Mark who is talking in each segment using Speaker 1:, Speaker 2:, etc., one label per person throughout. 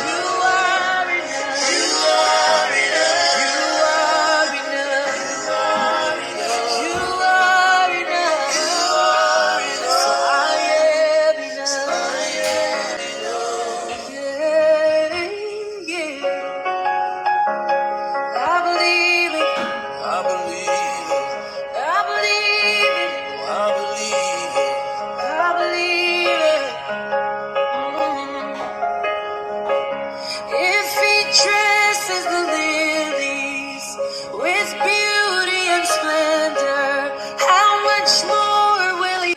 Speaker 1: You are enough. You are enough. You are enough. I am enough. Yeah, yeah. I believe it. I believe it. I believe it. I believe it. I believe it. If he dresses the lilies with beauty and splendor, how much more will he,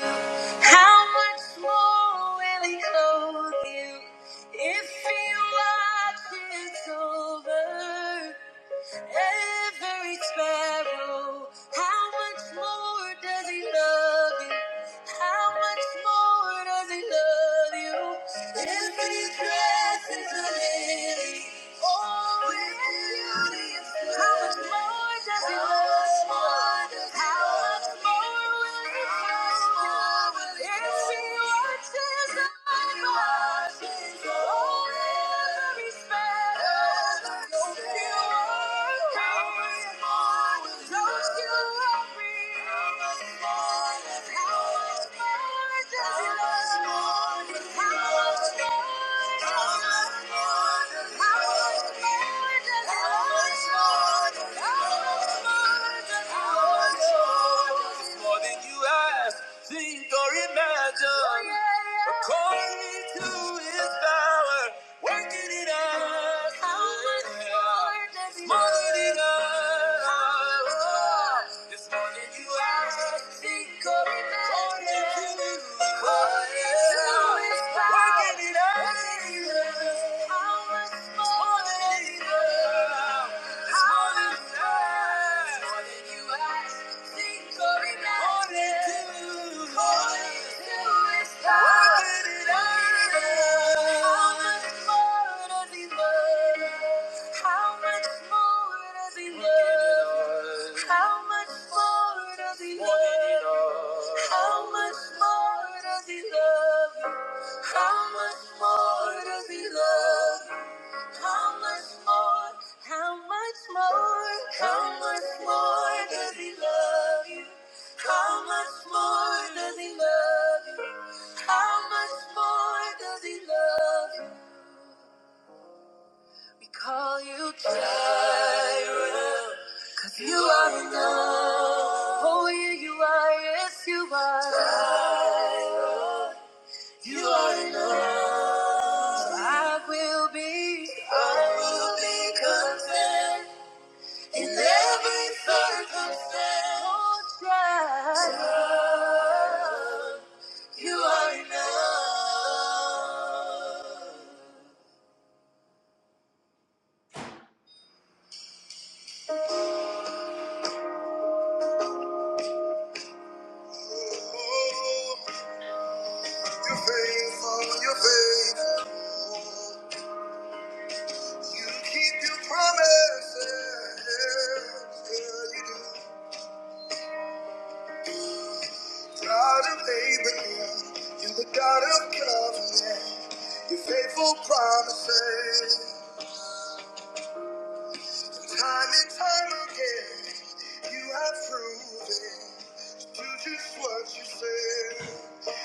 Speaker 1: how much more will he clothe you? If he watches over than every sparrow. How much more does he love you? How much more does he love you? If his grass is a lily, oh, with beauty and splendor. How much more does he love you? How much more will he love you? If he watches over you, oh, more than you ask, think or imagine are done according to his power, working in us. How much more does he More than love? enough. It's more than you ask, think, or imagine. According to According to his power, working in us. Working in us. How much more Smaller than enough? It's more than enough. How much more does he love you? How much more? How much more? How much more does he love you? How much more does he love you? How much more does he love you? We call you Jireh. 'Cause You are enough. Oh, yeah, you are. Yes, you are. Jireh. You are enough. I will be. I will be content. In every circumstance, God, you are enough. You're faithful, you're faithful. You keep your promises. Yeah, you do. God of Abraham, you're the God of covenant. Your faithful promises. Time and time again, you have proven to just what you said.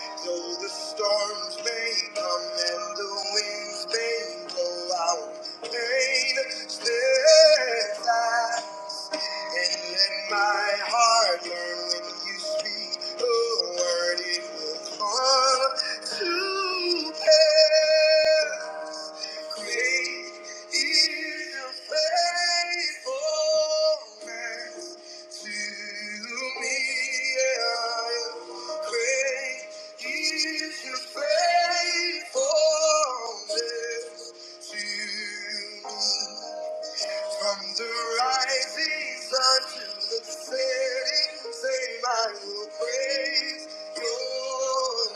Speaker 1: Though the storms may come and the winds may blow I will pain steadfast. And let my heart learn when you speak a word, it will come to pass. Great is your faithfulness to me. Yeah. Great is your faithfulness to me. Praise unto the setting sun. I will praise your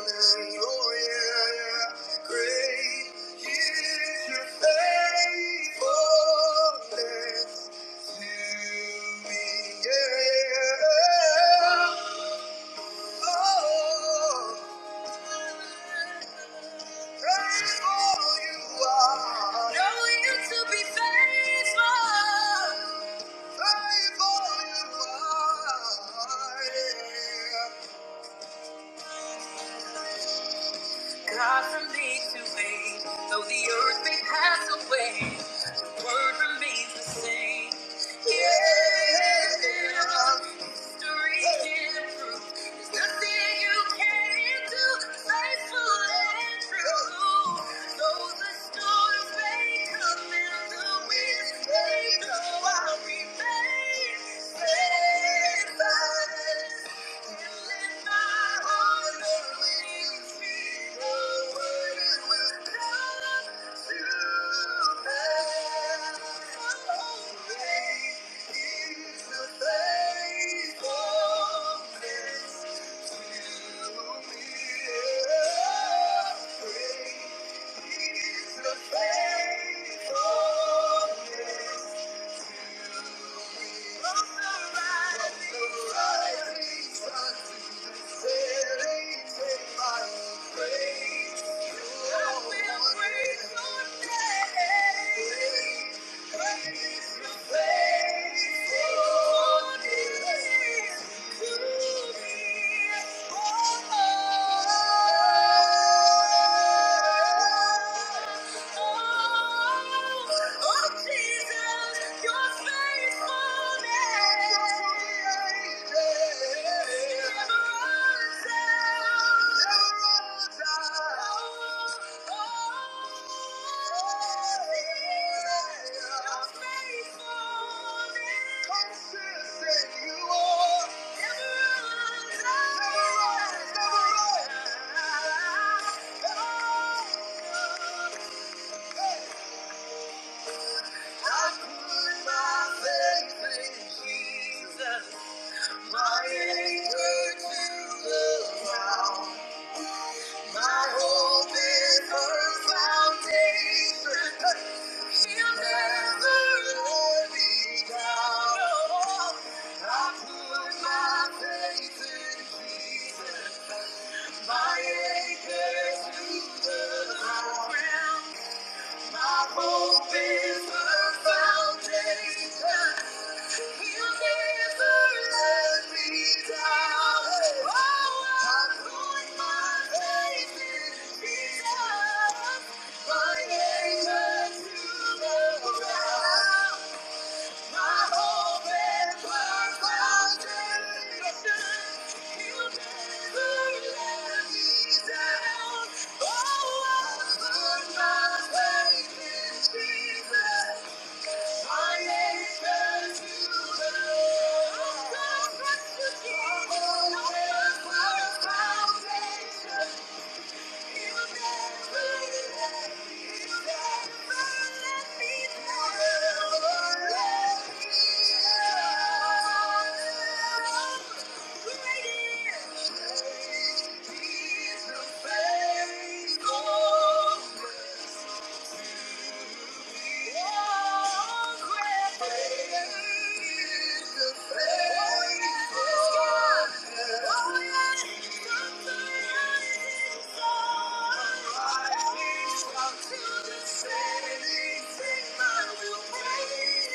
Speaker 1: name. Oh, yeah, yeah. Great is your faithfulness to me. Yeah. Oh. God from age to age, though the earth may pass away, word remains the same. Yeah. Thank you. Thank you. Oh, oh, Jesus. Never I put my faith in Jesus, my anchor to the ground. My hope is her foundation. She'll never let me down. I put my faith in Jesus, my anchor to the ground. My hope is her foundation. Oh, I put my faith in Jesus. Thank you. Thank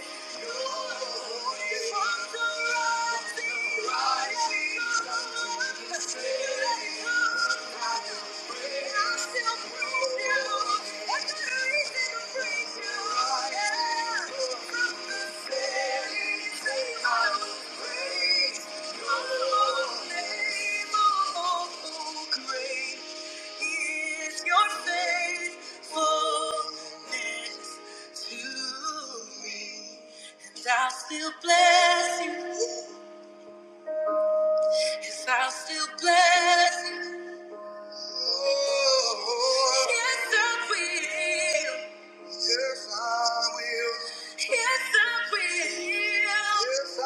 Speaker 1: you name oh, oh, Great is your faithfulness to me? And I still bless you. Yes, I'll still bless you. Oh, yes, I will. Yes, I will. Yes, I will. Yes, I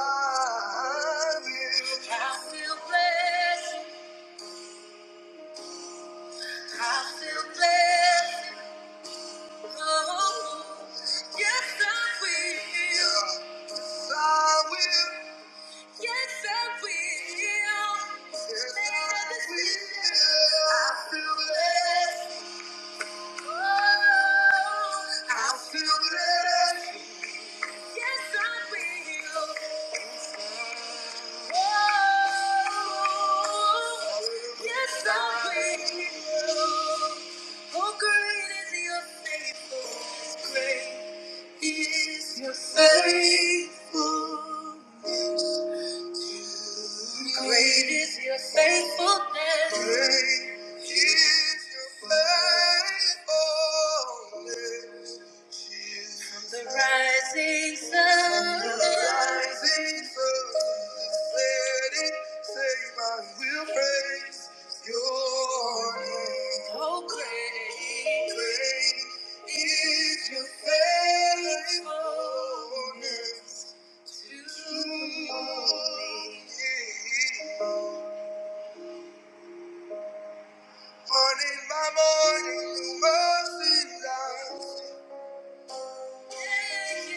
Speaker 1: will. I'll still bless you. I'll still bless you. Yes, I will. Yes, I will. Yes, I will. Yes, I will. Yes, I feel blessed. Oh, I feel blessed. Yes, I will. Oh, yes, I will. Oh, great is your faith. faithful. Great is your faithfulness. Great is your faithfulness. From the rising sun. From the rising sun. Let it save, I will praise your name. Oh, great. Great is your faithfulness. Morning by morning, new mercies I see.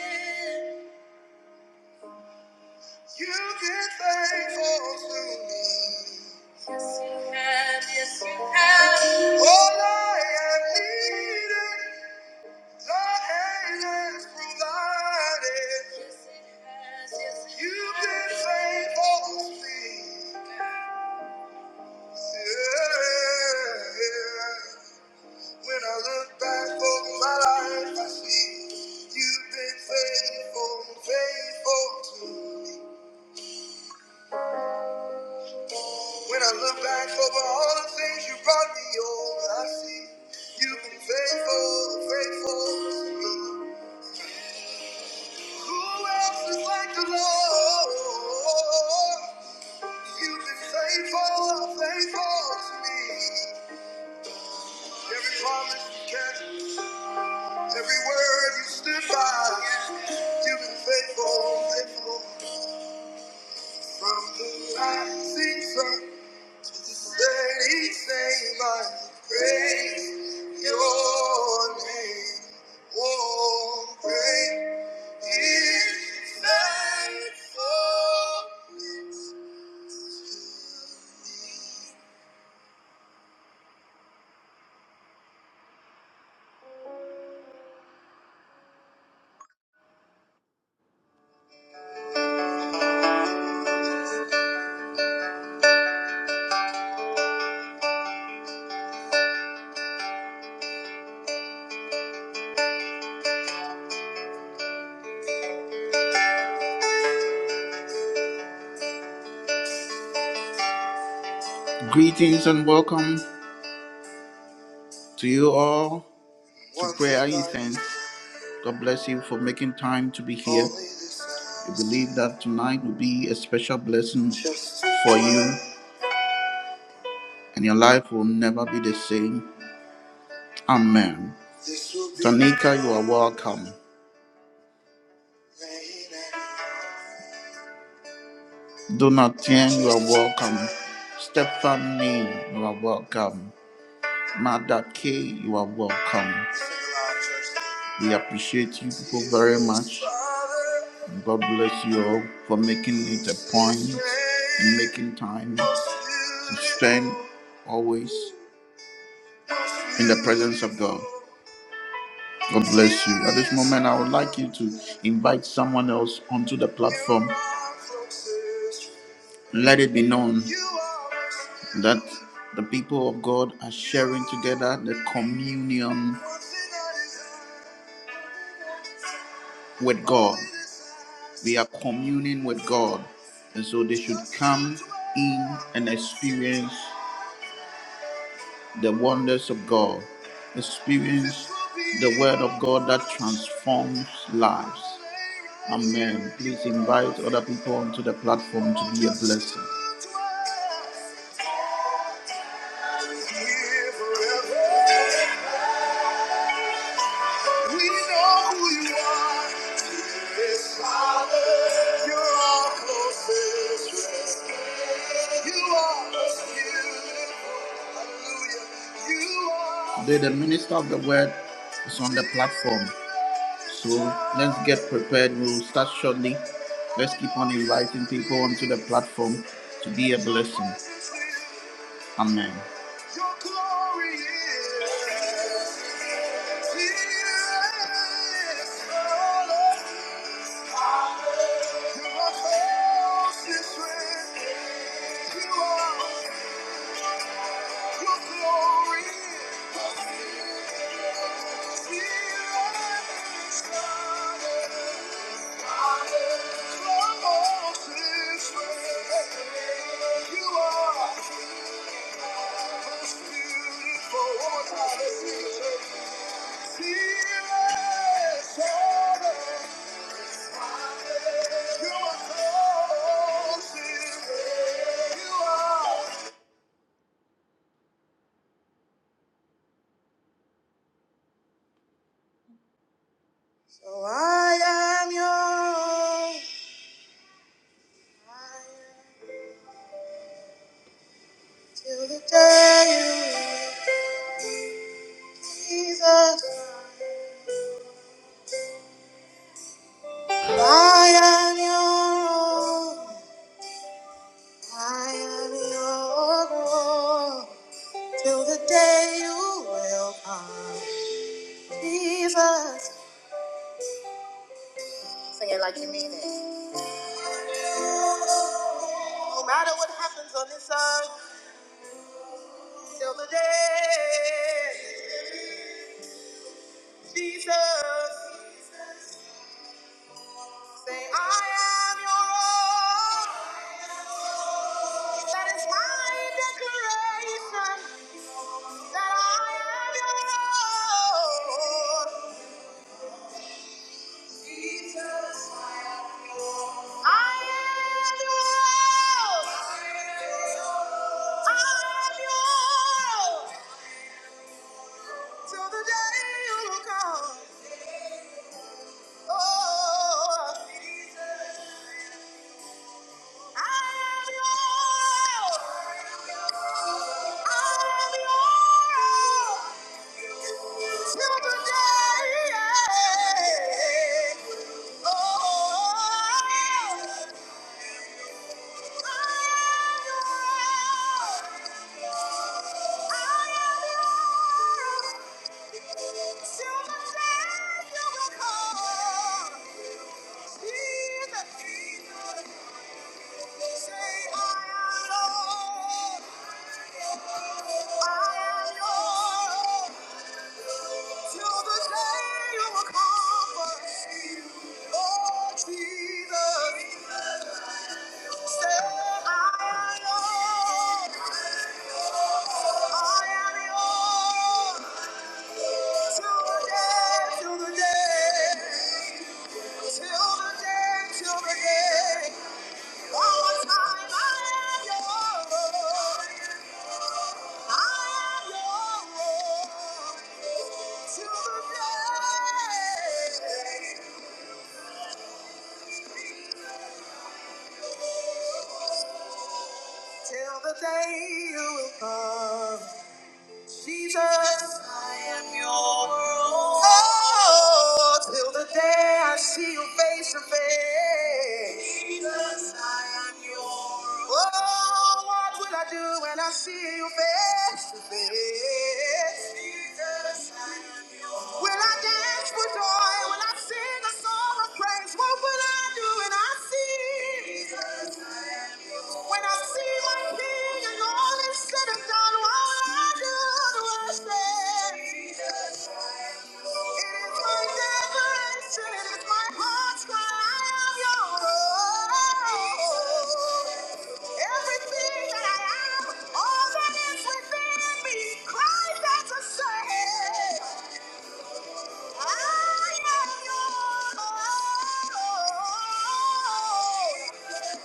Speaker 1: You've been faithful to me. Yes, you have. Yes, you have. All I needed, hand has provided. Yes, it has. Yes, it You've been has. faithful to me. Yeah. When I look back over my life, I see you've been faithful, faithful to me. When I look back over all the things you brought me over, I see you've been faithful, faithful to me. Who else is like the Lord? You've been faithful, faithful to me. Every promise you kept, every word you stood by. You've been faithful, faithful. From the rising sun to setting same, I praise your name. Oh, great is thy faithfulness. Greetings and welcome to you all to Once Prayer Incense. God bless you for making time to be here. We believe that tonight will be a special blessing for you, and your life will never be the same. Amen. Tanika, you are welcome. Donatien, you are welcome. Stephanie, you are welcome. Mother K, you are welcome. We appreciate you people very much. God bless you all for making it a point and making time to spend always in the presence of God. God bless you. At this moment, I would like you to invite someone else onto the platform. Let it be known that the people of God are sharing together the communion with God. We are communing with God. And so they should come in and experience the wonders of God, experience the word of God that transforms lives. Amen. Please invite other people onto the platform to be a blessing. Yes, Today, the minister of the word is on the platform. So let's get prepared. We'll start shortly. Let's keep on inviting people onto the platform to be a blessing. Amen. Your glory is here, oh Lord. Your house is risen. You are- your glory is here, Father. Your house You are most beautiful. One more time, Jesus, I can mean it. No matter what happens on this earth, till the day. Jesus, say, I am your own. That is my declaration that I am your own. Jesus, I am your own. I am your own. I am your own. Till the day you come. Oh, Jesus. Silver, you will call. Jesus. Jesus. Till the day, till the day. Till the day you will come. Jesus, I am your own. Oh, till the day I see you face to face. Jesus, I am your own. Oh, what will I do when I see you face to face? Jesus, I am your own. Will I dance for joy? Will I sing a song of praise? What will I do when I see you? When I see my king and all is said and done, what I did was say, It is my declaration, it is my heart's cry, I am your own. Everything that I am, all that is within me, cries out to say, I am your own.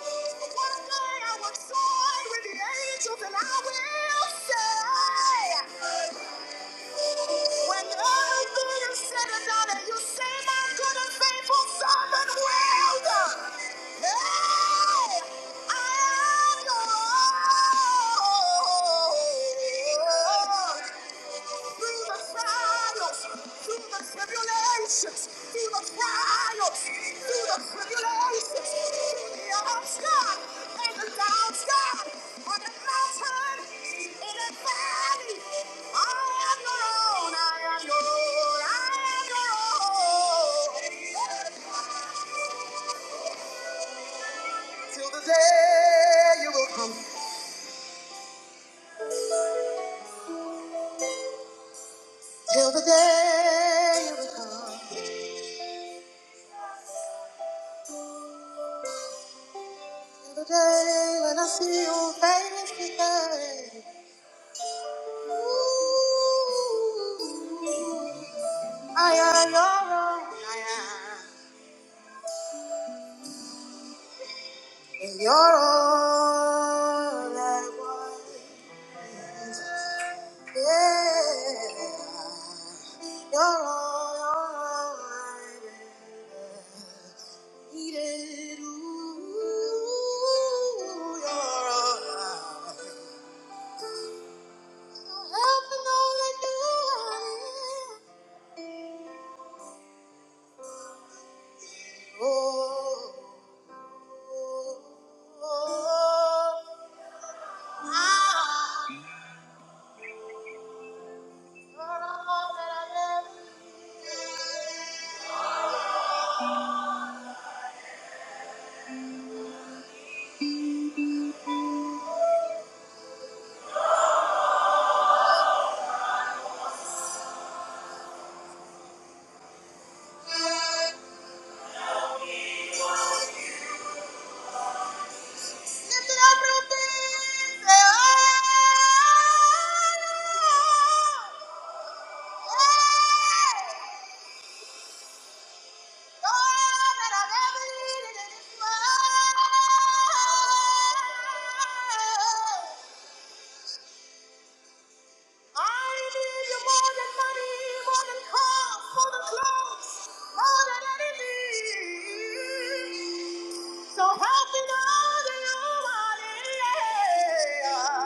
Speaker 1: One day I will soar with the angels and I will say, when everything is said and done and you say, my good and faithful servant, well done. Hey, I am yours. Through the trials, through the trials tribulations, through the trials, through the tribulations, through the ups, God, and the downs, God, on the mountain, in the valley. I am your own, I am your own, I am your own. Till the day, you become- till the day when I'm I am your own, I am and your own. I was, yeah. You're all I needed. Ooh, you're all I Helping all I knew I needed. Oh, oh, ah, you're all that I oh, all that I've ever needed in this world. I need you more than money, more than cars, more than clothes, more than anything. So help me know that you're my yeah.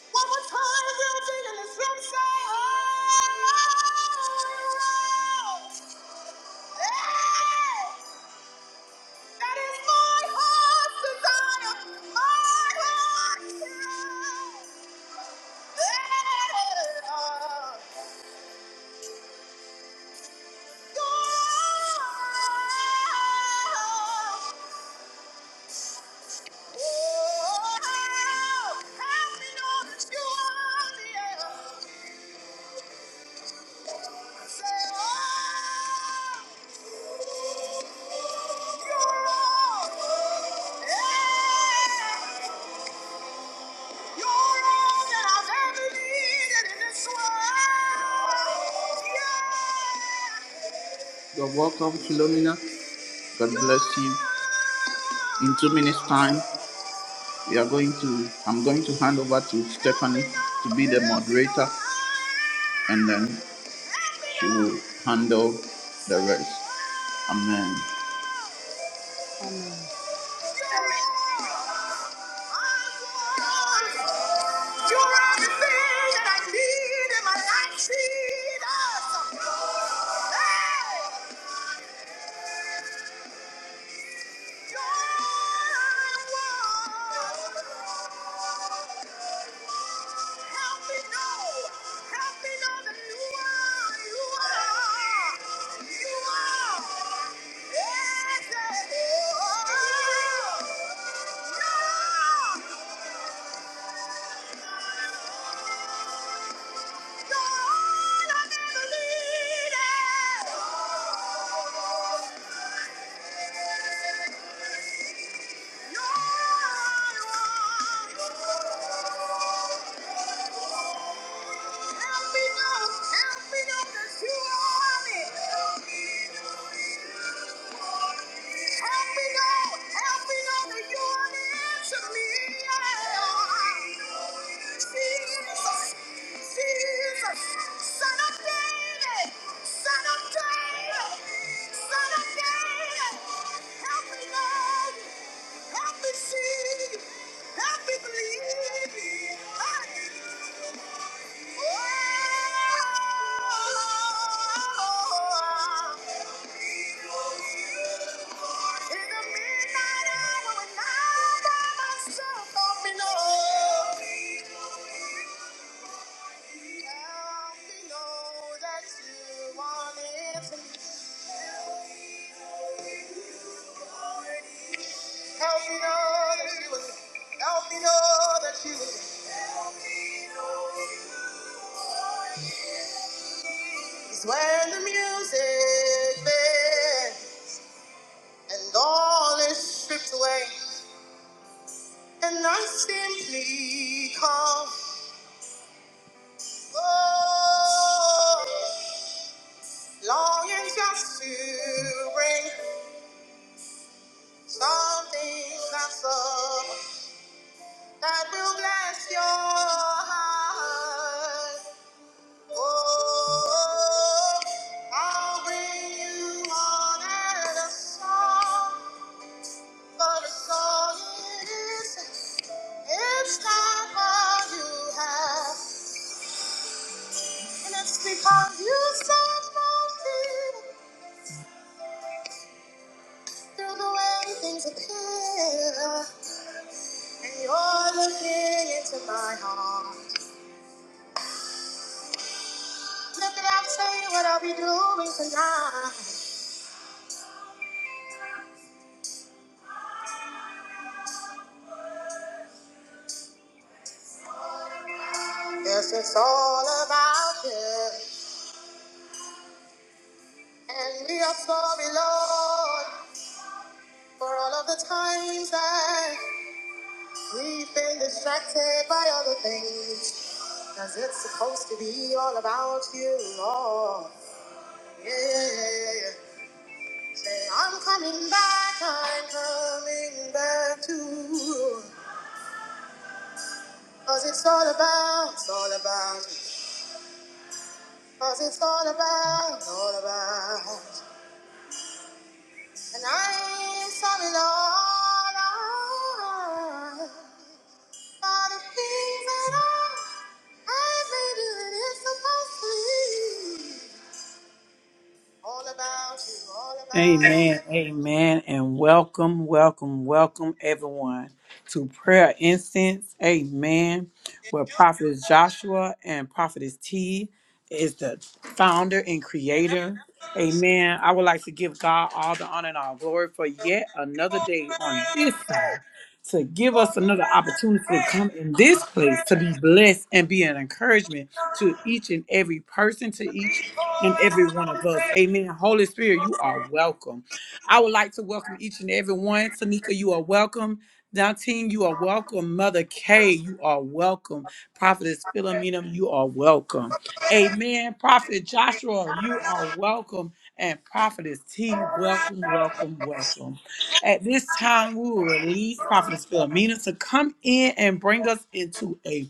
Speaker 1: One more time, we'll deal in this room, say, oh, oh, oh, oh. Hey! That is my heart's desire, my heart's desire. You're all that Yeah. welcome, Philomena. God bless you. In two minutes' time, we are going to. I'm going to hand over to Stephanie to be the moderator, and then she will handle the rest. Amen.
Speaker 2: Amen.
Speaker 1: Help me know. Help me know that you are. You are. You are. Yes, that you are. You are. God, I never leave it. Son of David! Son of David! Son of David! Help me, Lord! Help me see. Help me believe. I need you. Oh, help me In the midnight hour when I by myself, help me know. Help me know that you want it. for me. Help me know that you will. Help me know that you will. It's when the music fades and all is stripped away, and I simply come. Oh. Longing just to bring something that's up that will bless your heart. Oh, I'll bring you honor and a song, but a song it is. It's not all you have, and it's because you search for through the way things appear. And you're looking into my heart. Look at I'm saying what I'll be doing tonight. Yes, it's all about you. And we are sorry, Lord, for all of the times that we've been distracted by other things. Cause it's supposed to be all about you, Lord. Yeah, yeah, yeah. Say, I'm coming back, I'm coming back to you. Cause it's all about, it's all about Cause it's all about, all about. And I am sorry, Lord. I, for the things that I, I've been doing, it's supposed to be all about you, all about
Speaker 3: Amen, amen, and welcome, welcome, welcome everyone to Prayer Incense. Amen. Where Prophet Joshua and Prophetess T is the founder and creator. Amen. I would like to give God all the honor and all glory for yet another day on
Speaker 1: you.
Speaker 3: this side to give us another opportunity to come in this place to be blessed and be an encouragement to each and every person, to each and every one of us. Amen. Holy Spirit, you are welcome. I would like to welcome each and every one. Tanika, you are welcome. Dantine, you are welcome. Mother K, you are welcome. Prophetess Philomena, you are welcome. Amen. Prophet Joshua, you are welcome. And Prophetess T, welcome, welcome, welcome. At this time, we will release Prophetess Philomena to come in and bring us into a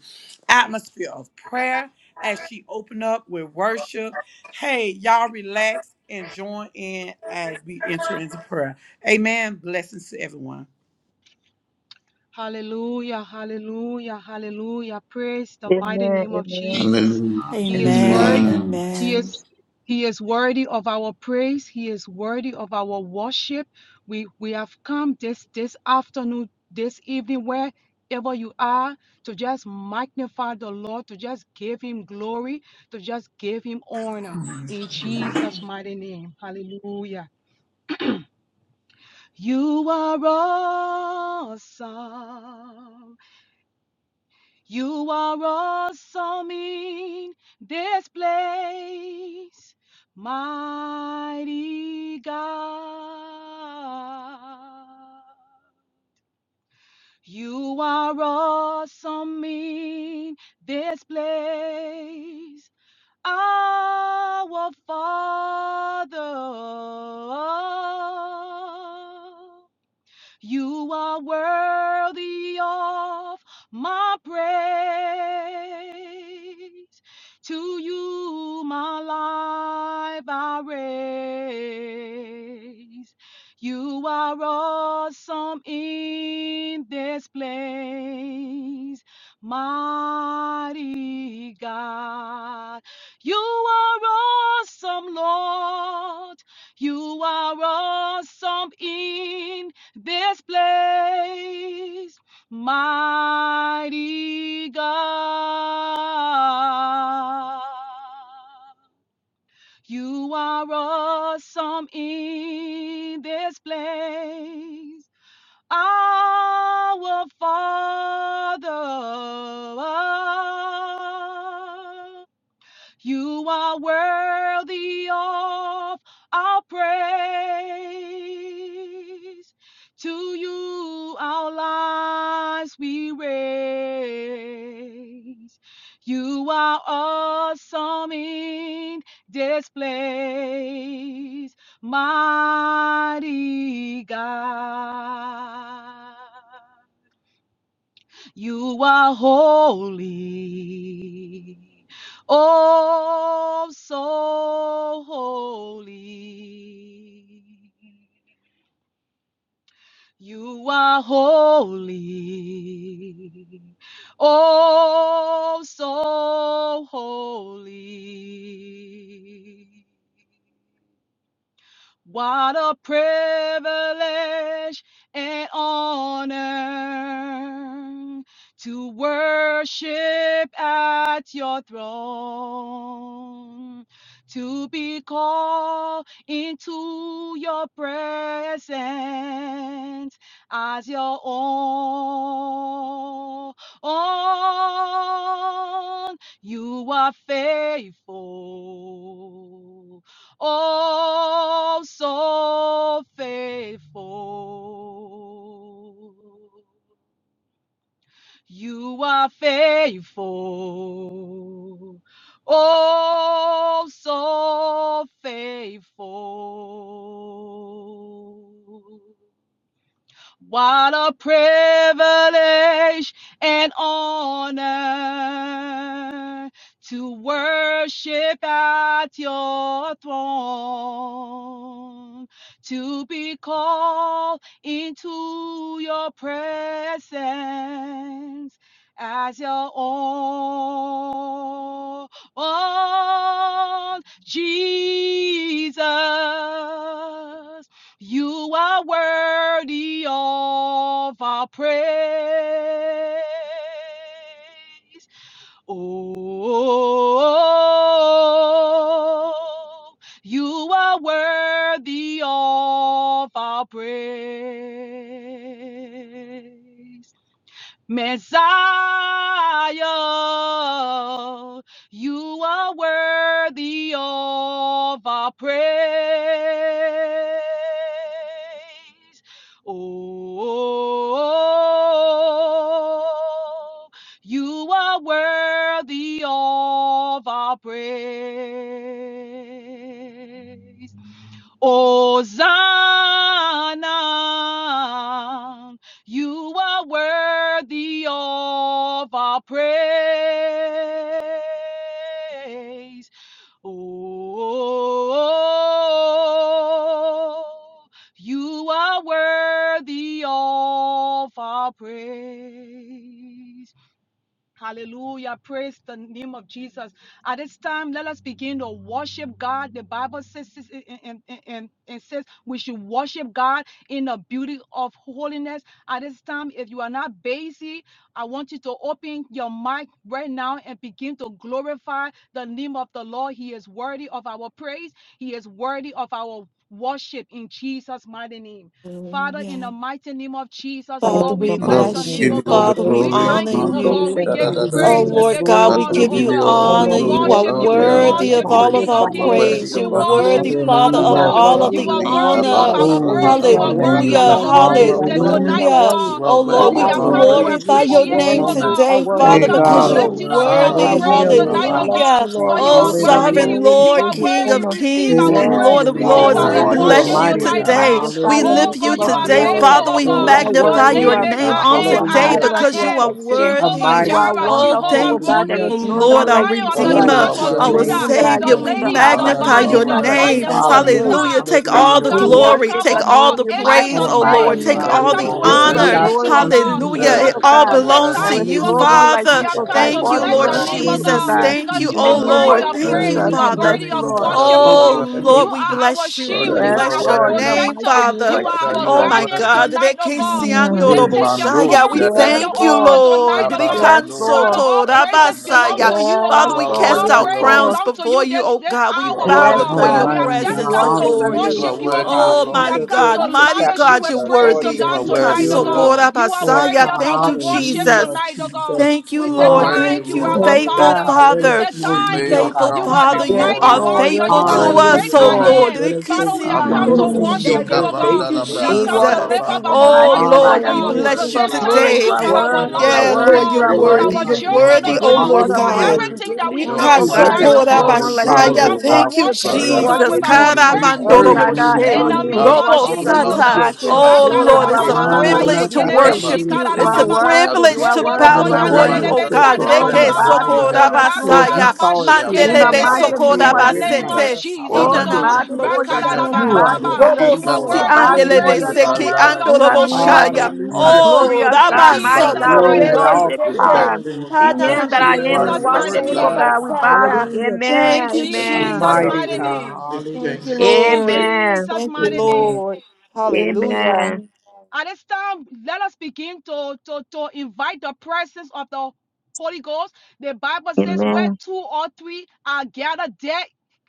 Speaker 3: atmosphere of prayer as she opened up with worship. Hey, y'all relax and join in as we enter into prayer. Amen. Blessings to everyone.
Speaker 2: Hallelujah, hallelujah, hallelujah. Praise the mighty
Speaker 4: Amen.
Speaker 2: name of
Speaker 4: Amen.
Speaker 2: Jesus. He is
Speaker 1: Hallelujah.
Speaker 3: Hallelujah.
Speaker 5: Amen.
Speaker 2: worthy.
Speaker 1: Amen.
Speaker 2: He
Speaker 5: Amen.
Speaker 2: is he is worthy of our praise. He is worthy of our worship. We we have come this this afternoon, this evening, wherever you are, to just magnify the Lord, to just give him glory, to just give him honor in Jesus' mighty name. Hallelujah. You are awesome. You are awesome in this place, mighty God. You are awesome in this place, our Father. You are worthy of my praise. To you, my life I raise. You are awesome in this place, mighty God. You are awesome, Lord. You are awesome in this place, mighty God. You are awesome in this place, our Father. You are worthy of our praise. To you our lives we raise. You are awesome in this place, mighty God. You are holy. Oh, so holy. You are holy. Oh, so holy. What a privilege and honor to worship at your throne, to be called into your presence as your own. You are faithful. Oh, so faithful. You are faithful. Oh, so faithful. What a privilege and honor to worship at your throne, to be called into your presence as your own own Jesus. You are worthy of our praise. Oh, you are worthy of our praise. Messiah, you are worthy of our praise. Oh, you are worthy of our praise. Hosanna, you are worthy of our praise. Oh, you are worthy of our praise. Hallelujah. Praise the name of Jesus. At this time, let us begin to worship God. The Bible says says- and, and, and, and says we should worship God in the beauty of holiness. At this time, if you are not busy, I want you to open your mic right now and begin to glorify the name of the Lord. He is worthy of our praise. He is worthy of our worship in Jesus' mighty name. Father, in the
Speaker 5: Hallelujah.
Speaker 2: mighty name of Jesus, oh
Speaker 4: Father,
Speaker 5: Father,
Speaker 2: God,
Speaker 4: in
Speaker 2: we
Speaker 4: the
Speaker 5: we
Speaker 1: Father,
Speaker 4: mighty
Speaker 2: bless
Speaker 1: we
Speaker 2: your
Speaker 5: bless
Speaker 4: name
Speaker 2: name,
Speaker 5: you.
Speaker 1: give
Speaker 4: of
Speaker 2: oh
Speaker 1: you
Speaker 2: God.
Speaker 1: all
Speaker 4: Jesus,
Speaker 1: the
Speaker 5: Father, we
Speaker 4: we
Speaker 2: We
Speaker 4: bless
Speaker 1: glory.
Speaker 5: honor
Speaker 2: thank you,
Speaker 4: you, we
Speaker 2: oh
Speaker 1: Mando
Speaker 4: tell you,
Speaker 2: God.
Speaker 5: you.
Speaker 2: We
Speaker 4: thank
Speaker 2: give
Speaker 4: you,
Speaker 2: you
Speaker 4: we give
Speaker 1: shadadada.
Speaker 5: Oh
Speaker 4: you
Speaker 2: praise.
Speaker 4: the
Speaker 2: We
Speaker 5: Lord
Speaker 2: give you
Speaker 4: glory,
Speaker 5: God,
Speaker 4: we
Speaker 5: we
Speaker 1: Father,
Speaker 2: honor,
Speaker 1: we
Speaker 4: give
Speaker 5: give
Speaker 2: oh
Speaker 4: you
Speaker 1: give
Speaker 5: you
Speaker 1: you
Speaker 2: God.
Speaker 1: all the
Speaker 2: We
Speaker 5: honor.
Speaker 4: honor, we
Speaker 5: You
Speaker 1: glory,
Speaker 5: are
Speaker 2: worship
Speaker 1: all
Speaker 4: worship
Speaker 2: you.
Speaker 1: the
Speaker 2: We
Speaker 4: and
Speaker 1: honor
Speaker 4: we
Speaker 1: and
Speaker 5: worthy
Speaker 2: worship
Speaker 5: of
Speaker 2: you,
Speaker 5: all of
Speaker 2: King
Speaker 1: adoration.
Speaker 2: of
Speaker 5: our
Speaker 4: magnify
Speaker 1: You are
Speaker 4: you,
Speaker 2: Kings.
Speaker 4: the
Speaker 1: worthy
Speaker 5: praise.
Speaker 2: We
Speaker 5: You're
Speaker 4: King
Speaker 1: of
Speaker 3: Hallelujah.
Speaker 1: our
Speaker 4: of
Speaker 1: praise.
Speaker 2: worship
Speaker 4: glory.
Speaker 5: worthy,
Speaker 2: you, Lord
Speaker 5: Father,
Speaker 2: of
Speaker 4: You
Speaker 5: of
Speaker 4: are
Speaker 3: Hallelujah.
Speaker 2: Lords.
Speaker 5: all
Speaker 3: Jesus.
Speaker 5: of
Speaker 4: worthy,
Speaker 2: You
Speaker 5: the
Speaker 4: you
Speaker 2: are
Speaker 4: are worthy
Speaker 2: worthy
Speaker 4: of
Speaker 2: of
Speaker 5: honor.
Speaker 1: Mahamikaba,
Speaker 4: our
Speaker 2: our
Speaker 3: Glory
Speaker 4: praise,
Speaker 2: praise.
Speaker 3: to
Speaker 4: you
Speaker 2: You
Speaker 4: are
Speaker 3: your
Speaker 2: are
Speaker 1: Rabadaba.
Speaker 4: worthy,
Speaker 2: worthy
Speaker 1: Father,
Speaker 3: name,
Speaker 2: of
Speaker 4: you
Speaker 5: Hallelujah.
Speaker 3: God.
Speaker 4: are
Speaker 1: thank
Speaker 2: our
Speaker 1: you
Speaker 4: worthy,
Speaker 1: You
Speaker 4: you
Speaker 2: praise
Speaker 1: are
Speaker 4: are
Speaker 2: that
Speaker 4: worthy,
Speaker 1: worthy.
Speaker 4: you
Speaker 3: Hallelujah.
Speaker 2: tonight,
Speaker 4: are
Speaker 2: oh
Speaker 5: Hallelujah.
Speaker 4: worthy.
Speaker 2: God.
Speaker 1: You are
Speaker 5: Oh
Speaker 4: You
Speaker 2: Lord,
Speaker 5: Lord,
Speaker 1: worthy
Speaker 2: we
Speaker 5: we
Speaker 1: of
Speaker 4: are
Speaker 2: have
Speaker 1: our
Speaker 3: Hallelujah.
Speaker 2: come to
Speaker 4: worthy,
Speaker 5: glorify
Speaker 4: you
Speaker 1: praise
Speaker 4: are
Speaker 5: your
Speaker 1: this
Speaker 3: Jesus.
Speaker 2: appreciate you,
Speaker 5: name
Speaker 4: worthy,
Speaker 2: oh
Speaker 4: you
Speaker 1: moment.
Speaker 2: God.
Speaker 4: are
Speaker 5: today,
Speaker 2: We
Speaker 4: worthy,
Speaker 2: have
Speaker 3: Oh
Speaker 5: Father,
Speaker 4: you
Speaker 2: come
Speaker 4: are
Speaker 2: to
Speaker 3: God,
Speaker 5: because you're
Speaker 3: oh
Speaker 2: lift
Speaker 4: worthy.
Speaker 1: Emmanuel
Speaker 2: you up
Speaker 3: God.
Speaker 2: in
Speaker 4: You
Speaker 2: our
Speaker 1: Sara,
Speaker 5: worthy.
Speaker 4: are
Speaker 2: praise
Speaker 3: Hallelujah,
Speaker 4: worthy, we
Speaker 3: Lord
Speaker 2: tonight, oh
Speaker 3: God.
Speaker 1: Rabando
Speaker 4: bless
Speaker 2: God.
Speaker 4: you,
Speaker 5: Hallelujah.
Speaker 4: Lord,
Speaker 2: For
Speaker 4: we
Speaker 2: you
Speaker 5: Oh
Speaker 2: are
Speaker 4: give
Speaker 1: Sikaba.
Speaker 4: you the
Speaker 2: worthy.
Speaker 3: Hallelujah.
Speaker 5: sovereign
Speaker 4: glory, we
Speaker 2: You
Speaker 5: Lord,
Speaker 4: give
Speaker 2: are
Speaker 3: Jesus.
Speaker 4: you
Speaker 5: King
Speaker 2: worthy.
Speaker 5: of
Speaker 4: honor.
Speaker 2: Receive
Speaker 5: kings
Speaker 2: our
Speaker 5: and
Speaker 3: Glory to
Speaker 4: Yes,
Speaker 5: Lord
Speaker 3: your
Speaker 2: praise.
Speaker 5: of
Speaker 1: You are
Speaker 3: name,
Speaker 4: God,
Speaker 2: Receive
Speaker 4: we
Speaker 5: lords, we
Speaker 2: our
Speaker 3: God.
Speaker 1: worthy
Speaker 3: You
Speaker 1: of
Speaker 3: are
Speaker 4: worship
Speaker 5: bless
Speaker 2: worship
Speaker 1: our
Speaker 4: and
Speaker 5: you
Speaker 3: mighty,
Speaker 4: we
Speaker 2: tonight, oh
Speaker 1: praise.
Speaker 3: God.
Speaker 5: today.
Speaker 2: God.
Speaker 4: magnify
Speaker 5: We
Speaker 4: and we
Speaker 2: Oh
Speaker 5: lift
Speaker 3: Hallelujah,
Speaker 5: you
Speaker 4: sing
Speaker 2: God, you
Speaker 4: of
Speaker 2: are
Speaker 5: today,
Speaker 3: Jesus.
Speaker 1: Mandala
Speaker 4: glory.
Speaker 2: faithful,
Speaker 5: Father.
Speaker 2: oh
Speaker 5: We
Speaker 2: God.
Speaker 4: You
Speaker 1: Balada.
Speaker 3: Lord,
Speaker 4: are
Speaker 3: you're so
Speaker 2: Your
Speaker 5: magnify
Speaker 4: worthy, you
Speaker 5: your
Speaker 3: worthy,
Speaker 2: name
Speaker 4: are
Speaker 2: is
Speaker 5: name
Speaker 2: I
Speaker 3: God.
Speaker 5: on
Speaker 4: faithful, you
Speaker 2: am
Speaker 4: are
Speaker 2: I-
Speaker 5: today
Speaker 2: that
Speaker 3: Hallelujah,
Speaker 2: that
Speaker 4: marvelous, you
Speaker 5: because
Speaker 4: are
Speaker 2: I
Speaker 5: you
Speaker 2: am.
Speaker 5: are
Speaker 3: Jesus.
Speaker 4: excellent,
Speaker 3: A
Speaker 2: Jehovah
Speaker 5: worthy.
Speaker 4: you
Speaker 3: mighty
Speaker 4: are
Speaker 2: Jireh,
Speaker 3: God.
Speaker 5: Oh,
Speaker 4: wonderful,
Speaker 2: Jehovah
Speaker 4: oh
Speaker 5: thank you.
Speaker 4: God. There is
Speaker 5: O
Speaker 3: Hallelujah,
Speaker 2: Rohi,
Speaker 4: no
Speaker 2: the
Speaker 5: Lord,
Speaker 4: one
Speaker 3: Jesus.
Speaker 5: our
Speaker 4: like
Speaker 2: lion
Speaker 4: you,
Speaker 2: of
Speaker 4: oh
Speaker 2: the
Speaker 1: Father,
Speaker 4: God.
Speaker 1: you
Speaker 5: Redeemer,
Speaker 2: tribe
Speaker 1: are
Speaker 3: Glory to
Speaker 2: of
Speaker 3: your
Speaker 4: We
Speaker 5: our
Speaker 1: worthy.
Speaker 3: name,
Speaker 2: Judah,
Speaker 4: am that I
Speaker 2: the
Speaker 5: Savior,
Speaker 3: Jesus.
Speaker 5: we
Speaker 4: am, the
Speaker 2: lady of the
Speaker 4: Alpha
Speaker 1: Father,
Speaker 4: and
Speaker 5: magnify
Speaker 1: you are
Speaker 2: valley,
Speaker 3: Hallelujah.
Speaker 5: your
Speaker 4: Omega,
Speaker 2: the
Speaker 4: the
Speaker 3: A
Speaker 2: bright
Speaker 5: name.
Speaker 1: worthy.
Speaker 2: and
Speaker 4: Ancients of
Speaker 2: morning
Speaker 3: sovereign
Speaker 4: Days.
Speaker 3: God.
Speaker 2: star.
Speaker 5: Hallelujah. Take
Speaker 3: Hallelujah,
Speaker 5: all
Speaker 2: Lord
Speaker 5: the
Speaker 3: Lord.
Speaker 4: We
Speaker 2: God,
Speaker 3: We
Speaker 2: we
Speaker 4: worship
Speaker 2: have
Speaker 3: worship
Speaker 5: glory,
Speaker 2: come,
Speaker 3: you,
Speaker 2: oh
Speaker 5: take
Speaker 4: your
Speaker 5: all
Speaker 2: God,
Speaker 3: God.
Speaker 4: name,
Speaker 5: the
Speaker 4: you
Speaker 2: ancients
Speaker 5: praise,
Speaker 2: of
Speaker 5: oh
Speaker 4: magnify
Speaker 2: day.
Speaker 4: your
Speaker 5: Lord,
Speaker 3: Almighty
Speaker 5: take
Speaker 4: name.
Speaker 2: We
Speaker 1: Father,
Speaker 3: God,
Speaker 2: have
Speaker 5: all
Speaker 1: you
Speaker 3: Lord
Speaker 2: come
Speaker 4: We
Speaker 5: the
Speaker 2: to
Speaker 3: God.
Speaker 1: are
Speaker 3: We
Speaker 4: give you the
Speaker 3: submit
Speaker 5: honor.
Speaker 1: worthy.
Speaker 2: appreciate
Speaker 3: ourselves
Speaker 2: you,
Speaker 4: glory,
Speaker 2: oh
Speaker 4: we
Speaker 3: unto
Speaker 4: give
Speaker 2: God.
Speaker 4: you
Speaker 3: you,
Speaker 5: Hallelujah.
Speaker 2: We
Speaker 4: honor,
Speaker 3: Lord.
Speaker 5: It
Speaker 2: have
Speaker 4: oh
Speaker 1: Father, you
Speaker 2: come
Speaker 5: all
Speaker 2: to
Speaker 1: are
Speaker 4: God.
Speaker 2: say
Speaker 5: belongs
Speaker 4: There
Speaker 5: to
Speaker 4: is
Speaker 2: thank
Speaker 1: worthy.
Speaker 2: you,
Speaker 5: you,
Speaker 2: oh
Speaker 4: no
Speaker 2: God.
Speaker 3: Hallelujah,
Speaker 4: one like
Speaker 2: We
Speaker 5: Father.
Speaker 4: you,
Speaker 2: have
Speaker 4: oh
Speaker 3: Jesus.
Speaker 2: come
Speaker 4: God.
Speaker 1: Father,
Speaker 2: to
Speaker 5: Thank
Speaker 1: you
Speaker 4: All
Speaker 5: you,
Speaker 1: are
Speaker 2: bless
Speaker 5: Lord
Speaker 2: your
Speaker 4: belongs to
Speaker 2: name,
Speaker 1: worthy.
Speaker 2: oh
Speaker 4: you, oh
Speaker 2: God,
Speaker 5: Jesus.
Speaker 4: God.
Speaker 3: Hallelujah,
Speaker 5: Thank
Speaker 2: because
Speaker 5: you,
Speaker 3: Jesus.
Speaker 4: In
Speaker 2: you
Speaker 4: the
Speaker 2: are
Speaker 5: oh
Speaker 1: Father,
Speaker 4: name
Speaker 1: you
Speaker 2: worthy
Speaker 4: of
Speaker 1: are
Speaker 5: Lord.
Speaker 2: of
Speaker 5: Thank you,
Speaker 2: praise.
Speaker 1: worthy.
Speaker 4: Jesus,
Speaker 2: You
Speaker 3: Glory
Speaker 4: we
Speaker 2: are
Speaker 3: to
Speaker 5: Father.
Speaker 3: your
Speaker 4: bless
Speaker 2: worthy
Speaker 4: you,
Speaker 2: of
Speaker 3: name,
Speaker 4: Lord.
Speaker 3: God.
Speaker 1: Father,
Speaker 2: worship,
Speaker 1: you
Speaker 2: oh
Speaker 1: are
Speaker 5: Oh
Speaker 2: God.
Speaker 3: Glory to your
Speaker 2: You
Speaker 5: Lord,
Speaker 1: worthy.
Speaker 5: we
Speaker 3: name.
Speaker 2: are our
Speaker 5: bless you. We
Speaker 2: shield.
Speaker 1: Father,
Speaker 2: You
Speaker 4: Yes,
Speaker 1: you
Speaker 2: are
Speaker 1: are
Speaker 5: bless
Speaker 2: our
Speaker 5: your
Speaker 4: Lord, in the
Speaker 1: worthy.
Speaker 5: name,
Speaker 2: protector.
Speaker 4: mighty name
Speaker 5: Father.
Speaker 2: You
Speaker 4: of
Speaker 2: are
Speaker 1: Father,
Speaker 2: our
Speaker 1: you
Speaker 5: Oh
Speaker 1: are
Speaker 4: Jesus.
Speaker 5: my
Speaker 2: guidance
Speaker 5: God,
Speaker 1: worthy.
Speaker 2: tonight, oh God. We
Speaker 4: Mm.
Speaker 2: said, take your
Speaker 1: Amen. No,
Speaker 5: Rekesiandoroboshaya. we
Speaker 2: glory, take
Speaker 4: Yes,
Speaker 2: your
Speaker 1: Shadalaba.
Speaker 5: thank you,
Speaker 2: honor
Speaker 4: Lord.
Speaker 5: Lord.
Speaker 2: tonight, oh God.
Speaker 4: Yes,
Speaker 1: Rababa, no,
Speaker 2: Father,
Speaker 4: Lord.
Speaker 2: all praises belong
Speaker 5: Rekansotorabasaya.
Speaker 2: to
Speaker 1: Shekatanalaba.
Speaker 2: you, oh
Speaker 5: Father,
Speaker 4: Yes,
Speaker 1: You
Speaker 2: God.
Speaker 5: we
Speaker 1: are
Speaker 4: Lord.
Speaker 2: All
Speaker 5: cast
Speaker 1: worthy,
Speaker 4: Yes,
Speaker 5: out
Speaker 2: praise
Speaker 5: crowns
Speaker 4: Lord.
Speaker 1: Lord.
Speaker 2: belongs to
Speaker 5: before
Speaker 2: you
Speaker 5: you,
Speaker 2: this,
Speaker 5: oh
Speaker 2: this
Speaker 5: God. We
Speaker 1: You
Speaker 2: hour,
Speaker 1: are
Speaker 2: oh
Speaker 5: bow
Speaker 4: Yes,
Speaker 3: Oh
Speaker 1: worthy,
Speaker 2: God.
Speaker 5: before your
Speaker 4: God.
Speaker 2: We
Speaker 1: Lord.
Speaker 2: have
Speaker 3: Almighty
Speaker 4: We
Speaker 2: just
Speaker 3: God,
Speaker 5: presence,
Speaker 2: come
Speaker 5: oh
Speaker 4: worship
Speaker 2: to
Speaker 4: the
Speaker 5: Lord.
Speaker 1: You
Speaker 4: name.
Speaker 3: hallelujah,
Speaker 2: worship
Speaker 1: are
Speaker 2: you, oh
Speaker 3: Lord
Speaker 1: worthy,
Speaker 2: God.
Speaker 1: O
Speaker 3: God.
Speaker 5: Oh,
Speaker 2: We
Speaker 3: Teach
Speaker 2: have
Speaker 1: Lord.
Speaker 5: mighty
Speaker 3: us,
Speaker 2: come
Speaker 3: Lord
Speaker 5: God,
Speaker 2: to
Speaker 3: God, to
Speaker 5: mighty
Speaker 3: tap
Speaker 2: lavish you
Speaker 5: God,
Speaker 3: into
Speaker 2: with
Speaker 3: the
Speaker 5: you're
Speaker 2: praise, oh
Speaker 3: authority
Speaker 5: worthy.
Speaker 1: You
Speaker 3: that
Speaker 2: God,
Speaker 1: are
Speaker 3: you have
Speaker 2: tonight,
Speaker 1: worthy,
Speaker 2: oh
Speaker 1: O
Speaker 3: given us.
Speaker 2: God.
Speaker 1: Lord.
Speaker 2: You are
Speaker 3: Lord
Speaker 2: worthy,
Speaker 5: Ikasokorabasaya.
Speaker 3: God,
Speaker 2: of
Speaker 5: Thank
Speaker 2: our
Speaker 5: you,
Speaker 2: worship
Speaker 5: Jesus.
Speaker 3: hallelujah,
Speaker 2: tonight, oh God.
Speaker 3: Jesus.
Speaker 5: Thank you,
Speaker 2: We
Speaker 1: You
Speaker 2: say
Speaker 1: are
Speaker 5: Lord.
Speaker 1: worthy, O
Speaker 2: thank
Speaker 5: Thank
Speaker 2: you,
Speaker 5: you,
Speaker 3: Hallelujah,
Speaker 1: Lord.
Speaker 2: Abba
Speaker 4: Yes,
Speaker 5: faithful
Speaker 3: Lord
Speaker 4: God.
Speaker 2: Father.
Speaker 3: God. Let
Speaker 2: We
Speaker 3: us
Speaker 5: Father.
Speaker 2: say
Speaker 3: know
Speaker 1: We
Speaker 3: you,
Speaker 2: thank
Speaker 1: lay
Speaker 3: Lord
Speaker 1: our
Speaker 2: you.
Speaker 3: God,
Speaker 5: Faithful
Speaker 2: You
Speaker 1: crowns
Speaker 2: are the
Speaker 5: Father,
Speaker 3: deeper,
Speaker 5: you
Speaker 3: Lord
Speaker 4: Yes,
Speaker 1: before
Speaker 2: mighty
Speaker 5: are
Speaker 3: God.
Speaker 1: you
Speaker 4: Lord.
Speaker 2: warrior.
Speaker 4: Yes,
Speaker 5: faithful
Speaker 2: You are
Speaker 5: to
Speaker 2: the
Speaker 4: Lord.
Speaker 1: tonight,
Speaker 4: Yes,
Speaker 2: great
Speaker 5: us,
Speaker 1: this
Speaker 5: oh
Speaker 3: Hallelujah,
Speaker 4: Lord.
Speaker 1: moment.
Speaker 3: Jesus.
Speaker 2: I
Speaker 5: Lord.
Speaker 2: am.
Speaker 3: Let us go
Speaker 2: Father,
Speaker 3: deep
Speaker 2: we have
Speaker 3: and
Speaker 2: come to
Speaker 1: Amandos
Speaker 3: meditate on
Speaker 4: Mm.
Speaker 3: your
Speaker 2: worship
Speaker 5: Rikisimandoroboshaya.
Speaker 2: you, oh
Speaker 3: word
Speaker 1: ikabanda
Speaker 2: God.
Speaker 5: Thank you,
Speaker 3: daily,
Speaker 2: We
Speaker 1: labra
Speaker 2: have
Speaker 4: We
Speaker 3: Heavenly
Speaker 2: come
Speaker 3: Father,
Speaker 2: to
Speaker 5: Jesus.
Speaker 4: worship
Speaker 3: Lord
Speaker 2: lift
Speaker 4: you.
Speaker 3: God.
Speaker 2: up
Speaker 4: We
Speaker 1: rababandi
Speaker 2: our
Speaker 5: Oh
Speaker 1: libriapa.
Speaker 2: voices,
Speaker 4: magnify
Speaker 2: oh
Speaker 5: Lord,
Speaker 4: your
Speaker 5: we
Speaker 1: You
Speaker 2: God,
Speaker 1: are
Speaker 3: Hallelujah,
Speaker 4: name.
Speaker 2: to
Speaker 4: King
Speaker 5: bless
Speaker 1: worthy,
Speaker 3: Lord
Speaker 5: you
Speaker 2: say
Speaker 4: of
Speaker 1: O
Speaker 3: God.
Speaker 4: glory,
Speaker 1: Lord.
Speaker 2: thank
Speaker 4: you
Speaker 5: today.
Speaker 2: you
Speaker 4: are
Speaker 2: for
Speaker 3: Welcome,
Speaker 2: our
Speaker 4: worthy.
Speaker 1: You are
Speaker 4: You
Speaker 3: Holy
Speaker 4: are
Speaker 5: Yeah,
Speaker 2: lives, oh
Speaker 4: worthy.
Speaker 5: Lord,
Speaker 1: worthy,
Speaker 4: You
Speaker 3: Spirit.
Speaker 2: God,
Speaker 1: O
Speaker 5: you're
Speaker 4: are
Speaker 3: Dwell
Speaker 2: for
Speaker 4: worthy.
Speaker 1: Lord.
Speaker 5: worthy.
Speaker 3: in
Speaker 2: our
Speaker 5: You're
Speaker 3: us,
Speaker 1: You are
Speaker 3: Lord.
Speaker 2: children,
Speaker 4: We
Speaker 2: oh
Speaker 5: worthy, oh
Speaker 4: give you
Speaker 1: worthy
Speaker 2: God,
Speaker 4: all
Speaker 5: Lord
Speaker 1: of
Speaker 4: the
Speaker 2: for
Speaker 1: our
Speaker 5: God.
Speaker 3: Hallelujah,
Speaker 4: praise.
Speaker 1: praise.
Speaker 4: We
Speaker 2: everything
Speaker 4: give
Speaker 3: Jesus.
Speaker 2: that
Speaker 4: you
Speaker 2: we
Speaker 1: You
Speaker 4: honor,
Speaker 1: are
Speaker 2: have
Speaker 3: We
Speaker 4: oh God.
Speaker 2: tonight,
Speaker 1: worthy
Speaker 4: There is
Speaker 2: oh
Speaker 3: reverence
Speaker 1: of
Speaker 3: you,
Speaker 4: no
Speaker 1: all
Speaker 2: God.
Speaker 1: the
Speaker 4: one
Speaker 3: Heavenly
Speaker 4: like
Speaker 2: We
Speaker 4: you.
Speaker 3: Father,
Speaker 2: have
Speaker 5: Ikasokorabashaya.
Speaker 4: We
Speaker 2: come
Speaker 1: glory.
Speaker 3: Lord
Speaker 2: to
Speaker 3: God.
Speaker 5: Thank
Speaker 3: We
Speaker 5: you,
Speaker 4: worship
Speaker 2: worship
Speaker 4: you.
Speaker 3: cast
Speaker 4: We
Speaker 2: you, oh
Speaker 1: Father,
Speaker 3: every
Speaker 2: God,
Speaker 5: Jesus.
Speaker 2: with
Speaker 4: worship
Speaker 3: weight,
Speaker 1: you
Speaker 4: you.
Speaker 2: our
Speaker 1: will live,
Speaker 3: every
Speaker 4: El
Speaker 1: you
Speaker 2: breath
Speaker 1: will
Speaker 3: burden,
Speaker 1: move,
Speaker 4: Shaddai,
Speaker 3: Heavenly
Speaker 1: in
Speaker 5: Karamandoroboshe.
Speaker 2: in
Speaker 3: Father.
Speaker 1: you
Speaker 2: the
Speaker 1: will
Speaker 4: Elohim, we
Speaker 2: name
Speaker 1: have
Speaker 2: of
Speaker 1: our
Speaker 4: worship
Speaker 2: Jesus,
Speaker 4: you,
Speaker 2: oh
Speaker 1: total
Speaker 4: oh
Speaker 5: Robosata.
Speaker 3: Hallelujah,
Speaker 4: God,
Speaker 2: God.
Speaker 4: King of
Speaker 1: liberation.
Speaker 5: Oh
Speaker 3: Jesus,
Speaker 4: glory.
Speaker 5: Lord,
Speaker 4: You
Speaker 3: God.
Speaker 5: it's
Speaker 4: are
Speaker 5: a
Speaker 3: Na na
Speaker 4: worthy
Speaker 1: Amandos
Speaker 3: na
Speaker 5: privilege
Speaker 4: to
Speaker 5: to
Speaker 4: be
Speaker 3: ta ta
Speaker 4: praised.
Speaker 3: le
Speaker 5: worship
Speaker 1: ikaba.
Speaker 3: le le
Speaker 5: you.
Speaker 4: You
Speaker 3: si
Speaker 5: It's a
Speaker 4: are
Speaker 1: Yes, we
Speaker 3: le
Speaker 4: worthy.
Speaker 3: le.
Speaker 4: You
Speaker 5: privilege
Speaker 1: agree
Speaker 4: are
Speaker 5: to
Speaker 1: with what
Speaker 4: worthy.
Speaker 5: bow
Speaker 3: Na
Speaker 1: the
Speaker 4: You
Speaker 3: na
Speaker 4: are
Speaker 3: na
Speaker 5: before
Speaker 3: na na
Speaker 1: servant
Speaker 5: you,
Speaker 1: of
Speaker 4: worthy.
Speaker 3: le
Speaker 5: oh
Speaker 1: God
Speaker 3: se
Speaker 5: God.
Speaker 3: se
Speaker 1: David
Speaker 3: se
Speaker 4: Oh,
Speaker 3: le
Speaker 1: said.
Speaker 4: we
Speaker 3: le
Speaker 5: Reke
Speaker 1: I
Speaker 4: bow
Speaker 1: laid me
Speaker 3: bahaya.
Speaker 4: before
Speaker 1: down,
Speaker 4: your
Speaker 1: I
Speaker 4: throne.
Speaker 3: Lord, you
Speaker 5: sokorabasaya.
Speaker 1: slept,
Speaker 3: saw it
Speaker 1: I
Speaker 4: In the
Speaker 3: feeding,
Speaker 1: awoke,
Speaker 3: Lord
Speaker 5: Mandelebe
Speaker 1: for
Speaker 3: God,
Speaker 1: the
Speaker 3: to
Speaker 4: mighty
Speaker 1: Lord
Speaker 4: name
Speaker 3: save
Speaker 2: In
Speaker 3: a
Speaker 4: of
Speaker 2: the
Speaker 3: rich
Speaker 1: sustained
Speaker 2: name
Speaker 3: like
Speaker 1: me.
Speaker 2: of
Speaker 4: Jesus.
Speaker 5: sokorabasete.
Speaker 3: us.
Speaker 2: Jesus,
Speaker 4: Oh,
Speaker 2: oh
Speaker 4: we
Speaker 1: Father,
Speaker 5: Inana
Speaker 3: Hallelujah,
Speaker 1: you
Speaker 2: God.
Speaker 4: bow
Speaker 1: have
Speaker 3: Jesus.
Speaker 4: before your
Speaker 1: sustained us,
Speaker 4: throne. We
Speaker 5: mandoroboshata.
Speaker 3: You are
Speaker 4: bow
Speaker 3: the
Speaker 1: Mando
Speaker 4: before your
Speaker 3: captain,
Speaker 2: You are
Speaker 3: Lord
Speaker 4: throne.
Speaker 5: Robosi
Speaker 4: We
Speaker 1: Shikapa.
Speaker 3: God.
Speaker 2: worthy
Speaker 4: bow
Speaker 2: of
Speaker 1: If
Speaker 4: before
Speaker 5: andelebe
Speaker 2: praise.
Speaker 1: we
Speaker 3: Hallelujah,
Speaker 4: your
Speaker 2: You
Speaker 1: are
Speaker 2: are
Speaker 4: throne.
Speaker 5: seki
Speaker 3: Jesus.
Speaker 2: worthy
Speaker 1: alive,
Speaker 2: of
Speaker 4: In
Speaker 1: it
Speaker 4: the
Speaker 1: is by
Speaker 4: name
Speaker 2: worship,
Speaker 1: your
Speaker 2: oh
Speaker 4: of
Speaker 5: andoroboshaya.
Speaker 2: God.
Speaker 1: great
Speaker 4: Jesus,
Speaker 3: Hallelujah,
Speaker 1: mercy.
Speaker 5: Oh,
Speaker 4: glorious
Speaker 2: In
Speaker 3: Jesus.
Speaker 1: It
Speaker 4: God,
Speaker 1: is by
Speaker 4: mighty
Speaker 2: Jesus'
Speaker 1: your
Speaker 4: God, we
Speaker 2: mighty
Speaker 3: Glory,
Speaker 1: mercy, your
Speaker 2: name.
Speaker 3: all
Speaker 4: worship you, oh
Speaker 5: rabasokorebesete.
Speaker 3: power,
Speaker 4: God.
Speaker 1: protection.
Speaker 3: Lord
Speaker 4: The
Speaker 3: God.
Speaker 1: That
Speaker 2: In
Speaker 4: end that
Speaker 1: is
Speaker 3: You're a
Speaker 4: I am,
Speaker 1: why
Speaker 4: we
Speaker 2: Jesus'
Speaker 1: we
Speaker 3: miracle
Speaker 1: are
Speaker 2: mighty
Speaker 4: worship you,
Speaker 3: working,
Speaker 4: oh
Speaker 2: name.
Speaker 3: Lord
Speaker 4: God.
Speaker 1: alive
Speaker 4: We
Speaker 3: God.
Speaker 4: bow.
Speaker 5: Hadanamandelebesokora-basaya.
Speaker 1: tonight, this
Speaker 3: Hallelujah,
Speaker 1: moment.
Speaker 2: In
Speaker 5: Thank
Speaker 3: Jesus.
Speaker 4: Amen.
Speaker 5: you,
Speaker 1: And
Speaker 3: A
Speaker 1: so,
Speaker 4: Amen.
Speaker 2: Jesus'
Speaker 1: Father,
Speaker 5: Jesus.
Speaker 3: mighty
Speaker 1: O
Speaker 2: mighty
Speaker 1: Lord,
Speaker 2: name.
Speaker 3: God.
Speaker 1: we say
Speaker 3: Hallelujah.
Speaker 5: Thank you,
Speaker 1: thank you in
Speaker 2: In
Speaker 5: Lord.
Speaker 1: Jesus.
Speaker 4: Amen.
Speaker 2: Jesus'
Speaker 5: Thank you,
Speaker 2: mighty
Speaker 3: Amen.
Speaker 2: name.
Speaker 5: Lord. Hallelujah.
Speaker 4: Amen.
Speaker 2: At this time, let us begin to, to, to invite the presence of the Holy Ghost. The Bible says, where
Speaker 4: Amen.
Speaker 2: two or three are gathered, there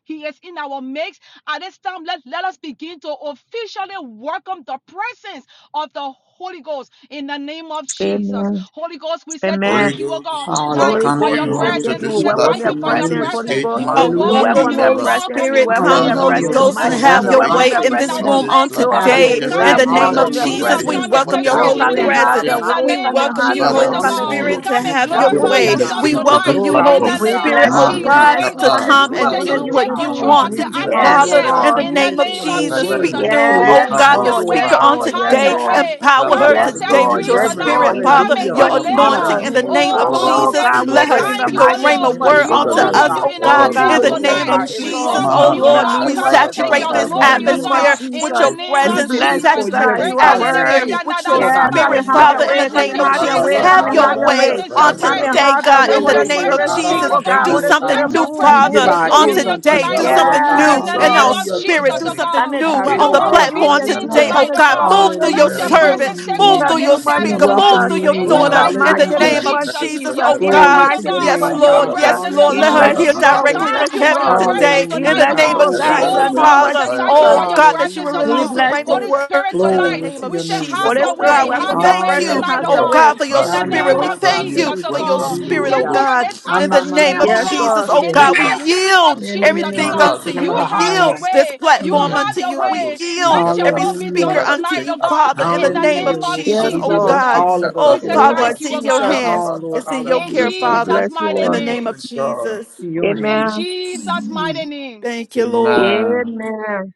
Speaker 2: he is in our midst. At this time, let, let us begin to officially welcome the presence of the Holy Ghost in the name of Jesus.
Speaker 4: Amen.
Speaker 2: Holy Ghost, we say
Speaker 4: Amen.
Speaker 1: Holy
Speaker 2: thank you, oh God.
Speaker 1: Ghost,
Speaker 2: Thank
Speaker 4: Holy
Speaker 2: you
Speaker 1: welcome
Speaker 2: for
Speaker 4: Ghost,
Speaker 2: your
Speaker 4: we
Speaker 1: you
Speaker 3: Hallelujah.
Speaker 4: say
Speaker 3: Holy
Speaker 1: onto
Speaker 4: thank
Speaker 2: presence.
Speaker 4: you.
Speaker 2: We
Speaker 4: We
Speaker 1: this
Speaker 3: we
Speaker 2: say
Speaker 4: welcome
Speaker 2: thank
Speaker 4: your
Speaker 2: you
Speaker 1: platform,
Speaker 3: welcome
Speaker 2: for
Speaker 3: you
Speaker 2: your
Speaker 3: in
Speaker 1: onto
Speaker 4: presence,
Speaker 1: this
Speaker 3: this
Speaker 4: Holy
Speaker 2: presence.
Speaker 3: place.
Speaker 1: stage,
Speaker 4: Ghost.
Speaker 5: You
Speaker 2: We
Speaker 5: are
Speaker 1: Mando
Speaker 4: We
Speaker 3: Hallelujah.
Speaker 2: welcome
Speaker 5: welcome,
Speaker 4: welcome
Speaker 2: you.
Speaker 4: your
Speaker 2: We
Speaker 5: Holy
Speaker 1: Shikapa.
Speaker 4: presence.
Speaker 2: welcome
Speaker 4: We
Speaker 2: you.
Speaker 5: Spirit.
Speaker 2: We
Speaker 4: welcome
Speaker 5: Come,
Speaker 4: your
Speaker 1: Father,
Speaker 2: welcome
Speaker 5: Holy
Speaker 3: Hallelujah.
Speaker 2: you.
Speaker 1: brood
Speaker 4: presence,
Speaker 3: We
Speaker 5: Ghost, and
Speaker 4: mighty
Speaker 2: Holy
Speaker 1: upon
Speaker 2: Ghost,
Speaker 4: God.
Speaker 5: have
Speaker 1: the
Speaker 4: We
Speaker 2: we
Speaker 3: surrender
Speaker 5: your
Speaker 4: welcome
Speaker 5: way
Speaker 1: face
Speaker 4: your
Speaker 2: welcome
Speaker 5: in
Speaker 3: unto
Speaker 2: you in
Speaker 5: this
Speaker 4: presence.
Speaker 1: of
Speaker 2: our
Speaker 5: room
Speaker 3: you.
Speaker 1: this
Speaker 5: on
Speaker 2: midst, oh
Speaker 4: Still of
Speaker 3: Have
Speaker 2: God.
Speaker 4: the
Speaker 3: your
Speaker 1: platform,
Speaker 5: today.
Speaker 4: living
Speaker 1: just
Speaker 2: Come
Speaker 3: way.
Speaker 5: In
Speaker 1: as
Speaker 4: God,
Speaker 5: the
Speaker 2: and
Speaker 1: we
Speaker 4: we
Speaker 2: take
Speaker 5: name
Speaker 1: brooded
Speaker 5: of
Speaker 4: welcome your
Speaker 1: upon the
Speaker 2: dominion.
Speaker 3: Hallelujah.
Speaker 5: Jesus,
Speaker 1: face
Speaker 3: We
Speaker 5: we
Speaker 1: of
Speaker 4: presence.
Speaker 2: Come
Speaker 1: the
Speaker 2: and
Speaker 5: welcome
Speaker 3: submit
Speaker 2: take
Speaker 5: your
Speaker 1: waters
Speaker 4: Oh,
Speaker 3: our
Speaker 1: in
Speaker 5: holy
Speaker 1: the
Speaker 4: come
Speaker 1: book
Speaker 4: and
Speaker 2: preeminence
Speaker 3: ways,
Speaker 1: of
Speaker 4: have
Speaker 3: our
Speaker 5: presence.
Speaker 4: your
Speaker 1: Genesis.
Speaker 2: in
Speaker 4: way.
Speaker 2: the
Speaker 3: mouth,
Speaker 5: We
Speaker 2: name
Speaker 4: Come
Speaker 2: of
Speaker 4: and
Speaker 5: welcome
Speaker 3: our
Speaker 4: have
Speaker 5: you,
Speaker 4: your
Speaker 3: tongue.
Speaker 4: way.
Speaker 2: Jesus,
Speaker 1: Father,
Speaker 5: Holy
Speaker 2: oh
Speaker 1: we
Speaker 4: Come
Speaker 2: God.
Speaker 4: and
Speaker 1: call on
Speaker 3: Hallelujah,
Speaker 5: Spirit,
Speaker 4: do
Speaker 5: to
Speaker 2: Come
Speaker 1: you
Speaker 2: and
Speaker 3: Jesus.
Speaker 5: have
Speaker 1: to
Speaker 4: what
Speaker 3: Have
Speaker 5: your
Speaker 1: do
Speaker 3: your
Speaker 1: the
Speaker 2: glorify
Speaker 4: only
Speaker 3: way,
Speaker 1: on
Speaker 5: way.
Speaker 4: you can
Speaker 2: yourself
Speaker 3: God.
Speaker 5: We
Speaker 4: do.
Speaker 1: of
Speaker 2: tonight
Speaker 1: this
Speaker 5: welcome
Speaker 3: Lord
Speaker 5: you,
Speaker 3: God,
Speaker 2: in
Speaker 3: we
Speaker 5: Holy
Speaker 2: the
Speaker 1: platform.
Speaker 3: clear
Speaker 4: We
Speaker 2: name
Speaker 3: our
Speaker 5: Spirit,
Speaker 2: of
Speaker 4: bless
Speaker 5: oh
Speaker 4: you.
Speaker 3: mind,
Speaker 4: We
Speaker 1: Mandi
Speaker 3: Lord
Speaker 2: Jesus.
Speaker 3: God,
Speaker 5: God,
Speaker 4: bless
Speaker 3: for
Speaker 2: Holy
Speaker 4: you.
Speaker 5: to
Speaker 3: a
Speaker 4: Come
Speaker 2: Ghost,
Speaker 1: Kapa,
Speaker 4: and
Speaker 5: come
Speaker 4: do
Speaker 2: we
Speaker 3: hateful
Speaker 4: what
Speaker 2: say
Speaker 5: and
Speaker 1: Lubra
Speaker 3: day,
Speaker 4: only
Speaker 2: you
Speaker 5: do
Speaker 4: you
Speaker 3: Lord
Speaker 1: Alus
Speaker 5: what
Speaker 2: take
Speaker 4: can
Speaker 3: God.
Speaker 5: you
Speaker 4: do.
Speaker 2: control
Speaker 3: And
Speaker 2: of
Speaker 5: want
Speaker 1: Mahandi
Speaker 5: to
Speaker 2: the
Speaker 3: we
Speaker 5: do,
Speaker 3: come,
Speaker 4: Yes,
Speaker 5: Father,
Speaker 3: Lord
Speaker 2: atmosphere
Speaker 3: God,
Speaker 1: Elevre,
Speaker 5: in the
Speaker 3: to
Speaker 4: Lord.
Speaker 2: in the
Speaker 5: name of
Speaker 3: meditate
Speaker 2: name
Speaker 3: on
Speaker 2: of
Speaker 3: your
Speaker 5: Jesus.
Speaker 1: Rababa
Speaker 5: Speak
Speaker 3: word,
Speaker 2: Jesus.
Speaker 3: to
Speaker 1: Lus
Speaker 5: through,
Speaker 2: We say,
Speaker 5: oh
Speaker 3: lift you
Speaker 4: Yes,
Speaker 5: God,
Speaker 2: have
Speaker 1: Kipandus
Speaker 5: the
Speaker 3: up,
Speaker 2: your
Speaker 4: Lord.
Speaker 3: Lord
Speaker 4: Yes,
Speaker 5: speaker
Speaker 2: way,
Speaker 3: God,
Speaker 5: on
Speaker 4: Lord.
Speaker 2: have
Speaker 3: in
Speaker 4: Yes,
Speaker 1: Mahandalaba,
Speaker 5: today.
Speaker 2: your
Speaker 3: the
Speaker 4: Lord.
Speaker 2: way.
Speaker 3: atmosphere,
Speaker 5: Empower
Speaker 3: Lord
Speaker 2: Come
Speaker 5: her
Speaker 2: and
Speaker 3: God,
Speaker 1: Rababa
Speaker 3: to
Speaker 4: Yes,
Speaker 2: set
Speaker 1: Lus
Speaker 5: today
Speaker 3: give you
Speaker 4: Lord.
Speaker 5: with
Speaker 2: free
Speaker 5: your
Speaker 4: Yes,
Speaker 3: reverence.
Speaker 2: tonight.
Speaker 4: Lord.
Speaker 5: spirit,
Speaker 4: In
Speaker 1: Mandalaba.
Speaker 4: the
Speaker 2: Come
Speaker 5: Father,
Speaker 2: and
Speaker 4: name
Speaker 3: Hallelujah.
Speaker 5: your
Speaker 2: deliver.
Speaker 1: Father, we
Speaker 4: of
Speaker 3: Honor
Speaker 5: anointing
Speaker 1: welcome
Speaker 4: Jesus.
Speaker 5: in
Speaker 3: you,
Speaker 5: the
Speaker 3: oh
Speaker 1: you,
Speaker 5: name
Speaker 2: Oh
Speaker 5: of
Speaker 3: God, with
Speaker 1: Holy
Speaker 2: God, we
Speaker 4: Oh,
Speaker 3: all
Speaker 1: Ghost,
Speaker 2: say,
Speaker 5: Jesus.
Speaker 3: our
Speaker 1: we
Speaker 4: God,
Speaker 2: we
Speaker 4: we
Speaker 2: say,
Speaker 5: Let her
Speaker 4: pray
Speaker 1: welcome
Speaker 4: in
Speaker 3: spirit
Speaker 4: the
Speaker 2: thank
Speaker 3: and
Speaker 5: speak
Speaker 1: you,
Speaker 2: you,
Speaker 5: a
Speaker 3: our
Speaker 4: mighty
Speaker 2: Holy
Speaker 3: truth,
Speaker 5: rhema
Speaker 2: Ghost.
Speaker 4: name of
Speaker 3: Heavenly
Speaker 5: word
Speaker 1: Spirit
Speaker 2: We
Speaker 1: of the
Speaker 3: Father,
Speaker 5: onto
Speaker 4: Jesus.
Speaker 3: Lord
Speaker 1: Living
Speaker 2: welcome
Speaker 5: us,
Speaker 2: you
Speaker 3: God.
Speaker 5: oh
Speaker 1: Most
Speaker 2: in
Speaker 1: High
Speaker 4: Oh,
Speaker 2: our
Speaker 5: God,
Speaker 3: We
Speaker 1: God, we
Speaker 4: God,
Speaker 5: in
Speaker 2: midst
Speaker 5: the
Speaker 4: we
Speaker 3: put,
Speaker 4: say
Speaker 3: Lord
Speaker 5: name
Speaker 2: tonight.
Speaker 1: welcome
Speaker 5: of
Speaker 3: God,
Speaker 4: thank
Speaker 1: you,
Speaker 4: you,
Speaker 2: We
Speaker 4: Lord.
Speaker 5: Jesus,
Speaker 3: everything
Speaker 2: welcome
Speaker 5: oh
Speaker 2: you,
Speaker 4: In
Speaker 2: oh
Speaker 4: the
Speaker 5: Lord.
Speaker 1: Mahandi
Speaker 3: aside,
Speaker 2: God.
Speaker 4: name
Speaker 5: We
Speaker 3: Lord
Speaker 2: Come
Speaker 4: of
Speaker 3: God,
Speaker 2: and
Speaker 3: and
Speaker 2: take
Speaker 1: Kaparaba,
Speaker 5: saturate
Speaker 3: focus
Speaker 2: your
Speaker 4: Jesus.
Speaker 5: this
Speaker 3: on
Speaker 4: In
Speaker 1: Rabba,
Speaker 3: you,
Speaker 4: the
Speaker 2: glory, oh
Speaker 4: name
Speaker 3: Lord
Speaker 4: of
Speaker 2: God,
Speaker 5: atmosphere
Speaker 3: God.
Speaker 2: in
Speaker 5: with
Speaker 2: the
Speaker 5: your
Speaker 4: Jesus.
Speaker 1: Absolute
Speaker 2: name
Speaker 5: presence
Speaker 3: We
Speaker 4: We
Speaker 2: of
Speaker 5: presence. We
Speaker 3: sit
Speaker 4: bless
Speaker 2: Jesus.
Speaker 4: you,
Speaker 3: before you,
Speaker 5: saturate
Speaker 4: God.
Speaker 3: Heavenly
Speaker 5: this
Speaker 4: You are
Speaker 1: Commander,
Speaker 3: Father, to
Speaker 5: atmosphere
Speaker 4: worthy.
Speaker 3: hear,
Speaker 5: with your
Speaker 3: Lord
Speaker 4: Yeah,
Speaker 3: God,
Speaker 4: come
Speaker 1: Rabba,
Speaker 5: spirit,
Speaker 4: and
Speaker 3: from you,
Speaker 4: have
Speaker 1: Lus
Speaker 2: Your
Speaker 4: your
Speaker 5: Father, in
Speaker 4: way.
Speaker 5: the
Speaker 4: Come
Speaker 2: presence,
Speaker 3: saturated
Speaker 5: name
Speaker 4: and
Speaker 2: your
Speaker 5: of
Speaker 3: in
Speaker 4: have
Speaker 3: your
Speaker 4: your
Speaker 5: Jesus.
Speaker 4: way.
Speaker 2: presence
Speaker 3: word.
Speaker 4: Come
Speaker 5: Have
Speaker 4: and
Speaker 2: your
Speaker 4: have
Speaker 5: your
Speaker 4: your
Speaker 5: way
Speaker 4: way.
Speaker 3: Hallelujah,
Speaker 2: presence, your
Speaker 5: on
Speaker 4: Come
Speaker 3: Jesus.
Speaker 4: and
Speaker 2: presence.
Speaker 5: today,
Speaker 4: have your
Speaker 3: Have
Speaker 5: God,
Speaker 4: way.
Speaker 5: in
Speaker 3: your
Speaker 2: Let
Speaker 5: the
Speaker 2: your
Speaker 4: Holy
Speaker 3: way,
Speaker 5: name
Speaker 3: Lord
Speaker 5: of
Speaker 4: Spirit,
Speaker 2: presence
Speaker 3: God,
Speaker 4: speak,
Speaker 2: fall,
Speaker 5: Jesus.
Speaker 3: unto
Speaker 2: oh
Speaker 4: oh
Speaker 3: today,
Speaker 2: God.
Speaker 4: God.
Speaker 5: Do
Speaker 4: Holy
Speaker 3: Lord
Speaker 5: something
Speaker 4: Spirit,
Speaker 3: God.
Speaker 2: Let your
Speaker 5: new,
Speaker 4: move,
Speaker 3: We
Speaker 2: presence
Speaker 3: give
Speaker 5: Father,
Speaker 4: move,
Speaker 2: take
Speaker 3: our
Speaker 5: on
Speaker 3: ears
Speaker 2: dominion
Speaker 4: move.
Speaker 3: unto
Speaker 5: today.
Speaker 3: you,
Speaker 2: tonight,
Speaker 5: Do
Speaker 2: oh God.
Speaker 3: Lord
Speaker 5: something
Speaker 3: God.
Speaker 4: Yes,
Speaker 5: new
Speaker 2: In the
Speaker 5: in
Speaker 4: Lord.
Speaker 2: name
Speaker 5: our
Speaker 2: of
Speaker 3: Hallelujah,
Speaker 5: spirit.
Speaker 2: Jesus,
Speaker 5: Do
Speaker 3: Jesus.
Speaker 2: oh
Speaker 5: something
Speaker 4: Come
Speaker 2: God.
Speaker 4: do
Speaker 5: new
Speaker 3: Have
Speaker 2: We
Speaker 4: what
Speaker 5: on
Speaker 3: your
Speaker 2: don't
Speaker 5: the
Speaker 4: only
Speaker 2: want
Speaker 3: way.
Speaker 2: to be
Speaker 4: you
Speaker 5: platform
Speaker 4: can
Speaker 2: seen
Speaker 4: do.
Speaker 5: today,
Speaker 3: Hallelujah.
Speaker 4: Come
Speaker 5: oh
Speaker 2: tonight, oh
Speaker 4: do
Speaker 5: God.
Speaker 4: what
Speaker 2: God.
Speaker 5: Move through
Speaker 4: only you
Speaker 5: your
Speaker 3: Hallelujah.
Speaker 2: Let your
Speaker 3: We
Speaker 4: can do.
Speaker 5: servant,
Speaker 2: presence
Speaker 3: welcome
Speaker 2: take
Speaker 3: you
Speaker 4: In
Speaker 5: move
Speaker 2: over
Speaker 4: the
Speaker 5: through
Speaker 3: in.
Speaker 2: this
Speaker 5: your
Speaker 4: name of
Speaker 3: We
Speaker 2: service,
Speaker 5: speaker,
Speaker 2: oh
Speaker 3: welcome
Speaker 5: move
Speaker 2: God.
Speaker 4: Jesus.
Speaker 5: through
Speaker 3: you
Speaker 5: your
Speaker 2: In
Speaker 3: in.
Speaker 2: the
Speaker 4: In
Speaker 5: daughter
Speaker 4: the
Speaker 5: in
Speaker 2: mighty
Speaker 5: the
Speaker 2: name
Speaker 4: mighty
Speaker 2: of
Speaker 3: Hallelujah,
Speaker 4: name
Speaker 5: name of
Speaker 4: of
Speaker 2: Jesus,
Speaker 3: Jesus.
Speaker 5: Jesus,
Speaker 2: your
Speaker 4: Jesus.
Speaker 5: oh
Speaker 4: In the
Speaker 3: Glory
Speaker 2: presence,
Speaker 5: God.
Speaker 3: to
Speaker 2: oh
Speaker 4: mighty
Speaker 3: your
Speaker 2: God.
Speaker 4: name
Speaker 5: Yes,
Speaker 4: of
Speaker 3: name,
Speaker 2: Your
Speaker 5: Lord.
Speaker 3: God.
Speaker 4: Jesus.
Speaker 5: Yes,
Speaker 2: presence, oh
Speaker 5: Lord.
Speaker 4: We
Speaker 5: Let
Speaker 2: God.
Speaker 5: her
Speaker 4: bless
Speaker 3: Hallelujah,
Speaker 5: hear
Speaker 4: you,
Speaker 2: We say
Speaker 4: Lord. We
Speaker 3: Jesus.
Speaker 5: directly
Speaker 4: bless
Speaker 5: from
Speaker 2: thank you
Speaker 4: you,
Speaker 2: for
Speaker 5: heaven
Speaker 2: your
Speaker 4: Lord.
Speaker 2: presence
Speaker 5: today
Speaker 4: We
Speaker 5: in
Speaker 3: Hallelujah,
Speaker 2: tonight,
Speaker 5: the
Speaker 2: oh
Speaker 4: bless
Speaker 3: God.
Speaker 4: you,
Speaker 5: name
Speaker 2: God.
Speaker 4: oh
Speaker 5: of
Speaker 3: Oh,
Speaker 4: God, in
Speaker 3: God,
Speaker 5: Jesus,
Speaker 3: oh,
Speaker 4: the
Speaker 2: Oh God,
Speaker 4: name
Speaker 2: we
Speaker 3: God.
Speaker 4: of
Speaker 5: Father.
Speaker 2: say thank you
Speaker 4: Jesus.
Speaker 2: for
Speaker 5: Oh
Speaker 1: Rabba
Speaker 2: your
Speaker 5: God, that you
Speaker 2: presence,
Speaker 5: will
Speaker 2: oh
Speaker 3: Hallelujah,
Speaker 4: We
Speaker 5: release
Speaker 2: God.
Speaker 5: the
Speaker 4: bless
Speaker 5: rain of
Speaker 3: Jesus.
Speaker 4: you.
Speaker 2: Holy
Speaker 5: word
Speaker 2: Spirit,
Speaker 5: in the
Speaker 2: tonight,
Speaker 3: Glory
Speaker 5: name
Speaker 3: to
Speaker 5: of
Speaker 2: we
Speaker 3: your
Speaker 2: say,
Speaker 3: name.
Speaker 2: have
Speaker 5: Jesus.
Speaker 4: Holy
Speaker 5: Oh
Speaker 2: your
Speaker 4: Spirit, we
Speaker 2: way,
Speaker 5: God, we
Speaker 2: have
Speaker 4: welcome
Speaker 2: your
Speaker 4: your
Speaker 2: way
Speaker 5: thank you,
Speaker 4: presence.
Speaker 2: tonight,
Speaker 4: Have
Speaker 2: oh
Speaker 5: oh
Speaker 4: your
Speaker 2: God.
Speaker 3: Hallelujah.
Speaker 4: way.
Speaker 5: God, for your
Speaker 2: In
Speaker 1: Father,
Speaker 2: the
Speaker 3: Ya
Speaker 1: we
Speaker 3: na
Speaker 5: spirit.
Speaker 2: name
Speaker 5: We
Speaker 3: na
Speaker 2: of
Speaker 3: ka
Speaker 5: thank
Speaker 1: welcome
Speaker 3: te
Speaker 5: you
Speaker 1: you,
Speaker 2: Jesus,
Speaker 3: de
Speaker 2: oh
Speaker 5: for
Speaker 3: si
Speaker 5: your
Speaker 3: di
Speaker 2: God.
Speaker 3: di
Speaker 1: welcome you,
Speaker 5: spirit,
Speaker 2: Take
Speaker 3: di
Speaker 1: Holy
Speaker 5: oh
Speaker 3: ya.
Speaker 1: Ghost,
Speaker 2: over
Speaker 1: we
Speaker 5: God,
Speaker 2: this
Speaker 5: in the
Speaker 3: Ama
Speaker 1: welcome
Speaker 3: ma
Speaker 1: you,
Speaker 2: atmosphere,
Speaker 5: name
Speaker 1: Holy
Speaker 3: na
Speaker 5: of
Speaker 2: oh
Speaker 3: na
Speaker 4: Yes,
Speaker 3: te
Speaker 1: Spirit.
Speaker 2: God.
Speaker 3: ke
Speaker 5: Jesus.
Speaker 4: Lord.
Speaker 3: de
Speaker 5: Oh
Speaker 3: de
Speaker 2: In
Speaker 1: Take
Speaker 2: the
Speaker 3: he
Speaker 5: God, we
Speaker 3: ya.
Speaker 2: mighty name
Speaker 1: absolute
Speaker 5: yield
Speaker 2: of
Speaker 3: Ne ne
Speaker 1: control,
Speaker 3: ne
Speaker 2: Jesus,
Speaker 3: ne
Speaker 2: oh
Speaker 3: ne
Speaker 5: everything
Speaker 3: de
Speaker 2: God.
Speaker 1: Mahali,
Speaker 5: unto
Speaker 3: si de
Speaker 5: you.
Speaker 2: You
Speaker 3: la ba
Speaker 1: Brad,
Speaker 5: We
Speaker 3: ha
Speaker 2: have your
Speaker 5: yield
Speaker 3: ya.
Speaker 5: this
Speaker 2: way. You
Speaker 5: platform
Speaker 3: Mm.
Speaker 1: Yes,
Speaker 2: have
Speaker 5: unto
Speaker 2: your
Speaker 5: you. We
Speaker 1: Mando
Speaker 2: way.
Speaker 5: yield
Speaker 2: Let your
Speaker 5: every
Speaker 1: Ikata.
Speaker 2: will be
Speaker 5: speaker
Speaker 3: Hallelujah.
Speaker 2: done
Speaker 1: Father,
Speaker 5: unto
Speaker 2: tonight,
Speaker 1: take
Speaker 2: oh
Speaker 5: you,
Speaker 2: God.
Speaker 5: Father,
Speaker 1: absolute
Speaker 5: in the
Speaker 2: In the
Speaker 5: name
Speaker 1: control.
Speaker 5: of
Speaker 3: Hallelujah,
Speaker 2: name of
Speaker 3: Lord God.
Speaker 4: Yes,
Speaker 5: Jesus.
Speaker 3: We
Speaker 5: Oh
Speaker 2: Jesus,
Speaker 3: give
Speaker 1: Mando
Speaker 2: oh
Speaker 3: it
Speaker 4: Lord.
Speaker 5: God,
Speaker 2: God.
Speaker 3: all of us,
Speaker 2: We
Speaker 1: Ikata
Speaker 5: oh
Speaker 4: In
Speaker 2: say
Speaker 4: the
Speaker 3: Lord
Speaker 4: name
Speaker 5: Father,
Speaker 3: God.
Speaker 4: of
Speaker 1: Dalaba.
Speaker 2: thank
Speaker 5: it's
Speaker 2: you,
Speaker 5: in
Speaker 2: oh
Speaker 5: your
Speaker 2: God.
Speaker 4: Jesus.
Speaker 5: hands.
Speaker 3: All,
Speaker 1: Rababa
Speaker 3: Lord
Speaker 5: It's in
Speaker 3: God, we
Speaker 1: Dalabra
Speaker 5: your
Speaker 2: In
Speaker 3: leave
Speaker 4: We
Speaker 5: care,
Speaker 1: Tepa.
Speaker 3: now
Speaker 5: Father,
Speaker 2: Jesus'
Speaker 4: bless you,
Speaker 1: All
Speaker 2: mighty
Speaker 5: in the
Speaker 4: Lord.
Speaker 5: name of
Speaker 2: name.
Speaker 1: sovereign God.
Speaker 5: Jesus.
Speaker 3: in your
Speaker 2: In
Speaker 3: hands.
Speaker 4: Amen.
Speaker 2: Jesus' mighty name.
Speaker 5: Thank you, Lord.
Speaker 1: Amen.
Speaker 4: Amen.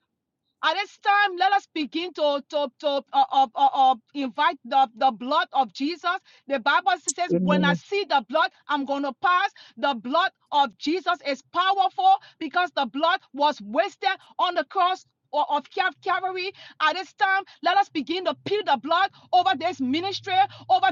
Speaker 2: At this time, let us begin to, to, to uh, uh, uh, uh, invite the, the blood of Jesus. The Bible says, when
Speaker 4: Amen.
Speaker 2: I see the blood, I'm going to pass. The blood of Jesus is powerful because the blood was wasted on the cross. o- Of Calvary at this time, let us begin to peel the blood over this ministry, over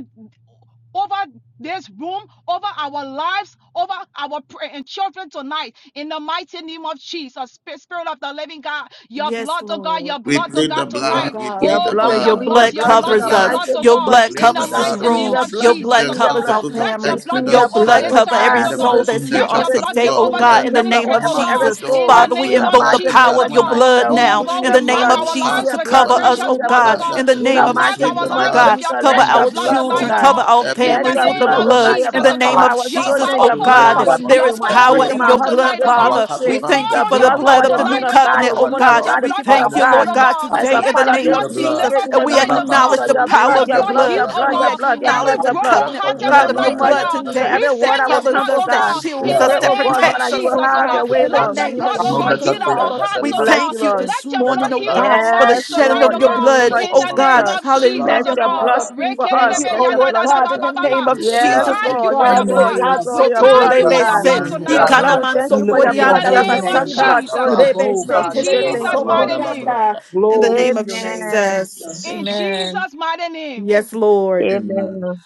Speaker 2: over this room, over our lives, over our pr- children tonight in the mighty name of Jesus. Spirit of the living God, your
Speaker 5: Yes,
Speaker 2: blood, oh God,
Speaker 5: Lord.
Speaker 2: your
Speaker 1: We
Speaker 2: blood, oh
Speaker 1: plead the
Speaker 2: God,
Speaker 5: Oh
Speaker 3: I,
Speaker 2: tonight.
Speaker 1: blood. We
Speaker 5: God, we
Speaker 4: Your
Speaker 1: plead
Speaker 2: Oh
Speaker 1: the
Speaker 4: blood,
Speaker 5: declare
Speaker 2: God,
Speaker 4: we
Speaker 2: your
Speaker 5: your
Speaker 1: blood.
Speaker 4: plead
Speaker 2: blood,
Speaker 4: your
Speaker 1: We
Speaker 5: blood
Speaker 2: your
Speaker 4: blood
Speaker 1: plead the
Speaker 4: in
Speaker 2: blood,
Speaker 4: the
Speaker 5: covers
Speaker 2: your
Speaker 5: us.
Speaker 1: blood.
Speaker 2: blood,
Speaker 4: mighty
Speaker 2: oh
Speaker 5: Your
Speaker 4: name
Speaker 2: God,
Speaker 1: We
Speaker 4: of
Speaker 5: blood
Speaker 2: in
Speaker 1: plead
Speaker 2: the
Speaker 1: the
Speaker 4: Jesus.
Speaker 5: covers this
Speaker 4: We
Speaker 1: blood
Speaker 2: mighty
Speaker 1: of
Speaker 4: plead
Speaker 2: name
Speaker 5: room.
Speaker 4: your
Speaker 2: of
Speaker 4: blood.
Speaker 5: Your
Speaker 1: Jesus,
Speaker 4: We
Speaker 2: Jesus,
Speaker 5: blood
Speaker 2: oh
Speaker 4: plead
Speaker 1: just
Speaker 4: your
Speaker 1: as
Speaker 2: God.
Speaker 5: covers
Speaker 1: the
Speaker 4: blood.
Speaker 5: our
Speaker 1: book of
Speaker 2: Let
Speaker 4: We
Speaker 2: your
Speaker 5: families.
Speaker 2: blood
Speaker 4: plead
Speaker 2: take
Speaker 4: your
Speaker 5: Your
Speaker 1: Exodus
Speaker 2: over
Speaker 4: blood,
Speaker 5: blood
Speaker 2: this
Speaker 4: oh
Speaker 1: said
Speaker 5: covers
Speaker 2: service,
Speaker 5: every
Speaker 1: in
Speaker 4: God,
Speaker 2: oh
Speaker 1: the
Speaker 4: in
Speaker 2: God.
Speaker 5: soul
Speaker 4: this
Speaker 5: that's
Speaker 1: in the
Speaker 5: here
Speaker 2: Let
Speaker 5: on
Speaker 4: on
Speaker 2: your
Speaker 1: chapter
Speaker 4: this
Speaker 2: blood
Speaker 5: today.
Speaker 2: take
Speaker 4: ministry.
Speaker 5: Oh
Speaker 1: twelve
Speaker 2: over
Speaker 4: We
Speaker 2: this
Speaker 5: God,
Speaker 4: plead
Speaker 5: in
Speaker 1: that
Speaker 5: the
Speaker 4: your blood
Speaker 2: ministry,
Speaker 5: name
Speaker 4: on
Speaker 5: of
Speaker 2: oh
Speaker 4: upon
Speaker 1: mark your
Speaker 2: God,
Speaker 4: every
Speaker 5: Jesus.
Speaker 2: in
Speaker 4: soul
Speaker 3: I,
Speaker 2: the
Speaker 5: Father,
Speaker 1: doorposts with
Speaker 5: we
Speaker 4: in
Speaker 2: name
Speaker 1: the
Speaker 4: the
Speaker 2: of
Speaker 5: invoke the
Speaker 1: blood,
Speaker 4: mighty
Speaker 1: and
Speaker 4: name
Speaker 2: Jesus,
Speaker 5: power
Speaker 1: that
Speaker 2: oh
Speaker 4: of
Speaker 5: of your
Speaker 1: when I
Speaker 2: God.
Speaker 4: Jesus.
Speaker 5: blood
Speaker 4: We
Speaker 2: Oh
Speaker 5: now
Speaker 1: see,
Speaker 4: plead
Speaker 2: God,
Speaker 5: in
Speaker 2: we
Speaker 4: your
Speaker 5: the
Speaker 1: I
Speaker 5: name
Speaker 2: mark
Speaker 4: blood.
Speaker 5: of
Speaker 1: will
Speaker 4: We
Speaker 2: our
Speaker 5: Jesus
Speaker 4: plead
Speaker 2: lives
Speaker 5: to
Speaker 1: pass
Speaker 4: your
Speaker 2: with your
Speaker 1: over
Speaker 4: blood.
Speaker 5: cover
Speaker 4: We
Speaker 5: us,
Speaker 1: you.
Speaker 4: plead
Speaker 2: precious
Speaker 5: oh
Speaker 4: your
Speaker 2: blood, oh
Speaker 5: God.
Speaker 4: blood
Speaker 2: God.
Speaker 5: In
Speaker 1: Father,
Speaker 5: the
Speaker 1: and
Speaker 4: in
Speaker 2: We
Speaker 1: so
Speaker 4: the
Speaker 5: name
Speaker 3: I
Speaker 5: of
Speaker 1: we
Speaker 2: mark
Speaker 4: mighty
Speaker 1: plead
Speaker 5: Jesus,
Speaker 2: our
Speaker 1: the
Speaker 4: name
Speaker 5: oh
Speaker 4: of
Speaker 2: lives
Speaker 1: blood
Speaker 3: love
Speaker 5: God,
Speaker 2: with
Speaker 4: Jesus.
Speaker 2: your
Speaker 5: cover
Speaker 4: Let
Speaker 1: on
Speaker 2: precious
Speaker 4: your
Speaker 5: our
Speaker 1: this
Speaker 2: blood
Speaker 4: blood, oh
Speaker 2: tonight,
Speaker 5: children,
Speaker 1: platform,
Speaker 2: oh
Speaker 4: God.
Speaker 5: cover
Speaker 1: on
Speaker 2: God,
Speaker 5: our
Speaker 1: every
Speaker 2: in
Speaker 4: Let
Speaker 2: the
Speaker 5: families
Speaker 4: your
Speaker 3: that
Speaker 5: with the
Speaker 2: name
Speaker 1: individual
Speaker 4: blood,
Speaker 2: of
Speaker 4: oh
Speaker 1: on
Speaker 5: blood.
Speaker 4: God,
Speaker 1: this
Speaker 4: your
Speaker 5: In
Speaker 2: Jesus,
Speaker 5: the
Speaker 4: blood
Speaker 2: oh
Speaker 4: cover
Speaker 5: name
Speaker 1: platform,
Speaker 3: power.
Speaker 2: God.
Speaker 5: of
Speaker 4: our
Speaker 2: Your
Speaker 1: on
Speaker 5: Jesus,
Speaker 1: our
Speaker 4: children.
Speaker 5: oh
Speaker 4: Your
Speaker 2: powerful
Speaker 4: blood
Speaker 1: children,
Speaker 5: God,
Speaker 4: cover
Speaker 2: blood,
Speaker 3: Hallelujah.
Speaker 4: me,
Speaker 1: on
Speaker 5: there
Speaker 2: your
Speaker 5: is
Speaker 4: my
Speaker 5: power
Speaker 1: every
Speaker 2: powerful
Speaker 4: children,
Speaker 5: in
Speaker 4: my
Speaker 2: blood
Speaker 5: your
Speaker 1: uh,
Speaker 4: husband,
Speaker 5: blood,
Speaker 2: tonight, oh
Speaker 4: this
Speaker 1: our
Speaker 2: God.
Speaker 5: Father.
Speaker 4: ministry.
Speaker 2: We
Speaker 5: We thank
Speaker 2: call
Speaker 4: Your
Speaker 5: you
Speaker 1: husbands,
Speaker 2: on
Speaker 5: for
Speaker 1: on
Speaker 2: your
Speaker 5: the
Speaker 4: blood
Speaker 1: our
Speaker 2: blood
Speaker 5: blood
Speaker 4: cover
Speaker 5: of
Speaker 4: the
Speaker 5: the new
Speaker 4: men
Speaker 2: tonight,
Speaker 1: wives,
Speaker 4: of
Speaker 2: oh
Speaker 4: God,
Speaker 1: on
Speaker 2: God.
Speaker 4: the
Speaker 5: covenant, oh
Speaker 1: our
Speaker 4: women
Speaker 2: Let
Speaker 4: of
Speaker 5: God.
Speaker 2: your
Speaker 4: God,
Speaker 1: jobs.
Speaker 4: the
Speaker 5: We
Speaker 2: blood
Speaker 4: people
Speaker 1: In
Speaker 2: take
Speaker 4: of
Speaker 5: thank
Speaker 3: Father
Speaker 1: the
Speaker 5: you,
Speaker 2: over,
Speaker 5: Lord
Speaker 1: name
Speaker 4: God.
Speaker 2: oh
Speaker 1: of
Speaker 5: God,
Speaker 2: God.
Speaker 4: As
Speaker 5: today
Speaker 1: Jesus,
Speaker 4: a
Speaker 5: in
Speaker 2: Let
Speaker 5: the
Speaker 1: we
Speaker 4: part
Speaker 2: your
Speaker 4: of
Speaker 5: name
Speaker 1: plead
Speaker 4: this
Speaker 2: blood
Speaker 1: the
Speaker 5: of
Speaker 1: blood.
Speaker 5: Jesus.
Speaker 4: ministry,
Speaker 2: deliver
Speaker 4: in
Speaker 5: And
Speaker 4: the
Speaker 5: we
Speaker 4: name
Speaker 2: tonight,
Speaker 4: of
Speaker 2: oh
Speaker 1: Rabba
Speaker 4: Jesus,
Speaker 2: God.
Speaker 5: acknowledge the
Speaker 4: your
Speaker 1: dos
Speaker 2: Let
Speaker 5: power
Speaker 4: blood,
Speaker 2: your
Speaker 5: of
Speaker 4: your
Speaker 5: your
Speaker 1: ita
Speaker 2: blood
Speaker 4: blood,
Speaker 2: heal,
Speaker 5: blood.
Speaker 4: your
Speaker 2: oh
Speaker 4: blood,
Speaker 5: We
Speaker 1: bandalaba,
Speaker 4: your
Speaker 2: God.
Speaker 4: blood, your
Speaker 5: acknowledge
Speaker 4: blood,
Speaker 2: Every
Speaker 1: man
Speaker 5: the
Speaker 4: your blood.
Speaker 2: broken
Speaker 1: titia
Speaker 5: covenant oh
Speaker 4: In
Speaker 2: hearted
Speaker 4: the
Speaker 5: God, of your
Speaker 4: name
Speaker 2: tonight,
Speaker 1: bandalaba,
Speaker 2: oh
Speaker 4: of
Speaker 5: blood
Speaker 2: God.
Speaker 4: Jesus,
Speaker 5: today
Speaker 2: We
Speaker 4: every word
Speaker 5: that
Speaker 2: send
Speaker 4: that will
Speaker 2: your
Speaker 5: covers
Speaker 4: come,
Speaker 2: blood,
Speaker 4: oh
Speaker 5: us,
Speaker 2: oh
Speaker 5: that
Speaker 4: God,
Speaker 2: God,
Speaker 1: Please,
Speaker 4: we
Speaker 5: shields
Speaker 2: in
Speaker 4: pray,
Speaker 5: us,
Speaker 1: blood,
Speaker 2: the
Speaker 1: we
Speaker 5: that
Speaker 4: oh
Speaker 2: name
Speaker 4: God, Lord,
Speaker 2: of
Speaker 1: plead
Speaker 5: protects
Speaker 4: that you
Speaker 5: us,
Speaker 1: the
Speaker 4: will
Speaker 5: oh
Speaker 2: Jesus,
Speaker 1: blood,
Speaker 2: oh
Speaker 4: have
Speaker 1: the
Speaker 5: God,
Speaker 4: your
Speaker 2: God.
Speaker 4: way,
Speaker 5: in
Speaker 1: blood
Speaker 5: the
Speaker 2: Let
Speaker 4: Lord.
Speaker 1: that
Speaker 4: In
Speaker 2: your
Speaker 5: name
Speaker 4: the
Speaker 5: of
Speaker 2: blood,
Speaker 1: speaks
Speaker 2: oh
Speaker 1: no
Speaker 4: name
Speaker 2: God,
Speaker 4: of
Speaker 1: better
Speaker 2: heal
Speaker 5: Jesus,
Speaker 1: things
Speaker 2: our
Speaker 4: Jesus,
Speaker 5: Father.
Speaker 1: than the
Speaker 2: hearts,
Speaker 4: we
Speaker 5: We
Speaker 2: oh
Speaker 1: blood of
Speaker 4: bless
Speaker 2: God.
Speaker 4: you,
Speaker 5: thank you
Speaker 1: Jesus.
Speaker 4: Lord.
Speaker 5: this
Speaker 2: Let your
Speaker 1: Let the
Speaker 5: morning,
Speaker 2: blood
Speaker 5: oh
Speaker 2: heal
Speaker 1: blood
Speaker 5: God,
Speaker 2: our
Speaker 5: for the
Speaker 4: Yes,
Speaker 2: minds
Speaker 1: speak
Speaker 5: shedding
Speaker 2: tonight,
Speaker 1: for
Speaker 5: of
Speaker 4: Lord,
Speaker 2: oh
Speaker 4: in
Speaker 5: your
Speaker 4: the
Speaker 1: us
Speaker 2: God,
Speaker 1: in
Speaker 4: name
Speaker 5: blood,
Speaker 1: the
Speaker 4: of
Speaker 2: in
Speaker 5: oh
Speaker 1: name
Speaker 2: the
Speaker 1: of
Speaker 5: God.
Speaker 2: name
Speaker 1: Jesus.
Speaker 4: Jesus,
Speaker 2: of
Speaker 1: The
Speaker 2: Jesus,
Speaker 4: let
Speaker 1: blood,
Speaker 5: Hallelujah,
Speaker 2: oh
Speaker 1: the
Speaker 4: your
Speaker 2: God.
Speaker 4: blood
Speaker 5: Father.
Speaker 1: blood.
Speaker 4: speak
Speaker 5: We
Speaker 4: for
Speaker 5: thank
Speaker 4: us.
Speaker 5: you,
Speaker 4: Let
Speaker 5: oh
Speaker 1: Rabba,
Speaker 4: your
Speaker 1: we
Speaker 5: Lord
Speaker 4: blood
Speaker 1: plead
Speaker 5: God, in
Speaker 4: speak.
Speaker 1: the
Speaker 5: the
Speaker 1: blood, we
Speaker 5: name of
Speaker 1: plead the
Speaker 2: We
Speaker 4: Yes,
Speaker 1: blood.
Speaker 5: Jesus, oh
Speaker 2: thank you
Speaker 4: Lord,
Speaker 2: for
Speaker 4: yes,
Speaker 2: your
Speaker 3: in
Speaker 5: God.
Speaker 3: the
Speaker 2: blood.
Speaker 4: Lord, yes,
Speaker 3: name
Speaker 5: Retab
Speaker 3: of
Speaker 1: we
Speaker 2: We
Speaker 4: Lord, your
Speaker 1: plead
Speaker 5: soto
Speaker 1: the
Speaker 3: Jesus,
Speaker 2: thank
Speaker 4: blood,
Speaker 2: you
Speaker 4: oh
Speaker 1: blood.
Speaker 2: for
Speaker 3: Lord
Speaker 5: rebe
Speaker 2: your
Speaker 3: God,
Speaker 4: God.
Speaker 3: we
Speaker 5: se,
Speaker 2: blood tonight,
Speaker 4: Your
Speaker 3: magnify
Speaker 2: oh
Speaker 1: Nanta,
Speaker 4: blood,
Speaker 5: ikana
Speaker 3: you.
Speaker 2: God.
Speaker 4: we
Speaker 1: Bretta,
Speaker 4: thank
Speaker 1: the
Speaker 3: We
Speaker 5: manso
Speaker 4: you for
Speaker 3: lift up
Speaker 4: your
Speaker 1: truth,
Speaker 2: In
Speaker 3: your
Speaker 4: blood,
Speaker 2: the
Speaker 5: korianda la
Speaker 4: your
Speaker 3: holy
Speaker 2: name of
Speaker 1: Eta,
Speaker 3: name,
Speaker 4: redeeming
Speaker 5: basata,
Speaker 4: blood,
Speaker 3: God.
Speaker 4: Lord
Speaker 2: Jesus.
Speaker 1: Lustava,
Speaker 5: rebe
Speaker 3: Above
Speaker 5: se
Speaker 4: Jesus.
Speaker 2: In
Speaker 3: God,
Speaker 4: We say
Speaker 3: you
Speaker 5: telebe
Speaker 3: are
Speaker 4: thank
Speaker 1: Mandibria,
Speaker 2: Jesus'
Speaker 4: you,
Speaker 5: so
Speaker 4: Lord.
Speaker 2: mighty
Speaker 3: hallelujah.
Speaker 2: name.
Speaker 1: Pandalabra.
Speaker 5: korianda. In the
Speaker 3: Glory
Speaker 5: name
Speaker 3: to
Speaker 5: of
Speaker 3: your name,
Speaker 4: Amen.
Speaker 5: Jesus,
Speaker 3: Jesus.
Speaker 2: In
Speaker 5: amen.
Speaker 2: Jesus' mighty name.
Speaker 5: Yes, Lord.
Speaker 1: Amen.
Speaker 4: Amen.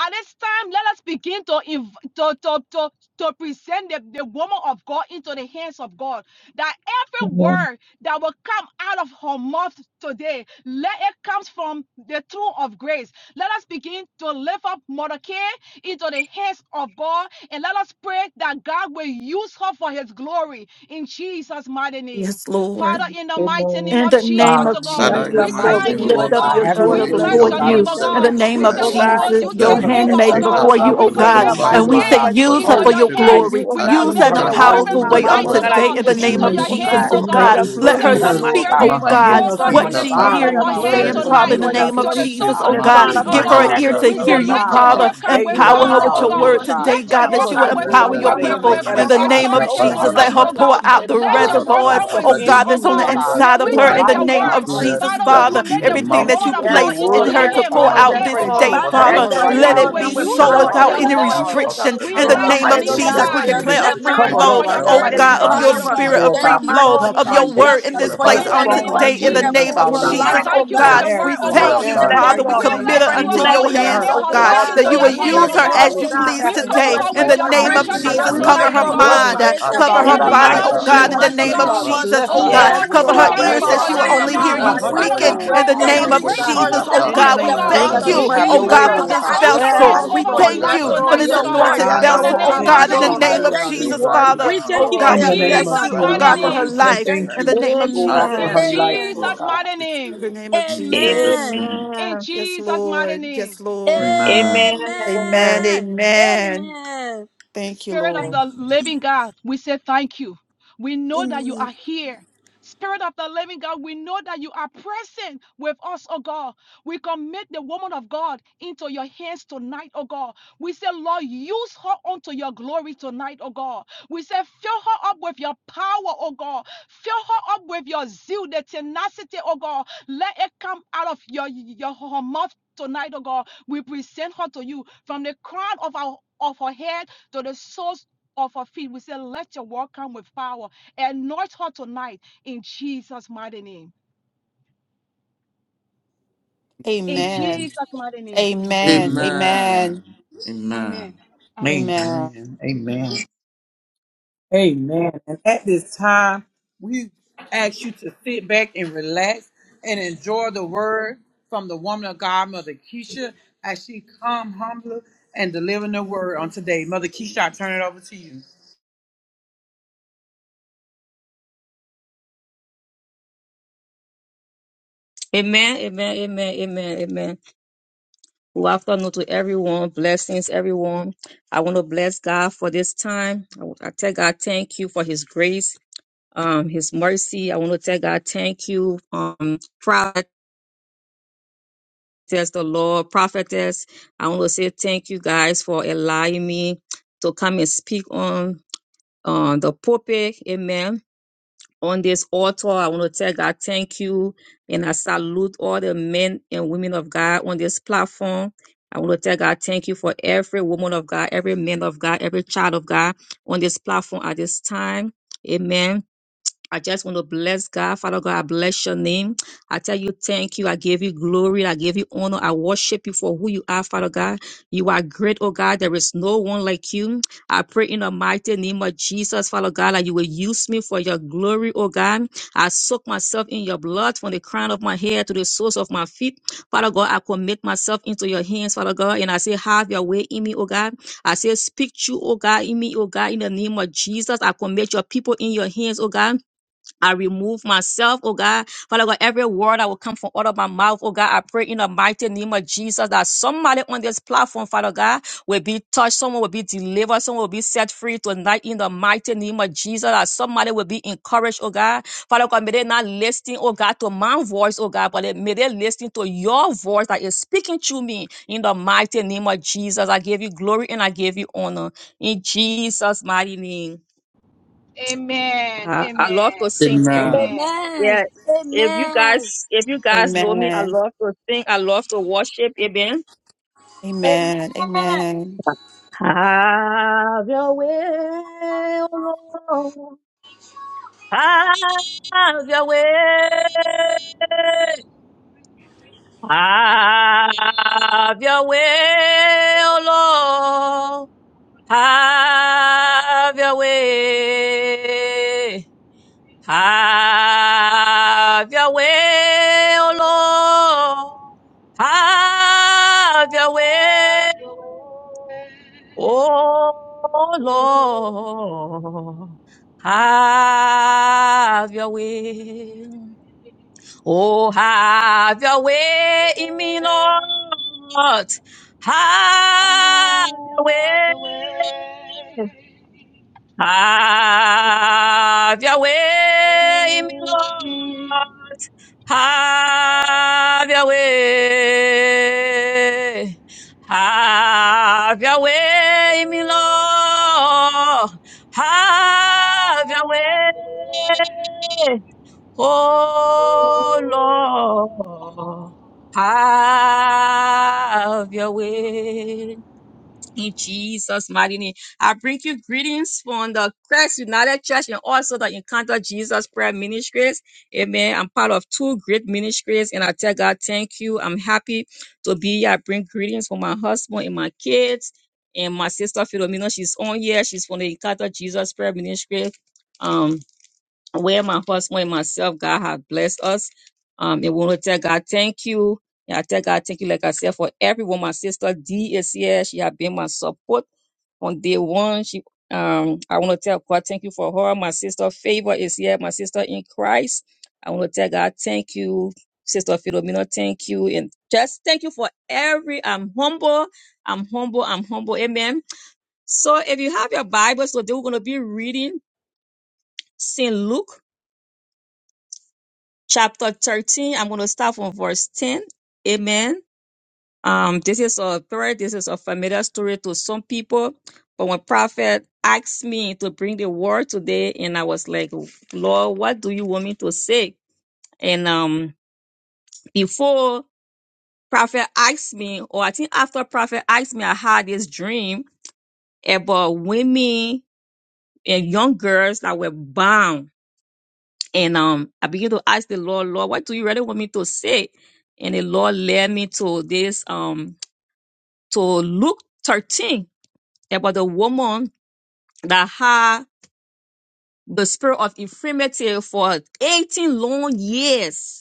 Speaker 2: At this time, let us begin to, inv- to, to, to, to present the, the woman of God into the hands of God. That every
Speaker 4: Amen.
Speaker 2: word that will come out of her mouth today, let it comes from the throne of grace. Let us begin to lift up Mordecai into the hands of God and let us pray that God will use her for his glory in Jesus' mighty name.
Speaker 5: Yes,
Speaker 2: Father,
Speaker 5: Lord.
Speaker 2: in the mighty
Speaker 4: Amen.
Speaker 2: name
Speaker 5: In
Speaker 2: of
Speaker 5: the
Speaker 2: Jesus,
Speaker 5: name of
Speaker 2: oh God,
Speaker 4: Father,
Speaker 1: Father,
Speaker 3: Hallelujah,
Speaker 4: in
Speaker 1: in the
Speaker 4: the
Speaker 5: Jesus,
Speaker 2: we
Speaker 3: Jesus,
Speaker 1: mighty
Speaker 5: Lord, we
Speaker 4: mighty
Speaker 1: name
Speaker 2: thank
Speaker 1: of
Speaker 4: name
Speaker 2: you,
Speaker 4: of
Speaker 5: lift
Speaker 2: oh
Speaker 3: Lord
Speaker 1: Jesus,
Speaker 5: up
Speaker 3: God.
Speaker 5: your
Speaker 2: God.
Speaker 1: we
Speaker 4: Jesus,
Speaker 3: Have your
Speaker 4: we
Speaker 2: We
Speaker 5: daughter
Speaker 3: way,
Speaker 1: commit
Speaker 4: bless you.
Speaker 2: bless
Speaker 1: your
Speaker 5: before
Speaker 3: Lord
Speaker 4: We
Speaker 2: your
Speaker 3: God,
Speaker 4: tell
Speaker 2: name,
Speaker 1: woman
Speaker 4: you
Speaker 5: you.
Speaker 3: and
Speaker 2: oh
Speaker 3: Mother
Speaker 4: thank
Speaker 5: In
Speaker 1: servant
Speaker 5: the
Speaker 4: you.
Speaker 2: God.
Speaker 3: Kate
Speaker 1: into
Speaker 5: name
Speaker 2: We
Speaker 1: your
Speaker 3: today,
Speaker 5: of
Speaker 2: say,
Speaker 4: Oh
Speaker 1: hands
Speaker 3: Lord
Speaker 2: Holy
Speaker 4: God,
Speaker 3: God.
Speaker 4: in
Speaker 2: Ghost,
Speaker 4: the
Speaker 5: Jesus,
Speaker 2: you
Speaker 4: name
Speaker 1: that
Speaker 5: your
Speaker 3: Let
Speaker 2: take
Speaker 4: of
Speaker 1: you
Speaker 3: her
Speaker 1: will
Speaker 2: over, oh
Speaker 5: handmaiden
Speaker 4: Jesus,
Speaker 3: saturate,
Speaker 1: take
Speaker 4: Father
Speaker 2: God.
Speaker 5: before
Speaker 3: Lord God,
Speaker 4: God,
Speaker 5: you,
Speaker 4: we
Speaker 1: absolute
Speaker 5: oh
Speaker 2: We
Speaker 4: pray
Speaker 3: herself
Speaker 4: in
Speaker 1: control
Speaker 2: commit
Speaker 5: God.
Speaker 4: the
Speaker 3: in
Speaker 1: over
Speaker 3: you,
Speaker 1: her
Speaker 5: And
Speaker 4: mighty
Speaker 5: we
Speaker 3: Lord
Speaker 4: name
Speaker 5: say,
Speaker 1: mind,
Speaker 3: God.
Speaker 1: her
Speaker 2: Mordecai
Speaker 4: of
Speaker 5: use
Speaker 1: body,
Speaker 5: her
Speaker 2: into
Speaker 1: her
Speaker 5: for
Speaker 3: Holy
Speaker 4: Jesus.
Speaker 2: your
Speaker 5: your
Speaker 1: spirit.
Speaker 4: Are
Speaker 2: hands.
Speaker 3: Spirit,
Speaker 4: you,
Speaker 5: glory.
Speaker 4: oh
Speaker 2: We
Speaker 3: speak
Speaker 1: As
Speaker 4: God, will
Speaker 5: Use
Speaker 1: she
Speaker 3: through
Speaker 5: her in
Speaker 2: commit
Speaker 4: put
Speaker 5: a
Speaker 2: your
Speaker 3: her.
Speaker 4: your
Speaker 1: comes,
Speaker 4: words
Speaker 1: to
Speaker 4: in
Speaker 5: powerful
Speaker 2: servants
Speaker 1: give
Speaker 4: my
Speaker 3: Hallelujah,
Speaker 1: us
Speaker 5: way
Speaker 1: the
Speaker 4: mouth,
Speaker 5: on
Speaker 2: tonight,
Speaker 4: oh
Speaker 2: oh
Speaker 3: Jesus.
Speaker 1: word.
Speaker 4: God, that
Speaker 5: today
Speaker 2: God,
Speaker 4: you
Speaker 5: in the
Speaker 4: will
Speaker 3: That she
Speaker 5: name
Speaker 2: into
Speaker 4: use
Speaker 5: of
Speaker 3: may
Speaker 1: Let
Speaker 4: me,
Speaker 2: your
Speaker 1: it
Speaker 4: oh
Speaker 5: Jesus,
Speaker 1: come
Speaker 2: hands,
Speaker 3: decrease
Speaker 4: God,
Speaker 5: oh
Speaker 2: oh
Speaker 3: and you
Speaker 1: from the
Speaker 3: may
Speaker 4: for
Speaker 2: God.
Speaker 5: God.
Speaker 4: your
Speaker 1: throne
Speaker 2: We
Speaker 3: increase
Speaker 5: Let
Speaker 2: say,
Speaker 1: of
Speaker 4: glory
Speaker 3: in
Speaker 5: her
Speaker 4: in the
Speaker 3: her,
Speaker 1: grace.
Speaker 2: Holy
Speaker 3: Lord
Speaker 4: mighty
Speaker 5: speak,
Speaker 3: God.
Speaker 2: Spirit,
Speaker 4: name
Speaker 5: oh
Speaker 4: of
Speaker 1: Mahalo
Speaker 5: God,
Speaker 3: Giving
Speaker 4: Jesus.
Speaker 2: oh
Speaker 3: us
Speaker 2: God,
Speaker 3: a
Speaker 5: what
Speaker 2: from the
Speaker 4: Use
Speaker 5: she
Speaker 4: me
Speaker 1: Ikapa.
Speaker 2: crown
Speaker 3: divine,
Speaker 4: for
Speaker 5: hear
Speaker 2: of
Speaker 4: your
Speaker 3: Lord
Speaker 2: our
Speaker 5: you
Speaker 3: God,
Speaker 4: glory,
Speaker 2: head
Speaker 3: word
Speaker 1: Let
Speaker 5: saying,
Speaker 1: it
Speaker 4: use
Speaker 3: from you,
Speaker 1: come
Speaker 5: Father,
Speaker 4: me
Speaker 2: tonight
Speaker 5: in
Speaker 1: from
Speaker 5: the
Speaker 4: for
Speaker 3: Lord
Speaker 1: the
Speaker 4: your
Speaker 3: God.
Speaker 5: name of
Speaker 2: to
Speaker 4: glory,
Speaker 1: throne
Speaker 2: the
Speaker 1: of
Speaker 3: Speak to
Speaker 5: Jesus,
Speaker 1: grace.
Speaker 2: soles
Speaker 4: from
Speaker 5: oh
Speaker 2: of
Speaker 3: our
Speaker 4: the
Speaker 1: Mahi
Speaker 2: our
Speaker 5: God.
Speaker 3: souls,
Speaker 4: crown
Speaker 2: feet,
Speaker 4: of
Speaker 2: oh
Speaker 5: Give
Speaker 4: my
Speaker 3: Lord
Speaker 5: her an
Speaker 2: God.
Speaker 3: God.
Speaker 1: Mahalo
Speaker 4: head to
Speaker 5: ear
Speaker 4: the
Speaker 5: to
Speaker 2: We
Speaker 3: We
Speaker 2: say,
Speaker 5: hear
Speaker 4: soles
Speaker 5: you,
Speaker 1: Davami
Speaker 4: of
Speaker 2: let
Speaker 4: my
Speaker 3: deny
Speaker 2: your
Speaker 3: this
Speaker 4: feet.
Speaker 5: Father.
Speaker 2: word
Speaker 1: Kapa.
Speaker 2: come with
Speaker 4: In
Speaker 3: daily,
Speaker 4: the
Speaker 5: Empower
Speaker 3: Heavenly
Speaker 5: her
Speaker 2: power,
Speaker 5: with
Speaker 4: mighty
Speaker 2: oh
Speaker 3: Father,
Speaker 5: your
Speaker 1: Rababa
Speaker 4: name
Speaker 2: God.
Speaker 3: Lord
Speaker 5: word
Speaker 1: Nili
Speaker 4: of
Speaker 3: God.
Speaker 5: today,
Speaker 2: Let
Speaker 4: Jesus,
Speaker 1: Kapa.
Speaker 2: your
Speaker 5: God,
Speaker 3: Give
Speaker 2: word
Speaker 5: that
Speaker 4: oh
Speaker 5: she
Speaker 3: us
Speaker 4: God,
Speaker 5: will
Speaker 2: come
Speaker 3: this
Speaker 2: with,
Speaker 4: let
Speaker 3: word,
Speaker 2: e,
Speaker 5: empower
Speaker 4: your
Speaker 3: Lord
Speaker 5: your
Speaker 2: with,
Speaker 3: God, that
Speaker 4: words
Speaker 2: with,
Speaker 3: it
Speaker 1: Rendalaba
Speaker 4: come, with
Speaker 5: people
Speaker 3: may
Speaker 2: with,
Speaker 5: soul in
Speaker 1: Nandu
Speaker 2: with
Speaker 4: power,
Speaker 5: the
Speaker 3: edify
Speaker 4: oh God,
Speaker 3: our
Speaker 5: name of
Speaker 2: authority
Speaker 3: soul.
Speaker 1: Ikapa
Speaker 4: let
Speaker 5: Jesus.
Speaker 4: your
Speaker 5: Let
Speaker 2: tonight,
Speaker 5: her
Speaker 4: words
Speaker 2: oh
Speaker 1: Nalaba.
Speaker 3: Hallelujah.
Speaker 4: come,
Speaker 5: pour
Speaker 2: God.
Speaker 4: with
Speaker 3: Jesus,
Speaker 5: out the
Speaker 2: Let
Speaker 3: edify
Speaker 2: your
Speaker 4: power,
Speaker 2: word
Speaker 5: reservoirs,
Speaker 2: come
Speaker 1: Kalabalaba,
Speaker 2: with
Speaker 3: ourselves
Speaker 4: oh
Speaker 5: oh
Speaker 1: that you
Speaker 2: zeal,
Speaker 3: in
Speaker 5: God,
Speaker 2: oh
Speaker 3: you,
Speaker 5: that's
Speaker 1: speak
Speaker 5: on the
Speaker 3: Lord
Speaker 4: God.
Speaker 2: God.
Speaker 1: through
Speaker 3: God.
Speaker 1: her,
Speaker 2: May
Speaker 5: inside of
Speaker 2: we
Speaker 4: In
Speaker 3: You are
Speaker 4: the
Speaker 5: her
Speaker 1: that
Speaker 5: in
Speaker 2: take
Speaker 5: the
Speaker 1: you
Speaker 2: your
Speaker 3: mighty,
Speaker 4: mighty
Speaker 5: name
Speaker 1: speak
Speaker 3: God.
Speaker 2: word.
Speaker 4: name
Speaker 5: of
Speaker 1: through
Speaker 4: of
Speaker 1: her,
Speaker 5: Jesus,
Speaker 2: Father,
Speaker 3: Hallelujah,
Speaker 1: that
Speaker 4: Jesus.
Speaker 2: we
Speaker 5: Father.
Speaker 1: you
Speaker 2: commit
Speaker 3: Jesus.
Speaker 1: be her
Speaker 2: the
Speaker 3: We
Speaker 2: mo-
Speaker 5: Everything
Speaker 3: thank
Speaker 5: that
Speaker 3: you
Speaker 2: woman
Speaker 5: you
Speaker 1: mouthpiece
Speaker 3: for
Speaker 2: of
Speaker 4: Yes,
Speaker 3: your
Speaker 2: God
Speaker 5: placed
Speaker 2: into
Speaker 5: in
Speaker 1: the
Speaker 4: Lord.
Speaker 3: word,
Speaker 2: your
Speaker 5: her
Speaker 4: Yes,
Speaker 5: to
Speaker 3: Lord
Speaker 1: mighty
Speaker 2: hand,
Speaker 3: God.
Speaker 5: pour
Speaker 1: name
Speaker 2: Mother
Speaker 4: Lord.
Speaker 1: of
Speaker 5: out
Speaker 3: We
Speaker 4: Yes,
Speaker 2: Care,
Speaker 5: this
Speaker 3: pray
Speaker 2: oh
Speaker 1: Jesus
Speaker 3: that you
Speaker 4: Lord.
Speaker 1: that
Speaker 2: God.
Speaker 5: day,
Speaker 3: will
Speaker 6: Father,
Speaker 3: cover
Speaker 2: We
Speaker 1: whatever
Speaker 4: Let
Speaker 6: in
Speaker 5: Father,
Speaker 3: her
Speaker 6: the
Speaker 1: she
Speaker 4: your
Speaker 2: pray
Speaker 3: right now
Speaker 5: let
Speaker 6: name
Speaker 2: that
Speaker 3: in
Speaker 4: word
Speaker 3: the
Speaker 2: you
Speaker 1: says,
Speaker 5: it
Speaker 6: of
Speaker 2: will
Speaker 4: come
Speaker 5: be
Speaker 3: name
Speaker 4: with
Speaker 3: of
Speaker 6: Jesus,
Speaker 2: use
Speaker 5: so
Speaker 3: Jesus.
Speaker 2: her
Speaker 1: whatever
Speaker 4: power
Speaker 3: Her
Speaker 4: in
Speaker 2: for
Speaker 1: will
Speaker 6: oh
Speaker 5: without
Speaker 4: the
Speaker 2: your
Speaker 5: any
Speaker 3: going
Speaker 4: name
Speaker 3: in
Speaker 6: God,
Speaker 3: and
Speaker 4: of
Speaker 6: we
Speaker 1: proceed
Speaker 3: her
Speaker 2: glory.
Speaker 1: out
Speaker 6: just
Speaker 1: of
Speaker 4: Jesus.
Speaker 5: restriction.
Speaker 6: want to
Speaker 1: her
Speaker 2: We
Speaker 5: In
Speaker 6: say
Speaker 3: coming
Speaker 4: Let
Speaker 5: the
Speaker 1: mouth,
Speaker 3: out.
Speaker 6: thank
Speaker 2: bless
Speaker 5: name
Speaker 2: your
Speaker 6: you,
Speaker 4: somebody
Speaker 5: of
Speaker 1: oh
Speaker 2: name,
Speaker 4: be
Speaker 6: Lord
Speaker 2: oh
Speaker 6: God,
Speaker 3: Hallelujah,
Speaker 5: Jesus,
Speaker 4: set
Speaker 1: Lord,
Speaker 5: we
Speaker 6: for
Speaker 2: God.
Speaker 6: your
Speaker 1: will
Speaker 4: free in
Speaker 5: declare
Speaker 3: Jesus.
Speaker 2: We
Speaker 5: a
Speaker 4: the
Speaker 5: free
Speaker 4: name
Speaker 6: servant,
Speaker 4: of
Speaker 1: present
Speaker 2: thank
Speaker 3: Cover
Speaker 2: you
Speaker 3: her
Speaker 6: Mother
Speaker 5: flow,
Speaker 2: for your
Speaker 3: right
Speaker 4: Jesus.
Speaker 3: now
Speaker 1: itself
Speaker 3: in
Speaker 5: oh
Speaker 3: the
Speaker 4: Somebody
Speaker 1: with
Speaker 2: presence
Speaker 3: name
Speaker 4: be
Speaker 5: God,
Speaker 3: of
Speaker 5: of
Speaker 1: life
Speaker 5: your
Speaker 6: Father,
Speaker 2: tonight, oh
Speaker 6: we
Speaker 4: delivered
Speaker 2: God.
Speaker 3: Jesus,
Speaker 6: say
Speaker 1: in
Speaker 5: spirit, a
Speaker 1: the
Speaker 3: Lord
Speaker 4: in the
Speaker 5: free
Speaker 6: thank
Speaker 3: God.
Speaker 6: you,
Speaker 1: mighty name
Speaker 5: flow
Speaker 4: mighty
Speaker 1: of
Speaker 6: Lord
Speaker 3: Her
Speaker 4: name
Speaker 5: of
Speaker 4: of
Speaker 5: your
Speaker 1: Jesus.
Speaker 5: word
Speaker 6: Jesus,
Speaker 4: Jesus.
Speaker 5: in
Speaker 3: foundation
Speaker 1: For
Speaker 5: this
Speaker 3: is
Speaker 1: the
Speaker 4: Let
Speaker 6: for your
Speaker 5: place
Speaker 3: built
Speaker 2: In
Speaker 1: Bible
Speaker 2: the
Speaker 5: on
Speaker 4: somebody be
Speaker 1: says,
Speaker 3: strong
Speaker 2: name
Speaker 1: for the
Speaker 2: of
Speaker 5: today.
Speaker 3: on
Speaker 5: In
Speaker 6: anointing
Speaker 3: you,
Speaker 5: the
Speaker 1: words
Speaker 4: transformed
Speaker 1: that
Speaker 3: Heavenly
Speaker 5: name
Speaker 2: Jesus,
Speaker 1: I
Speaker 6: upon
Speaker 5: of
Speaker 4: in
Speaker 3: Father,
Speaker 6: her
Speaker 4: the
Speaker 2: we
Speaker 1: speak to
Speaker 3: Lord
Speaker 2: say
Speaker 1: you,
Speaker 6: life,
Speaker 5: Jesus,
Speaker 3: God.
Speaker 1: they
Speaker 4: mighty
Speaker 1: are
Speaker 6: oh
Speaker 5: oh
Speaker 2: thank you
Speaker 3: Her
Speaker 4: name
Speaker 2: for
Speaker 6: God.
Speaker 5: God,
Speaker 1: spirit
Speaker 4: of
Speaker 2: your
Speaker 3: marriage,
Speaker 2: word,
Speaker 5: we
Speaker 2: oh
Speaker 1: and
Speaker 3: Lord,
Speaker 1: they
Speaker 3: her
Speaker 4: Jesus.
Speaker 6: Father,
Speaker 2: God.
Speaker 6: we
Speaker 5: thank
Speaker 1: are
Speaker 4: We
Speaker 5: you,
Speaker 6: say
Speaker 3: family,
Speaker 1: life
Speaker 4: bless
Speaker 5: Father.
Speaker 4: you,
Speaker 6: thank
Speaker 3: right
Speaker 5: We
Speaker 3: now
Speaker 6: you
Speaker 3: in
Speaker 4: Lord.
Speaker 3: the
Speaker 2: We
Speaker 1: in the
Speaker 6: for
Speaker 3: name
Speaker 5: commit
Speaker 3: of
Speaker 1: mighty
Speaker 5: it
Speaker 2: bless
Speaker 3: Jesus,
Speaker 4: We
Speaker 2: you,
Speaker 6: covering
Speaker 5: unto
Speaker 2: oh
Speaker 1: name
Speaker 3: you're
Speaker 1: of
Speaker 6: her
Speaker 5: your
Speaker 4: bless
Speaker 2: God.
Speaker 6: with
Speaker 5: hand
Speaker 2: We
Speaker 4: you,
Speaker 3: equipping
Speaker 6: your
Speaker 1: Jesus.
Speaker 5: hands,
Speaker 2: commit
Speaker 3: her
Speaker 4: Lord.
Speaker 5: oh
Speaker 6: blood,
Speaker 4: We
Speaker 2: her
Speaker 4: give
Speaker 6: oh
Speaker 3: with
Speaker 1: Pray
Speaker 4: you
Speaker 5: God,
Speaker 2: life
Speaker 3: all
Speaker 4: the
Speaker 3: that
Speaker 6: God.
Speaker 2: into
Speaker 5: that
Speaker 3: she
Speaker 5: you
Speaker 1: That
Speaker 4: glory.
Speaker 5: will
Speaker 1: you
Speaker 2: your
Speaker 4: We
Speaker 1: will
Speaker 3: needs,
Speaker 2: hands,
Speaker 4: give
Speaker 6: Father,
Speaker 1: let
Speaker 5: use
Speaker 4: you
Speaker 2: oh
Speaker 6: we
Speaker 3: Heavenly
Speaker 5: her
Speaker 2: God.
Speaker 6: say
Speaker 4: honor,
Speaker 1: light
Speaker 5: as
Speaker 3: Father.
Speaker 4: oh
Speaker 5: you
Speaker 6: thank
Speaker 3: She's
Speaker 6: you.
Speaker 4: God.
Speaker 6: We
Speaker 5: please
Speaker 2: We
Speaker 1: money
Speaker 3: tapping
Speaker 4: In
Speaker 6: pray
Speaker 4: the name
Speaker 3: into
Speaker 5: today.
Speaker 2: cover
Speaker 1: from
Speaker 6: for
Speaker 4: of
Speaker 1: the
Speaker 2: her
Speaker 5: In
Speaker 2: with
Speaker 3: the
Speaker 6: more
Speaker 5: the
Speaker 1: lips.
Speaker 2: your
Speaker 4: Jesus.
Speaker 3: power
Speaker 5: name
Speaker 4: You,
Speaker 3: that
Speaker 5: of
Speaker 6: strength.
Speaker 1: You
Speaker 3: you've
Speaker 2: precious
Speaker 4: Lord,
Speaker 1: let
Speaker 3: given
Speaker 2: blood
Speaker 4: your
Speaker 5: Jesus,
Speaker 6: We
Speaker 3: her that
Speaker 4: name
Speaker 6: pray
Speaker 3: she
Speaker 5: cover
Speaker 1: light
Speaker 2: tonight,
Speaker 4: will be
Speaker 5: her
Speaker 2: oh
Speaker 3: may
Speaker 6: for
Speaker 1: money
Speaker 2: God.
Speaker 6: more
Speaker 5: mind,
Speaker 1: from
Speaker 3: govern,
Speaker 1: the
Speaker 5: uh,
Speaker 4: glorified.
Speaker 6: grace
Speaker 1: heart.
Speaker 3: Lord
Speaker 5: cover
Speaker 2: In
Speaker 3: God,
Speaker 6: upon
Speaker 5: her
Speaker 2: the
Speaker 4: In the
Speaker 6: her
Speaker 1: You
Speaker 3: everything
Speaker 2: name
Speaker 5: body,
Speaker 6: life
Speaker 3: that
Speaker 4: mighty
Speaker 2: of
Speaker 5: oh
Speaker 3: you
Speaker 1: rather
Speaker 6: in
Speaker 3: put
Speaker 6: the
Speaker 4: name
Speaker 3: in
Speaker 5: God,
Speaker 1: be
Speaker 5: in
Speaker 4: of
Speaker 5: the
Speaker 3: her
Speaker 2: Jesus, oh
Speaker 6: mighty
Speaker 1: speak
Speaker 5: name
Speaker 3: hands.
Speaker 5: of
Speaker 1: up.
Speaker 4: Jesus.
Speaker 2: God.
Speaker 6: name
Speaker 1: uh,
Speaker 6: of
Speaker 5: Jesus,
Speaker 3: Bless
Speaker 1: and
Speaker 5: oh
Speaker 1: Let
Speaker 3: her
Speaker 2: Oh
Speaker 5: God,
Speaker 6: Jesus.
Speaker 4: Yes,
Speaker 2: God,
Speaker 3: hands,
Speaker 1: light
Speaker 2: we
Speaker 5: cover
Speaker 3: Lord
Speaker 6: We
Speaker 4: Lord.
Speaker 5: her
Speaker 3: God.
Speaker 2: depend
Speaker 6: pray
Speaker 2: on
Speaker 4: Yes,
Speaker 5: ears
Speaker 6: for
Speaker 3: Bless
Speaker 2: you
Speaker 1: money
Speaker 3: her
Speaker 5: that
Speaker 4: Lord.
Speaker 6: her
Speaker 5: she will
Speaker 4: Commit
Speaker 2: tonight,
Speaker 4: my
Speaker 2: oh
Speaker 3: finances
Speaker 5: only
Speaker 1: from
Speaker 5: hear
Speaker 6: family.
Speaker 2: God.
Speaker 4: mind,
Speaker 1: her
Speaker 3: a
Speaker 5: you
Speaker 4: body,
Speaker 6: We
Speaker 1: right
Speaker 4: soul,
Speaker 2: Father,
Speaker 4: and
Speaker 2: we
Speaker 5: speaking
Speaker 6: soak
Speaker 1: now.
Speaker 3: hundredfold.
Speaker 6: her
Speaker 5: in
Speaker 2: pray
Speaker 4: spirit
Speaker 5: the
Speaker 4: in your
Speaker 2: for your
Speaker 5: name
Speaker 1: Man,
Speaker 4: hands,
Speaker 5: of
Speaker 6: family,
Speaker 1: you
Speaker 4: oh
Speaker 3: Hallelujah,
Speaker 2: grace
Speaker 4: God.
Speaker 3: Jesus.
Speaker 1: bring
Speaker 5: Jesus,
Speaker 2: over
Speaker 1: up
Speaker 2: her
Speaker 5: oh
Speaker 6: herself
Speaker 1: a
Speaker 3: In the
Speaker 2: life,
Speaker 5: God.
Speaker 6: into
Speaker 2: oh
Speaker 5: We
Speaker 6: the
Speaker 3: name
Speaker 1: fire
Speaker 2: God.
Speaker 3: of
Speaker 4: In
Speaker 6: blood
Speaker 4: the
Speaker 5: thank
Speaker 6: of
Speaker 3: Jesus,
Speaker 2: We
Speaker 4: name
Speaker 5: you,
Speaker 4: of
Speaker 3: have
Speaker 2: get
Speaker 5: oh
Speaker 3: your
Speaker 2: we
Speaker 3: way,
Speaker 6: Jesus,
Speaker 5: God,
Speaker 1: Man,
Speaker 2: pray
Speaker 1: you
Speaker 4: Jesus.
Speaker 5: for
Speaker 6: Father,
Speaker 2: for
Speaker 3: Lord
Speaker 5: this
Speaker 1: bring
Speaker 6: as
Speaker 1: up
Speaker 3: God.
Speaker 6: she,
Speaker 1: her. You
Speaker 5: vessel.
Speaker 2: utterance
Speaker 4: Yes,
Speaker 6: as
Speaker 1: go
Speaker 6: she
Speaker 5: We
Speaker 2: over
Speaker 1: speak
Speaker 2: her
Speaker 4: Lord.
Speaker 3: Hallelujah,
Speaker 5: thank
Speaker 1: up.
Speaker 4: Yes,
Speaker 6: continues
Speaker 2: life
Speaker 5: you
Speaker 6: to
Speaker 1: uh,
Speaker 5: for
Speaker 4: Lord.
Speaker 6: do
Speaker 2: tonight,
Speaker 3: Jesus.
Speaker 5: this
Speaker 2: oh
Speaker 4: Yes,
Speaker 6: your
Speaker 2: God.
Speaker 1: Let
Speaker 4: Lord.
Speaker 6: work.
Speaker 5: anointed
Speaker 3: Ah,
Speaker 4: Yes,
Speaker 1: life
Speaker 2: In
Speaker 3: nah,
Speaker 4: Lord.
Speaker 2: the
Speaker 6: Oh
Speaker 4: We
Speaker 5: vessel,
Speaker 3: nah,
Speaker 5: oh
Speaker 6: God,
Speaker 2: name
Speaker 4: thank
Speaker 3: tell
Speaker 2: of
Speaker 4: you,
Speaker 5: God,
Speaker 1: emanate
Speaker 3: it
Speaker 5: in
Speaker 6: Father,
Speaker 5: the
Speaker 1: from
Speaker 3: to
Speaker 6: we
Speaker 4: Lord.
Speaker 6: say
Speaker 3: high,
Speaker 2: Jesus.
Speaker 5: name of
Speaker 1: her
Speaker 3: yeah, I'm
Speaker 6: thank
Speaker 4: We
Speaker 3: not
Speaker 6: you.
Speaker 5: Jesus,
Speaker 3: going
Speaker 1: right
Speaker 3: it. is.
Speaker 5: Father,
Speaker 4: worship
Speaker 6: We
Speaker 4: you,
Speaker 1: now
Speaker 6: thank
Speaker 5: oh
Speaker 1: as
Speaker 6: you
Speaker 1: we
Speaker 6: for
Speaker 2: In
Speaker 4: Lord.
Speaker 5: God.
Speaker 3: In
Speaker 6: your
Speaker 3: the
Speaker 5: We
Speaker 1: pray.
Speaker 3: name
Speaker 5: bless
Speaker 3: of
Speaker 6: servant.
Speaker 5: you,
Speaker 2: Jesus'
Speaker 5: oh
Speaker 3: Jesus,
Speaker 1: Father,
Speaker 3: we
Speaker 2: mighty
Speaker 1: we
Speaker 5: God, for
Speaker 6: Father,
Speaker 5: her
Speaker 6: we
Speaker 1: commit
Speaker 2: name.
Speaker 3: worship
Speaker 1: her
Speaker 3: you.
Speaker 6: say
Speaker 3: We
Speaker 5: life
Speaker 1: into
Speaker 6: thank
Speaker 3: thank
Speaker 1: your
Speaker 5: in
Speaker 3: you,
Speaker 5: the
Speaker 6: you,
Speaker 1: hands.
Speaker 5: name of
Speaker 3: Lord God,
Speaker 6: Jesus.
Speaker 1: Hide
Speaker 3: for
Speaker 5: Jesus.
Speaker 1: her
Speaker 2: In
Speaker 3: her
Speaker 4: Amen.
Speaker 1: behind the
Speaker 3: life, Lord
Speaker 6: Amen.
Speaker 2: Jesus'
Speaker 1: cross and
Speaker 3: God.
Speaker 2: mighty
Speaker 1: speak
Speaker 5: In
Speaker 2: name.
Speaker 5: the
Speaker 1: through.
Speaker 5: name of
Speaker 1: In Jesus'
Speaker 5: Jesus.
Speaker 6: Amen.
Speaker 1: name.
Speaker 2: In
Speaker 4: Amen.
Speaker 5: Yes,
Speaker 2: Jesus' mighty
Speaker 5: Lord. Yes,
Speaker 2: name.
Speaker 5: Lord.
Speaker 1: Amen.
Speaker 5: Amen.
Speaker 4: Amen. Amen.
Speaker 6: Amen.
Speaker 5: Amen.
Speaker 6: Amen.
Speaker 5: Thank you,
Speaker 2: Spirit of
Speaker 6: Thank
Speaker 5: Lord.
Speaker 2: the
Speaker 6: you, Jesus.
Speaker 2: living God, we say thank you. We know that you
Speaker 6: Amen.
Speaker 2: are here. Spirit of the living God, we know that you are present with us, oh God. We commit the woman of God into your hands tonight, oh God. We say, Lord, use her unto your glory tonight, oh God. We say, fill her up with your power, oh God. Fill her up with your zeal, the tenacity, oh God. Let it come out of your, your her mouth tonight, oh God. We present her to you from the crown of our of her head to the source of her feet. We say, Let your word come with power. Anoint her tonight in Jesus' mighty name. In
Speaker 5: Amen.
Speaker 2: Jesus' mighty name.
Speaker 5: Amen.
Speaker 1: Amen.
Speaker 5: Amen.
Speaker 1: Amen.
Speaker 2: Amen. Amen.
Speaker 5: Amen.
Speaker 3: Amen. Amen. Amen. And at this time, we ask you to sit back and relax and enjoy the word from the woman of God, Mother Keisha, as she come humble and delivering the word on today. Mother Keisha, I turn it over to you.
Speaker 4: Amen. Amen. Amen. Amen. Good afternoon to everyone. Blessings, everyone. I want to bless God for this time. I I tell God thank you for his grace um, his mercy. I want to tell God, thank you. Um, prophetess, the Lord, prophetess. I want to say thank you guys for allowing me to come and speak on on the pulpit. Amen. On this altar, I want to tell God, thank you. And I salute all the men and women of God on this platform. I want to tell God, thank you for every woman of God, every man of God, every child of God on this platform at this time. Amen. I just want to bless God. Father God, I bless your name. I tell you, thank you. I give you glory. I give you honor. I worship you for who you are, Father God. You are great, oh God. There is no one like you. I pray in the mighty name of Jesus, Father God, that you will use me for your glory, oh God. I soak myself in your blood from the crown of my head to the soles of my feet. Father God, I commit myself into your hands, Father God, and I say, have your way in me, oh God. I say, speak to, oh God, in me, oh God, in the name of Jesus. I commit your people in your hands, oh God. I remove myself, oh God. Father God, every word that will come from out of my mouth, oh God, I pray in the mighty name of Jesus that somebody on this platform, Father God, will be touched. Someone will be delivered. Someone will be set free tonight in the mighty name of Jesus. That somebody will be encouraged, oh God. Father God, may they not listen, oh God, to my voice, oh God, but they- may they listen to your voice that is speaking to me in the mighty name of Jesus. I give you glory and I give you honor in Jesus' mighty name.
Speaker 2: Amen.
Speaker 4: I I love
Speaker 2: Amen.
Speaker 4: to sing.
Speaker 1: Amen.
Speaker 2: Amen.
Speaker 6: Amen.
Speaker 4: Yeah. If you
Speaker 6: Amen.
Speaker 4: guys, if you guys know me, I
Speaker 5: Amen.
Speaker 4: love to sing. I love to worship. Amen.
Speaker 6: Amen.
Speaker 5: Amen. Amen.
Speaker 4: Have your way, oh Lord. Have your way. Have your way, oh Lord. Have your way. Have your way, oh Lord. Have your way, oh Lord. Have your way. Oh, have your way in me, Lord. Have your way. Have your way in me, Lord. Have your way. Have your way in me, Lord. Have your way. Oh, Lord. Have your way in Jesus' mighty name. I bring you greetings from the Christ United Church and also the Encounter Jesus Prayer Ministries. Amen. I'm part of two great ministries and I tell God, thank you. I'm happy to be here. I bring greetings from my husband and my kids and my sister Philomena. She's on here. She's from the Encounter Jesus Prayer Ministry. Um, where my husband and myself, God has blessed us. Um, and we want to tell God thank you. And I tell God thank you, like I said, for everyone. My sister D is here. She has been my support on day one. She um I want to tell God thank you for her. My sister Favor is here, my sister in Christ. I want to tell God thank you. Sister Philomena, thank you. And just thank you for every I'm humble. I'm humble. I'm humble. Amen. So if you have your Bibles today, we're gonna be reading St. Luke chapter 13. I'm going to start from verse 10. Amen. Um, this is a thread. This is a familiar story to some people. But when prophet asked me to bring the word today, and I was like, Lord, what do you want me to say? And um, before prophet asked me, or I think after prophet asked me, I had this dream about women and young girls that were bound And um, I began to ask the Lord, Lord, what do you really want me to say? And the Lord led me to this um to Luke 13 about the woman that had the spirit of infirmity for 18 long years.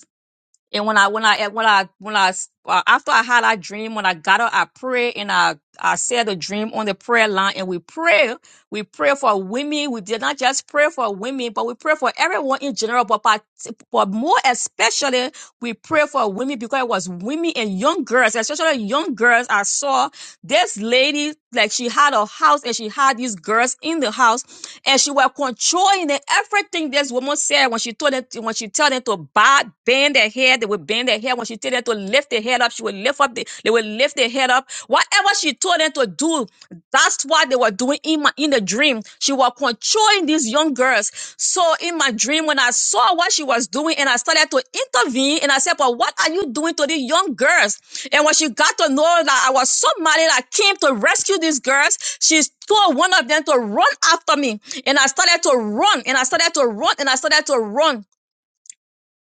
Speaker 4: And when I when I when I when I uh, after I had that dream, when I got up, I prayed and I I said the dream on the prayer line, and we pray. We pray for women. We did not just pray for women, but we pray for everyone in general. But part, but more especially, we pray for women because it was women and young girls, especially young girls. I saw this lady like she had a house and she had these girls in the house and she was controlling it. Everything this woman said when she told them when she told them to bow, bend their head, they would bend their head. When she told them to lift their head up, she would lift up. The, they would lift their head up. Whatever she told them to do, that's what they were doing in my in the dream. She was controlling these young girls. So in my dream, when I saw what she was doing, and I started to intervene, and I said, "But what are you doing to these young girls?" And when she got to know that I was somebody that came to rescue these girls, she told one of them to run after me and I started to run and I started to run and I started to run.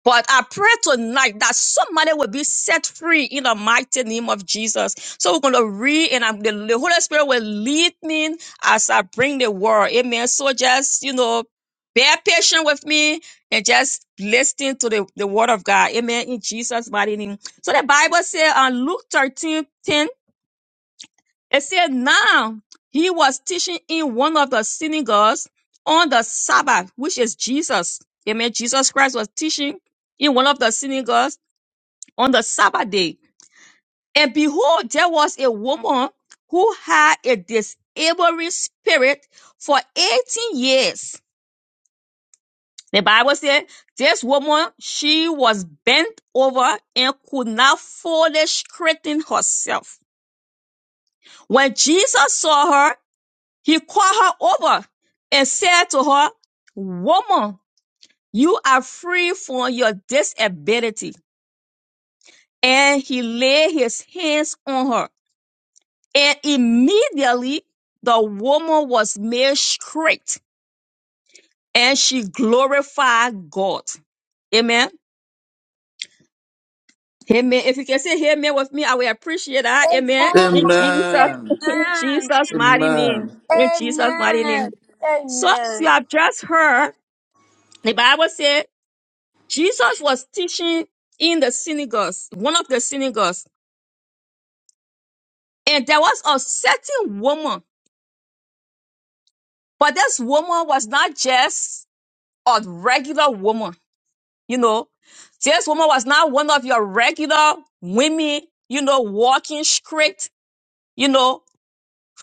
Speaker 4: But I pray tonight that somebody will be set free in the mighty name of Jesus. So we're going to read and I'm, the, the Holy Spirit will lead me as I bring the word. Amen. So just, you know, bear patient with me and just listen to the, the word of God. Amen. In Jesus' mighty name. So the Bible says on Luke 13 10. It said, now he was teaching in one of the synagogues on the Sabbath, which is Jesus. Amen. Jesus Christ was teaching in one of the synagogues on the Sabbath day. And behold, there was a woman who had a disabling spirit for 18 years. The Bible said this woman, she was bent over and could not fully straighten herself. When Jesus saw her, He called her over and said to her, Woman, you are free from your disability. And he laid his hands on her. And immediately the woman was made straight and she glorified God. Amen. Amen. If you can say amen with me, I will appreciate that. Amen. In Jesus,
Speaker 1: Amen.
Speaker 4: in
Speaker 6: Amen.
Speaker 4: Jesus' mighty name.
Speaker 1: Amen.
Speaker 4: In
Speaker 6: Amen.
Speaker 4: Jesus' mighty
Speaker 6: Amen.
Speaker 4: name. So as you have just heard, the Bible said Jesus was teaching in the synagogues, one of the synagogues, and there was a certain woman, but this woman was not just a regular woman, you know. This woman was not one of your regular women, you know, walking straight, you know,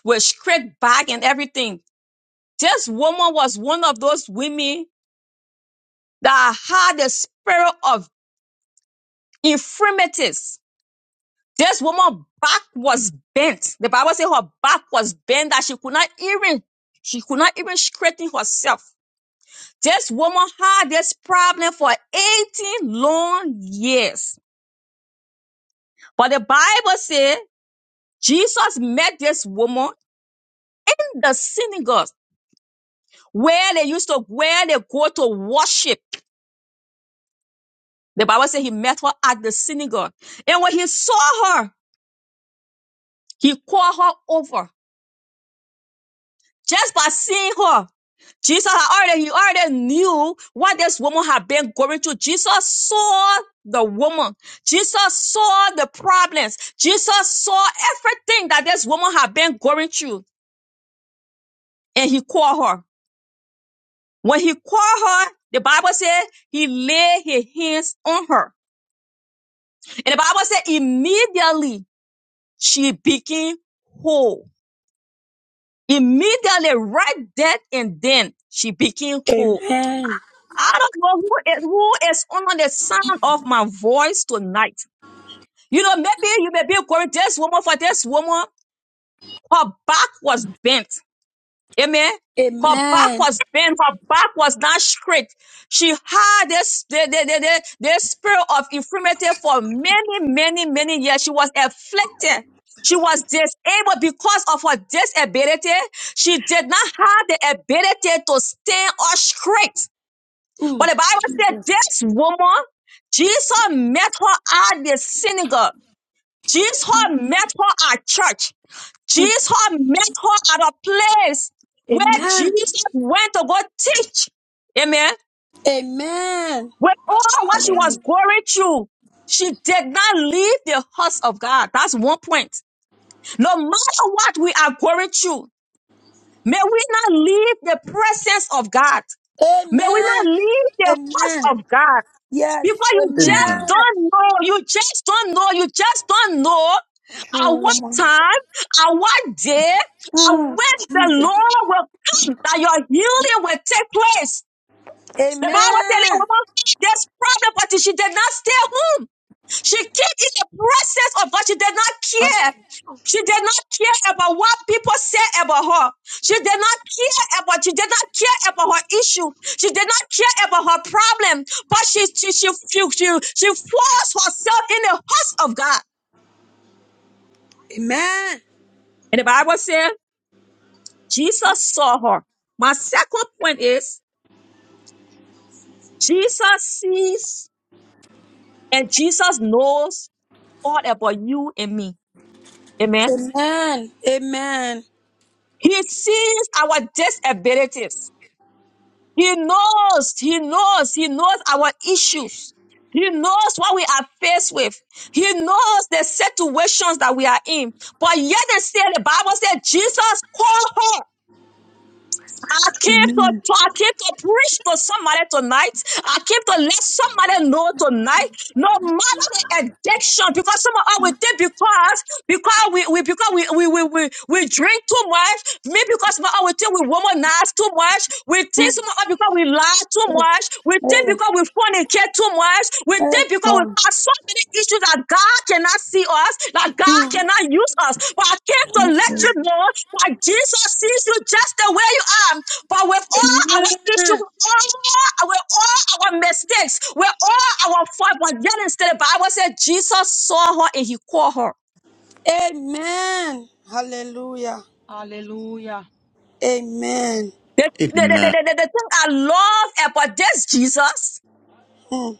Speaker 4: with straight back and everything. This woman was one of those women that had the spirit of infirmities This woman's back was bent. The Bible says her back was bent that she could not even, she could not even straighten herself. This woman had this problem for 18 long years. But the Bible says Jesus met this woman in the synagogue where they used to, where they go to worship. The Bible says he met her at the synagogue. And when he saw her, he called her over Just by seeing her, Jesus had already, he already knew what this woman had been going through. Jesus saw the woman. Jesus saw the problems. Jesus saw everything that this woman had been going through. And he called her. When he called her, the Bible said he laid his hands on her. And the Bible said immediately she became whole. Immediately, right then and then, she became whole
Speaker 6: Amen.
Speaker 4: I don't know who is, who is under the sound of my voice tonight. You know, maybe you may be going, this woman for this woman, her back was bent. Amen. Her back
Speaker 6: Amen.
Speaker 4: was bent. Her back was not straight. She had this, the, the, the, the, the spirit of infirmity for many, many, many years. She was afflicted. She was disabled because of her disability. She did not have the ability to stand up straight. But
Speaker 6: Mm,
Speaker 4: the Bible said
Speaker 6: Jesus.
Speaker 4: this woman, Jesus met her at the synagogue. Jesus met her at church. Jesus met her at a place where
Speaker 6: Amen.
Speaker 4: Jesus went to go teach. Amen.
Speaker 6: Amen.
Speaker 4: With all what she was
Speaker 6: Hallelujah.
Speaker 4: going through, she did not leave the house of God. That's one point. No matter what we are going through, may we not leave the presence of God. May we
Speaker 6: Amen.
Speaker 4: not leave the
Speaker 6: Amen.
Speaker 4: house of God.
Speaker 6: Yes.
Speaker 4: Because you just
Speaker 1: Amen.
Speaker 6: Amen.
Speaker 4: don't know. You just don't know. You just don't know at
Speaker 6: True
Speaker 4: what
Speaker 6: woman.
Speaker 4: time, at what day, at
Speaker 6: Mm,
Speaker 4: when the
Speaker 6: Jesus.
Speaker 4: Lord will come, that your healing will take place. The Bible said that
Speaker 6: Amen.
Speaker 4: woman this problem, but she did not stay home. She came in the presence of God. She did not care. She did not care about what people said about her. She did not care about, she did not care about her issue. She did not care about her problem. But she she she she she, she forced herself in the house of God.
Speaker 6: Amen.
Speaker 4: And the Bible said Jesus saw her. My second point is Jesus sees and Jesus knows all about you and me. Amen.
Speaker 6: Amen. Amen.
Speaker 4: He sees our disabilities. He knows, he knows, he knows our issues. He knows what we are faced with. He knows the situations that we are in. But yet they say the Bible said Jesus called her. I came to,
Speaker 6: Amen.
Speaker 4: to- I came to preach to somebody tonight. I came to let somebody know tonight. No matter about the addiction because some of us we think because because we, we because we we, we we we drink too much, maybe because some of us we think we womanize too much, we think some of us because we lie too much, we think
Speaker 6: Yes.
Speaker 4: because we fornicate too much, we think because we
Speaker 6: Amen.
Speaker 4: have so many issues that God cannot see us, that God cannot use us. But I came to let you know that Jesus sees you just the way you are. But with all our issues, with all, with all our mistakes, with all our fault, but yet instead. still, the Bible said Jesus saw her and he called her.
Speaker 6: Amen. Hallelujah.
Speaker 2: Hallelujah.
Speaker 6: Amen.
Speaker 4: The, the, the,
Speaker 1: Amen.
Speaker 4: the, the, the thing I love about this Jesus,
Speaker 6: Hmm.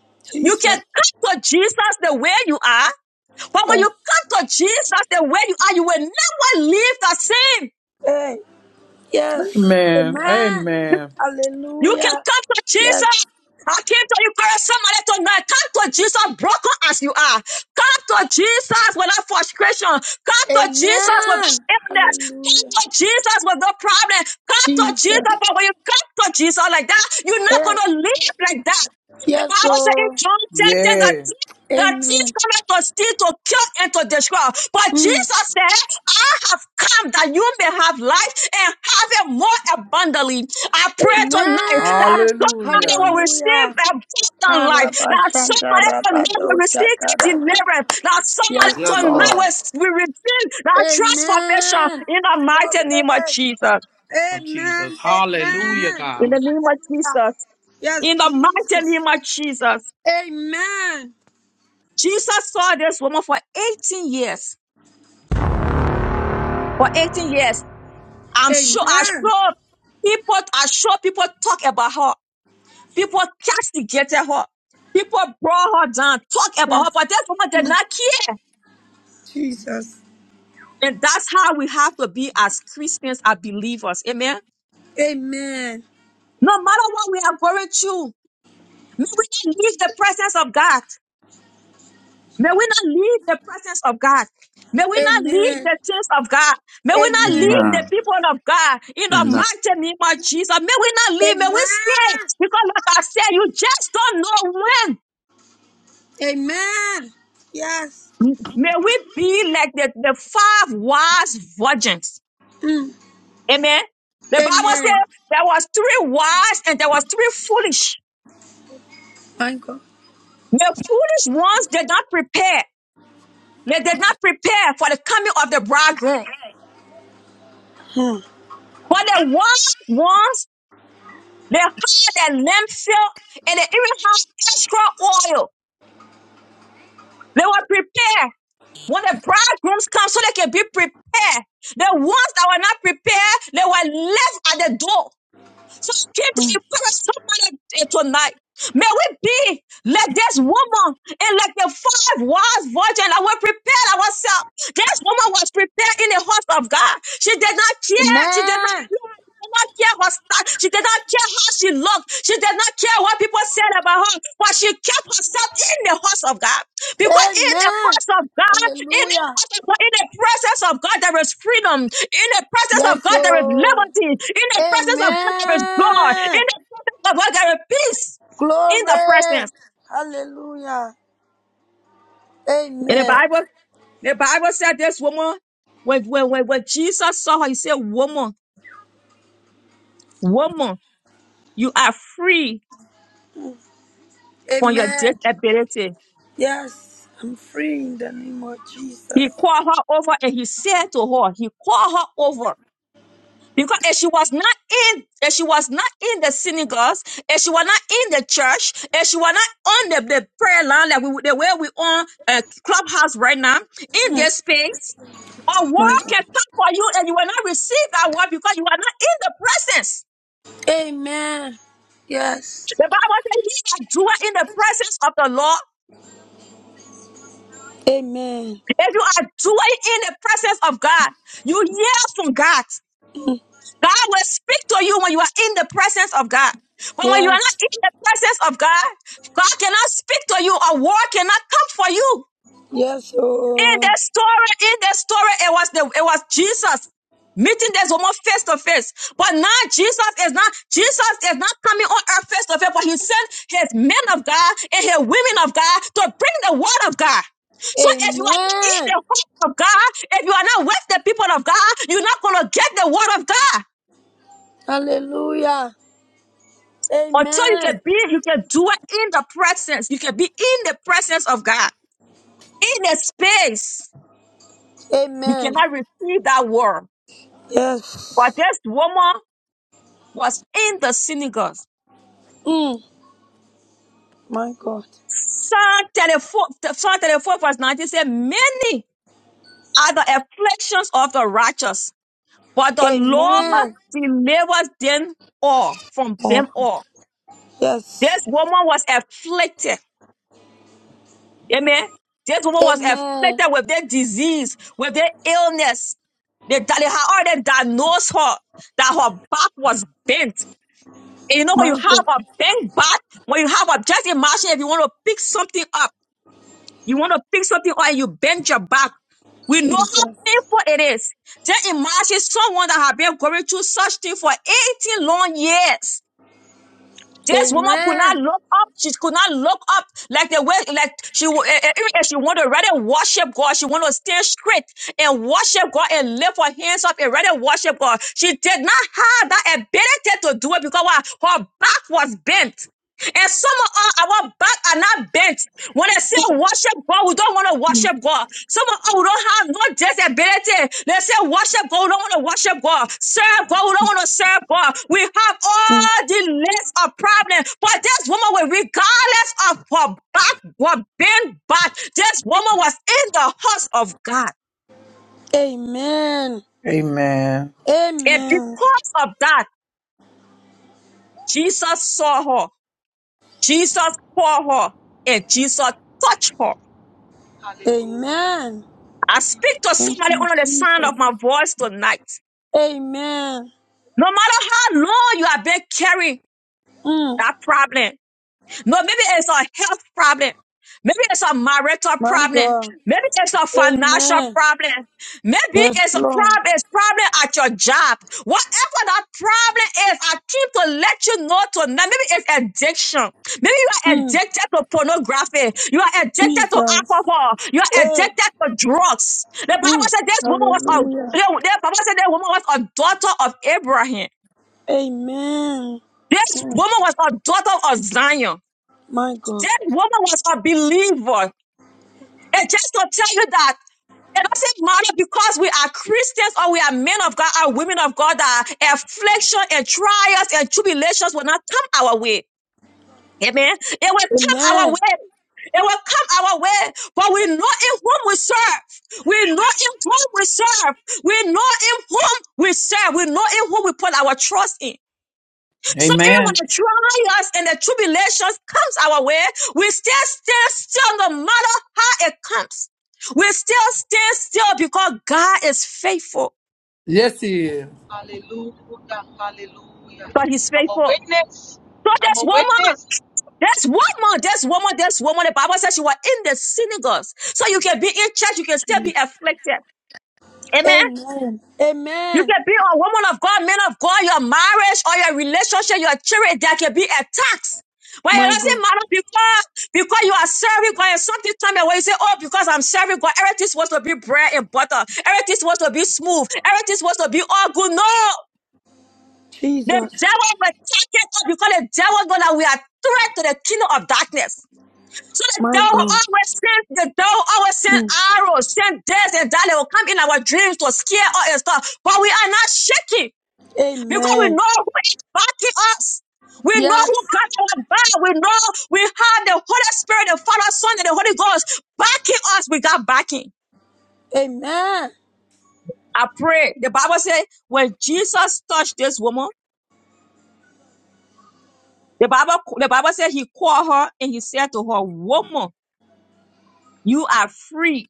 Speaker 4: you can
Speaker 6: Jesus.
Speaker 4: come to Jesus the way you are, but when you
Speaker 6: Yes.
Speaker 4: come to Jesus the way you are, you will never leave the same.
Speaker 6: Hey. Yes.
Speaker 3: Amen.
Speaker 6: Amen.
Speaker 3: Amen.
Speaker 4: You can
Speaker 6: Hallelujah.
Speaker 4: come to
Speaker 6: Yes.
Speaker 4: Jesus. I came to you, girl, somebody tonight. Come to Jesus, broken as you are. Come to Jesus without frustration. Come to Jesus without
Speaker 6: Amen.
Speaker 4: illness. Come
Speaker 6: Hallelujah.
Speaker 4: to Jesus without problem. Come to Jesus.
Speaker 6: Jesus.
Speaker 4: But when you come to Jesus like that, you're not
Speaker 6: Hey.
Speaker 4: going to live like that. The
Speaker 6: Yes.
Speaker 4: Bible says in
Speaker 6: Oh.
Speaker 4: John 10,
Speaker 3: Yeah.
Speaker 4: that the thief
Speaker 6: Amen.
Speaker 4: cometh to steal, to kill, and to destroy. But
Speaker 6: Hmm.
Speaker 4: Jesus said, I have come that you may have life and have it more abundantly. I pray tonight that
Speaker 6: Amen.
Speaker 4: somebody
Speaker 3: Hallelujah.
Speaker 4: will receive
Speaker 6: Hallelujah.
Speaker 4: abundant life. That somebody tonight will receive that
Speaker 6: Karabashankarabadoshakarabas.
Speaker 4: deliverance. That somebody
Speaker 6: Yes,
Speaker 1: Yes,
Speaker 4: tonight
Speaker 6: Lord.
Speaker 1: Lord.
Speaker 4: will will receive that transformation
Speaker 6: Amen.
Speaker 4: in the
Speaker 6: Glory.
Speaker 4: mighty name of Jesus.
Speaker 3: Of Jesus.
Speaker 6: Amen.
Speaker 3: Hallelujah,
Speaker 6: Amen.
Speaker 4: In
Speaker 3: God.
Speaker 4: the name of
Speaker 6: Hallelujah.
Speaker 4: Jesus.
Speaker 6: Yes,
Speaker 4: In the mighty
Speaker 6: Jesus.
Speaker 4: name of Jesus.
Speaker 6: Amen.
Speaker 4: Jesus saw this woman for 18 years. For 18 years. I'm sure, I
Speaker 6: Amen.
Speaker 4: sure people, I sure people talk about her. People castigated her. People brought her down, talk about her,
Speaker 6: Yes,
Speaker 4: but that woman did not care.
Speaker 6: Jesus.
Speaker 4: And that's how we have to be as Christians, as believers. Amen.
Speaker 6: Amen.
Speaker 4: No matter what we are going through, may we not leave the presence of God. May we not leave the presence of God. May we not leave
Speaker 6: Amen.
Speaker 4: the things of God. May we not
Speaker 6: Amen.
Speaker 4: leave the
Speaker 1: Amen.
Speaker 4: people of God in the
Speaker 1: Amen.
Speaker 4: mighty name of Jesus. May we not leave. May we stay.
Speaker 6: Amen.
Speaker 4: Because like I said, you just don't know when.
Speaker 6: Amen. Yes.
Speaker 4: May we be like the, the five wise virgins.
Speaker 6: Mm.
Speaker 4: Amen. The Bible
Speaker 6: Amen.
Speaker 4: says there was three wise and there was three foolish.
Speaker 6: My God.
Speaker 4: The foolish ones did not prepare. They did not prepare for the coming of the bridegroom. But the wise ones They had their lamp filled, and they even have extra oil. They were prepared. When the bridegrooms come, so they can be prepared. The ones that were not prepared, they were left at the door. So I came to encourage somebody eh, tonight. May we be like this woman and like the five wise virgin that were prepared ourselves. This woman was prepared in the house of God. She did not care. She did not
Speaker 6: Amen.
Speaker 4: care. She did not care her style. She did not care how she looked. She did not care what people said about her. But she kept herself in the house of God. Because in the
Speaker 6: Amen.
Speaker 4: presence of God, in the
Speaker 6: Hallelujah.
Speaker 4: presence of God, in the presence of God, there is freedom. In the presence of
Speaker 6: Yes,
Speaker 4: God, there is
Speaker 6: oh.
Speaker 4: liberty. In the presence of God, there is joy. In
Speaker 6: Amen.
Speaker 4: the presence of God, there is peace. In
Speaker 6: Glory.
Speaker 4: the presence.
Speaker 6: Hallelujah.
Speaker 4: In the
Speaker 6: Amen.
Speaker 4: Bible, the Bible said this woman, when, when, when, when Jesus saw her, he said, Woman, woman, you are free from your
Speaker 6: Amen.
Speaker 4: disability.
Speaker 6: Yes, I'm free in the name of
Speaker 4: He
Speaker 6: Jesus.
Speaker 4: called her over and he said to her, He called her over Because if she was not in, if she was not in the synagogues, if she was not in the church, if she was not on the, the prayer line like we the way we on a clubhouse right now, in this space, a
Speaker 6: My
Speaker 4: word
Speaker 6: God.
Speaker 4: can come for you and you will not receive that word because you are not in the presence.
Speaker 6: Amen. Yes.
Speaker 4: The Bible says he that doer in the presence of the Lord.
Speaker 6: Amen.
Speaker 4: If you are doing in the presence of God, you hear from God. God will speak to you when you are in the presence of God. But when you are not
Speaker 6: Yes.
Speaker 4: in the presence of God, God cannot speak to you. A word cannot come for you.
Speaker 6: Yes.
Speaker 4: In the
Speaker 6: Oh.
Speaker 4: story, in the story, it was the it was Jesus meeting this woman face to face. But now Jesus is not Jesus is not coming on earth face to face, but he sent his men of God and his women of God to bring the word of God. So if you are not in
Speaker 6: Amen.
Speaker 4: the house of God, if you are not with the people of God, you're not gonna get the word of God.
Speaker 6: Hallelujah.
Speaker 4: Until you can
Speaker 6: Amen.
Speaker 4: be, you can do it in the presence. You can be in the presence of God, in the space. You
Speaker 6: Amen.
Speaker 4: cannot receive that word. But
Speaker 6: Yes.
Speaker 4: this woman was in the synagogue.
Speaker 6: Mm, my God.
Speaker 4: Psalm 34, Psalm 34 verse 19 said, Many are the afflictions of the righteous, but the Lord
Speaker 6: Amen.
Speaker 4: delivers them all from
Speaker 6: Oh,
Speaker 4: them all. This
Speaker 6: yes.
Speaker 4: woman was afflicted. Amen. This woman was
Speaker 6: Amen.
Speaker 4: afflicted with their disease, with their illness. They, di- they had already diagnosed her that her back was bent. And you know, when you
Speaker 6: My God.
Speaker 4: have a bent back, when you have a, just imagine if you want to pick something up, you want to pick something up and you bend your back. We know how
Speaker 6: Jesus.
Speaker 4: painful it is. Just imagine someone that has been going through such thing for 18 long years. This woman could not
Speaker 6: Amen.
Speaker 4: look up. She could not look up like the way, like she, wa- eh, eh, if she wanted to rather worship God, she wanted to stand straight and worship God and lift her hands up and rather worship God. She did not have that ability to do it because why? her back was bent. And some of us, our back are not bent. When they say worship God, we don't want to worship God. Someone, oh, we don't have no disability. They say worship God, we don't want to worship God. Serve God, we don't want to serve God. We have all the list of problems. But this woman, was regardless of her back, was being back, this woman was in the house of God.
Speaker 6: Amen.
Speaker 3: Amen.
Speaker 4: And
Speaker 6: Amen.
Speaker 4: because of that, Jesus saw her. Jesus called her. And Jesus touched her.
Speaker 2: Hallelujah.
Speaker 6: Amen.
Speaker 4: I speak to
Speaker 6: Thank
Speaker 4: somebody
Speaker 6: you,
Speaker 4: under the sound
Speaker 6: Jesus.
Speaker 4: of my voice tonight.
Speaker 6: Amen.
Speaker 4: No matter how long you have been carrying
Speaker 6: Mm,
Speaker 4: that problem. No, maybe it's a health problem. Maybe it's a marital
Speaker 6: my
Speaker 4: problem.
Speaker 6: God.
Speaker 4: Maybe it's a financial
Speaker 6: Amen.
Speaker 4: problem. Maybe
Speaker 6: Yes,
Speaker 4: it's a
Speaker 6: Lord.
Speaker 4: problem, it's problem at your job. Whatever that problem is, I keep to let you know tonight. Maybe it's addiction. Maybe you are
Speaker 6: Mm,
Speaker 4: addicted to pornography. You are addicted to
Speaker 6: Jesus.
Speaker 4: alcohol. You are
Speaker 6: Hey.
Speaker 4: addicted to drugs. The Bible
Speaker 6: Mm,
Speaker 4: said this woman was a
Speaker 6: hallelujah.
Speaker 4: the the Bible said that woman was a daughter of Abraham.
Speaker 6: Amen.
Speaker 4: This
Speaker 6: Mm,
Speaker 4: woman was a daughter of Zion.
Speaker 6: my God.
Speaker 4: This woman was a believer. And just to tell you that it doesn't matter because we are Christians or we are men of God or women of God that affliction and trials and tribulations will not come our way. Amen. It will come our
Speaker 6: Amen.
Speaker 4: way. It will come our way, but we know in whom we serve. We know in whom we serve. We know in whom we serve. We know in whom we put our trust in. So even when
Speaker 3: Amen.
Speaker 4: the trials and the tribulations comes our way, we still stand still no matter how it comes. We still stand still because God is faithful.
Speaker 3: Yes, he is.
Speaker 2: Hallelujah. Hallelujah.
Speaker 4: God is
Speaker 2: I'm a
Speaker 4: faithful.
Speaker 2: witness.
Speaker 4: So
Speaker 2: I'm
Speaker 4: this
Speaker 2: a
Speaker 4: woman,
Speaker 2: witness.
Speaker 4: There's woman, this woman, this woman, the Bible says she was in the synagogues. So you can be in church, you can still be afflicted. Amen.
Speaker 6: Amen.
Speaker 4: You
Speaker 6: Amen.
Speaker 4: can be a woman of God, man of God, your marriage or your relationship, your children, there can be attacks. But it
Speaker 6: My
Speaker 4: doesn't
Speaker 6: God.
Speaker 4: matter because, because you are serving God and something time when you say, Oh, because I'm serving God, everything's supposed to be bread and butter, everything's supposed to be smooth, everything's supposed to be all good. No, the
Speaker 6: Jesus.
Speaker 4: devil will take it up because the devil know that we are threat to the kingdom of darkness. So the
Speaker 6: My
Speaker 4: devil will
Speaker 6: God.
Speaker 4: always send the devil always send
Speaker 6: Mm,
Speaker 4: arrows, send death and that they will come in our dreams to scare us and stuff. But we are not shaking because we
Speaker 6: amen.
Speaker 4: know who is backing us. We know
Speaker 6: Yes.
Speaker 4: who got our back. We know we have the Holy Spirit, the Father, Son, and the Holy Ghost backing us. We got backing.
Speaker 6: Amen.
Speaker 4: I pray. The Bible said when Jesus touched this woman, the Bible the Bible said he called her and he said to her, "Woman, you are free."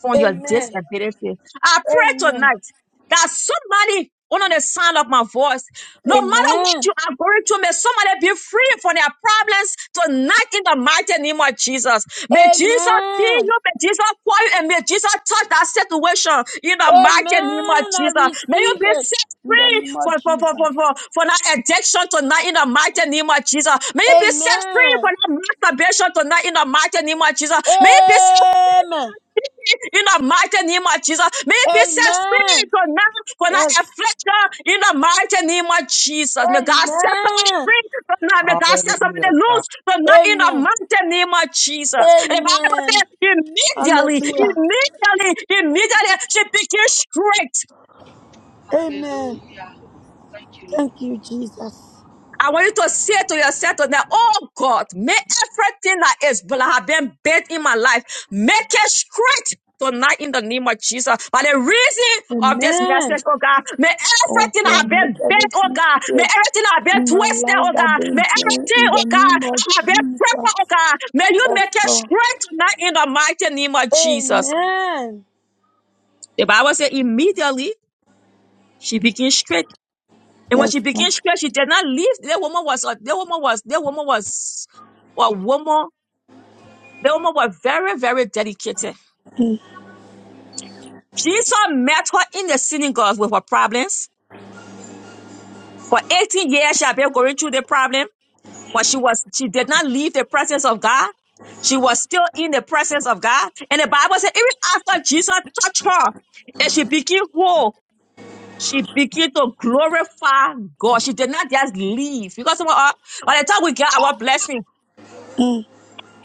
Speaker 4: from your
Speaker 6: Amen.
Speaker 4: disability. I pray
Speaker 6: Amen.
Speaker 4: tonight that somebody under the sound of my voice, no matter what
Speaker 6: Amen.
Speaker 4: you are going through, may somebody be free from their problems tonight in the mighty name of Jesus. May Jesus see you,
Speaker 6: Amen.
Speaker 4: may Jesus call you, and may Jesus touch that situation in the
Speaker 6: Amen.
Speaker 4: mighty name of
Speaker 6: I receive
Speaker 4: Jesus. May you be
Speaker 6: it
Speaker 4: set
Speaker 6: in the
Speaker 4: free
Speaker 6: name of
Speaker 4: from, from, from,
Speaker 6: Jesus.
Speaker 4: from, from, from that addiction tonight in the mighty name of Jesus. May you be set free from
Speaker 6: Amen.
Speaker 4: that masturbation tonight in the mighty name of Jesus. May you be set
Speaker 6: Amen.
Speaker 4: free in the mighty name of Jesus. May it be set free
Speaker 6: Amen.
Speaker 4: tonight for that
Speaker 6: Yes.
Speaker 4: affliction in the mighty name of Jesus. May God set somebody
Speaker 6: Amen.
Speaker 4: free tonight. May God set somebody
Speaker 3: Hallelujah, God.
Speaker 4: loose tonight in the
Speaker 6: Amen.
Speaker 4: mighty name of Jesus. The Bible
Speaker 6: Amen.
Speaker 4: says immediately,
Speaker 6: Hallelujah.
Speaker 4: immediately, immediately she became straight.
Speaker 6: Amen.
Speaker 2: Hallelujah. Thank you, Lord.
Speaker 6: Thank you, Jesus.
Speaker 4: I want you to say to yourself today, oh God, may everything that is that have been bad in my life, make it straight tonight in the name of Jesus. By the reason of this
Speaker 6: Amen.
Speaker 4: message, oh God, may
Speaker 6: Oh
Speaker 4: everything that
Speaker 6: God,
Speaker 4: have
Speaker 6: make
Speaker 4: been bent, oh
Speaker 6: everything
Speaker 4: God, may
Speaker 6: straight
Speaker 4: everything that have been
Speaker 6: in my
Speaker 4: twisted,
Speaker 6: life
Speaker 4: oh
Speaker 6: that
Speaker 4: God, may
Speaker 6: been doing
Speaker 4: everything,
Speaker 6: in the
Speaker 4: oh God,
Speaker 6: name of
Speaker 4: that have been crippled, oh
Speaker 6: Jesus.
Speaker 4: God, may you
Speaker 6: Yes,
Speaker 4: make it
Speaker 6: Lord.
Speaker 4: straight tonight in the mighty name of Jesus.
Speaker 6: Amen.
Speaker 4: The Bible says immediately she became straight. And when
Speaker 6: Yes,
Speaker 4: she became sure
Speaker 6: Lord.
Speaker 4: she did not leave, the woman was uh, the woman was the woman was a woman. The woman was very, very dedicated. Jesus met her in the synagogue with her problems. For 18 years, she had been going through the problem, but she was she did not leave the presence of God. She was still in the presence of God. And the Bible said, even after Jesus touched her and she became whole, she began to glorify God. She did not just leave because uh, by the time we get our blessing.
Speaker 6: Mm.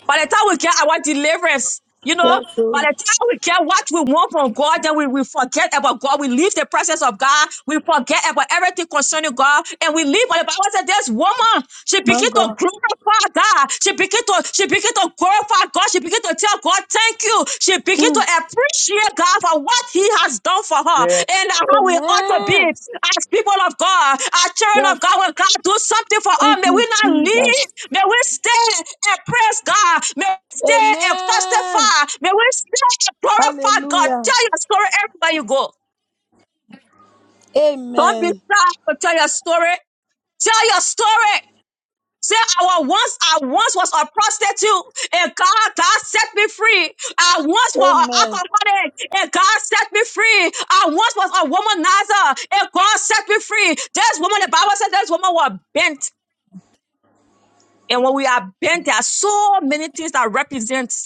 Speaker 4: By the time we get our deliverance, you know,
Speaker 6: Yes,
Speaker 4: by
Speaker 6: oh
Speaker 4: the time we get what we want from God, then we, we forget about God. We leave the presence of God. We forget about everything concerning God. And we leave. But the Bible said this woman, she
Speaker 6: my
Speaker 4: began to
Speaker 6: God.
Speaker 4: glorify God. She began to, she began to glorify God. She began to tell God, thank you. She began to
Speaker 6: Mm.
Speaker 4: appreciate God for what he has done for her.
Speaker 3: Yeah.
Speaker 4: And how we ought to be
Speaker 6: Amen.
Speaker 4: as people of God, as children
Speaker 6: Yes.
Speaker 4: of God. When God do something for us,
Speaker 6: Thank
Speaker 4: may we
Speaker 6: you,
Speaker 4: not leave
Speaker 6: Jesus.
Speaker 4: May we stand and praise God. May we stand and
Speaker 6: Amen.
Speaker 4: testify. May we stand and glorify God.
Speaker 6: Hallelujah.
Speaker 4: Tell your story everywhere you go. Don't be
Speaker 6: Amen.
Speaker 4: shy to tell your story. Tell your story. Say, I was once, I once was a prostitute, and God, God set me free. I once was an
Speaker 6: Amen.
Speaker 4: alcoholic, and God set me free. I once was a womanizer, and God set me free. This woman, the Bible said, this woman was bent. And when we are bent, there are so many things that represent.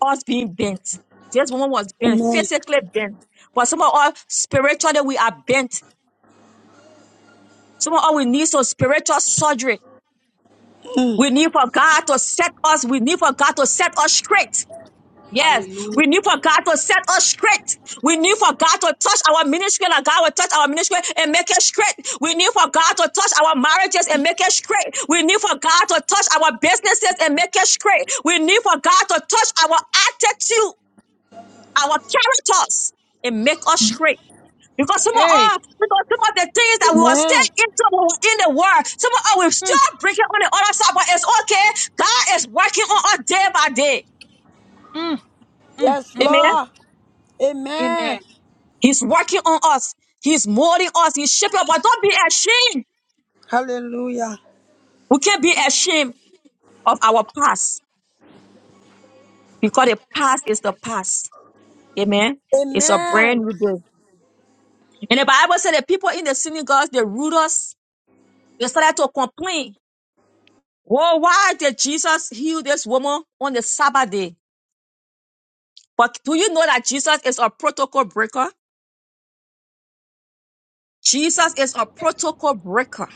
Speaker 4: us being bent. This woman was bent,
Speaker 6: Amen.
Speaker 4: physically bent. But some of us spiritually we are bent. Some of us we need some spiritual surgery.
Speaker 6: Mm.
Speaker 4: We need for God to set us, we need for God to set us straight. Yes,
Speaker 2: Hallelujah.
Speaker 4: we need for God to set us straight. We need for God to touch our ministry and God will touch our ministry and make it straight. We need for God to touch our marriages and make it straight. We need for God to touch our businesses and make it straight. We need for God to touch our attitude our characters and make us straight. Because some of
Speaker 2: Hey.
Speaker 4: us, because some of the things that we were still
Speaker 6: Amen.
Speaker 4: into when we were in the world, some of us we're
Speaker 2: Mm,
Speaker 4: still breaking on the other side, but it's okay. God is working on us day by day.
Speaker 2: mm, mm,
Speaker 6: Yes,
Speaker 2: mm.
Speaker 4: Amen.
Speaker 6: Lord. Amen.
Speaker 2: Amen.
Speaker 4: He's working on us. He's molding us. He's shaping us. But don't be ashamed.
Speaker 6: Hallelujah.
Speaker 4: We can't be ashamed of our past because the past is the past. Amen. It's a brand
Speaker 6: Amen.
Speaker 4: new day. And the Bible said that people in the synagogues, they rude us. They started to complain. Well, why did Jesus heal this woman on the Sabbath day? But do you know that Jesus is a protocol breaker? Jesus is a protocol breaker.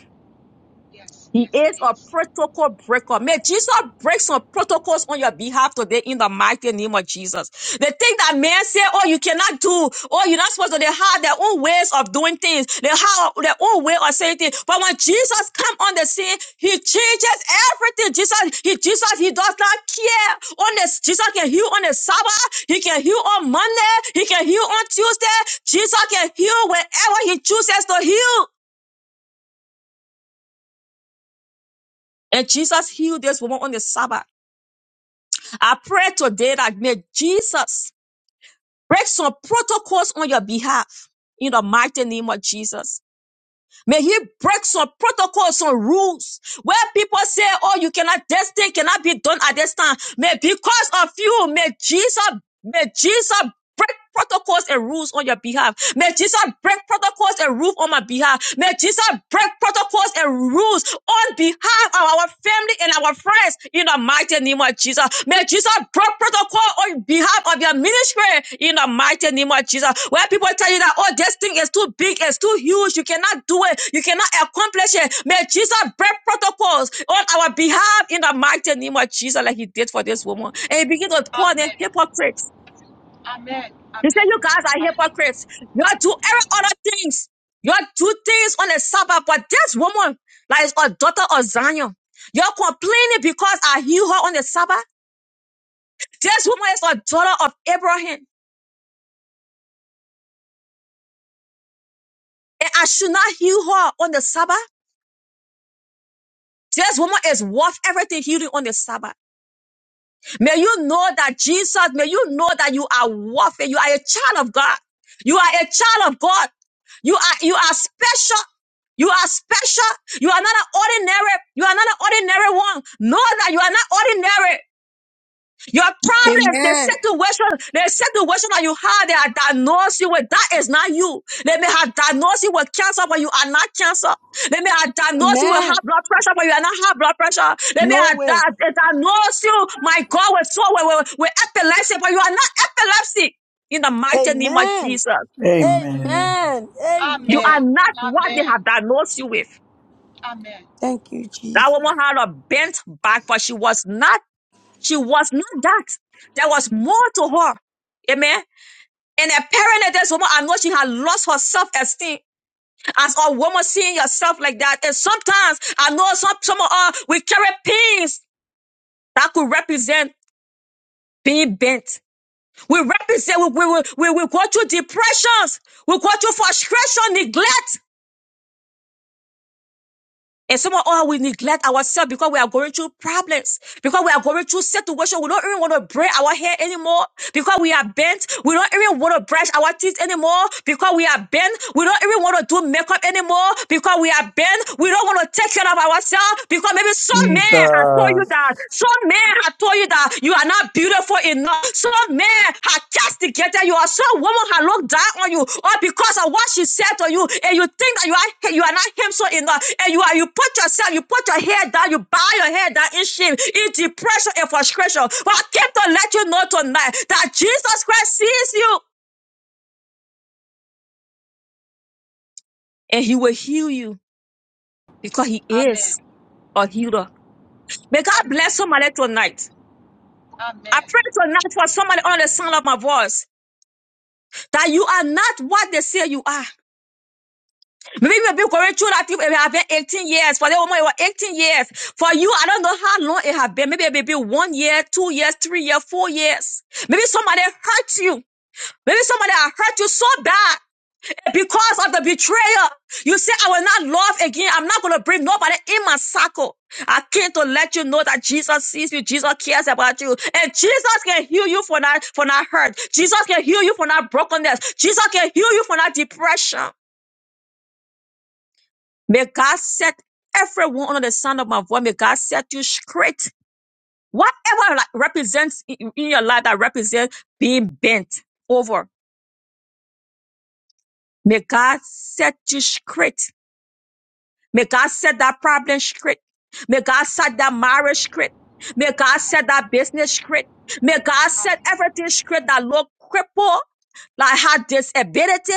Speaker 2: Yes, yes,
Speaker 4: He
Speaker 2: yes,
Speaker 4: is
Speaker 2: he
Speaker 4: a
Speaker 2: is.
Speaker 4: protocol breaker. May Jesus break some protocols on your behalf today in the mighty name of Jesus. The thing that men say, oh, you cannot do, oh, you're not supposed to, they have their own ways of doing things. They have their own way of saying things. But when Jesus come on the scene, he changes everything. Jesus, he, Jesus, he does not care. On this, Jesus can heal on the Sabbath. He can heal on Monday. He can heal on Tuesday. Jesus can heal whenever he chooses to heal. And Jesus healed this woman on the Sabbath. I pray today that may Jesus break some protocols on your behalf in the mighty name of Jesus. May he break some protocols, some rules where people say, oh, you cannot, this thing cannot be done at this time. May because of you, may Jesus, may Jesus break protocols and rules on your behalf. May Jesus break protocols and rules on my behalf. May Jesus break protocols and rules on behalf of our family and our our friends in the mighty name of Jesus. May Jesus break protocol on behalf of your ministry in the mighty name of Jesus. Where people tell you that, oh, this thing is too big, it's too huge, you cannot do it, you cannot accomplish it. May Jesus break protocols on our behalf in the mighty name of Jesus, like he did for this woman. And he began to call them
Speaker 2: Amen.
Speaker 4: hypocrites.
Speaker 2: Amen.
Speaker 4: He said,
Speaker 2: Amen.
Speaker 4: you guys are
Speaker 2: Amen.
Speaker 4: hypocrites. You all do every other things. You all do things on the Sabbath, but this woman, like is a daughter of Zion, you're complaining because I heal her on the Sabbath. This woman is a daughter of Abraham, and I should not heal her on the Sabbath. This woman is worth everything healing on the Sabbath. May you know that Jesus, may you know that you are worth it. You are a child of God. You are a child of God. You are, you are special. You are special. You are not an ordinary. You are not an ordinary one. Know that you are not ordinary. Your problems, the
Speaker 6: Amen.
Speaker 4: situation, the situation that you have, they are diagnosed you with. That is not you. They may have diagnosed you with cancer, but you are not cancer. They may have diagnosed you with
Speaker 6: Amen.
Speaker 4: high blood pressure, but you are not high blood pressure. They may
Speaker 6: No
Speaker 4: have
Speaker 6: way.
Speaker 4: di- they diagnosed you, my God, with, so- with, with, with epilepsy, but you are not epilepsy. In the mighty name of
Speaker 6: Amen.
Speaker 4: Jesus,
Speaker 3: Amen.
Speaker 6: Amen.
Speaker 4: you are
Speaker 6: Amen.
Speaker 2: Amen.
Speaker 4: not what they
Speaker 2: Amen.
Speaker 4: have diagnosed you with.
Speaker 2: Amen.
Speaker 6: Thank you,
Speaker 4: That
Speaker 6: Jesus.
Speaker 4: woman had a bent back, but she was not, she was not that. There was more to her. Amen. And apparently, this woman, I know she had lost her self-esteem. As a woman seeing yourself like that. And sometimes I know some some of us we carry pins that could represent being bent. We represent we we, we, we we go through depressions, we go through frustration, neglect. And some of us, we neglect ourselves because we are going through problems, because we are going through situations. We don't even want to braid our hair anymore because we are bent. We don't even want to brush our teeth anymore because we are bent. We don't even want to do makeup anymore because we are bent. We don't want to take care of ourselves because maybe some man has told
Speaker 3: Jesus.
Speaker 4: you that. Some man has told told you that you are not beautiful enough. Some man had castigated you, or some woman had looked down on you, or because of what she said to you, and you think that you are you are not handsome enough, and you are you put yourself, you put your head down, you bow your head down in shame, in depression and frustration. But I came to let you know tonight that Jesus Christ sees you and he will heal you because he
Speaker 2: Amen.
Speaker 4: is a healer. May
Speaker 2: Amen.
Speaker 4: God
Speaker 2: Amen.
Speaker 4: bless somebody tonight. I
Speaker 2: Amen.
Speaker 4: pray tonight for somebody on the sound of my voice that you are not what they say you are. Maybe you've been going that you have been 18 years. For the woman, it was 18 years. For you, I don't know how long it has been. Maybe it may be one year, two years, three years, four years. Maybe somebody hurt you. Maybe somebody hurt you so bad because of the betrayal. You say, I will not love again. I'm not going to bring nobody in my circle. I came to let you know that Jesus sees you. Jesus cares about you. And Jesus can heal you for that, for that hurt. Jesus can heal you for that brokenness. Jesus can heal you for that depression. May God set everyone under the sound of my voice. May God set you straight. Whatever like represents in in your life that represents being bent over. May God set you straight. May God set that problem straight. May God set that marriage straight. May God set that business straight. May God
Speaker 2: Amen.
Speaker 4: set everything straight that look crippled, like had disability.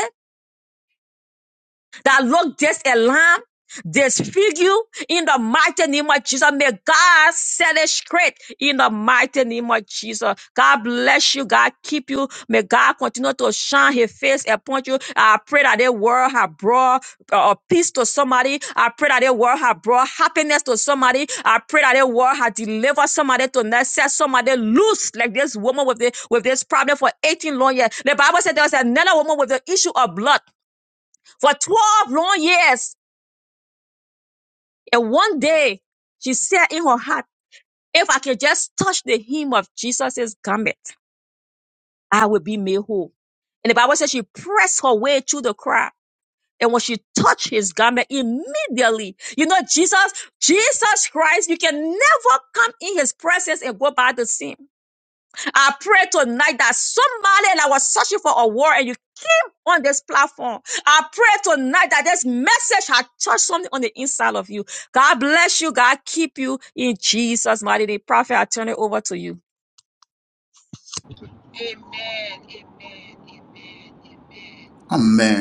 Speaker 4: that Lord, this alarm, lamb, disfigure in the mighty name of Jesus. May God set it straight in the mighty name of Jesus. God bless you. God keep you. May God continue to shine his face upon you. I pray that the world have brought uh, uh, peace to somebody. I pray that the world have brought happiness to somebody. I pray that the world have delivered somebody to not set somebody loose like this woman with, the, with this problem for 18 long years. The Bible said there was another woman with the issue of blood for 12 long years. And one day she said in her heart, if I can just touch the hem of Jesus' garment, I will be made whole. And the Bible says she pressed her way through the crowd. And when she touched his garment immediately, you know, Jesus, Jesus Christ, you can never come in his presence and go by the same. I pray tonight that somebody that was searching for a word and you on this platform. I pray tonight that this message has touched something on the inside of you. God bless you. God keep you in Jesus' mighty name. Prophet, I turn it over to you.
Speaker 2: Amen.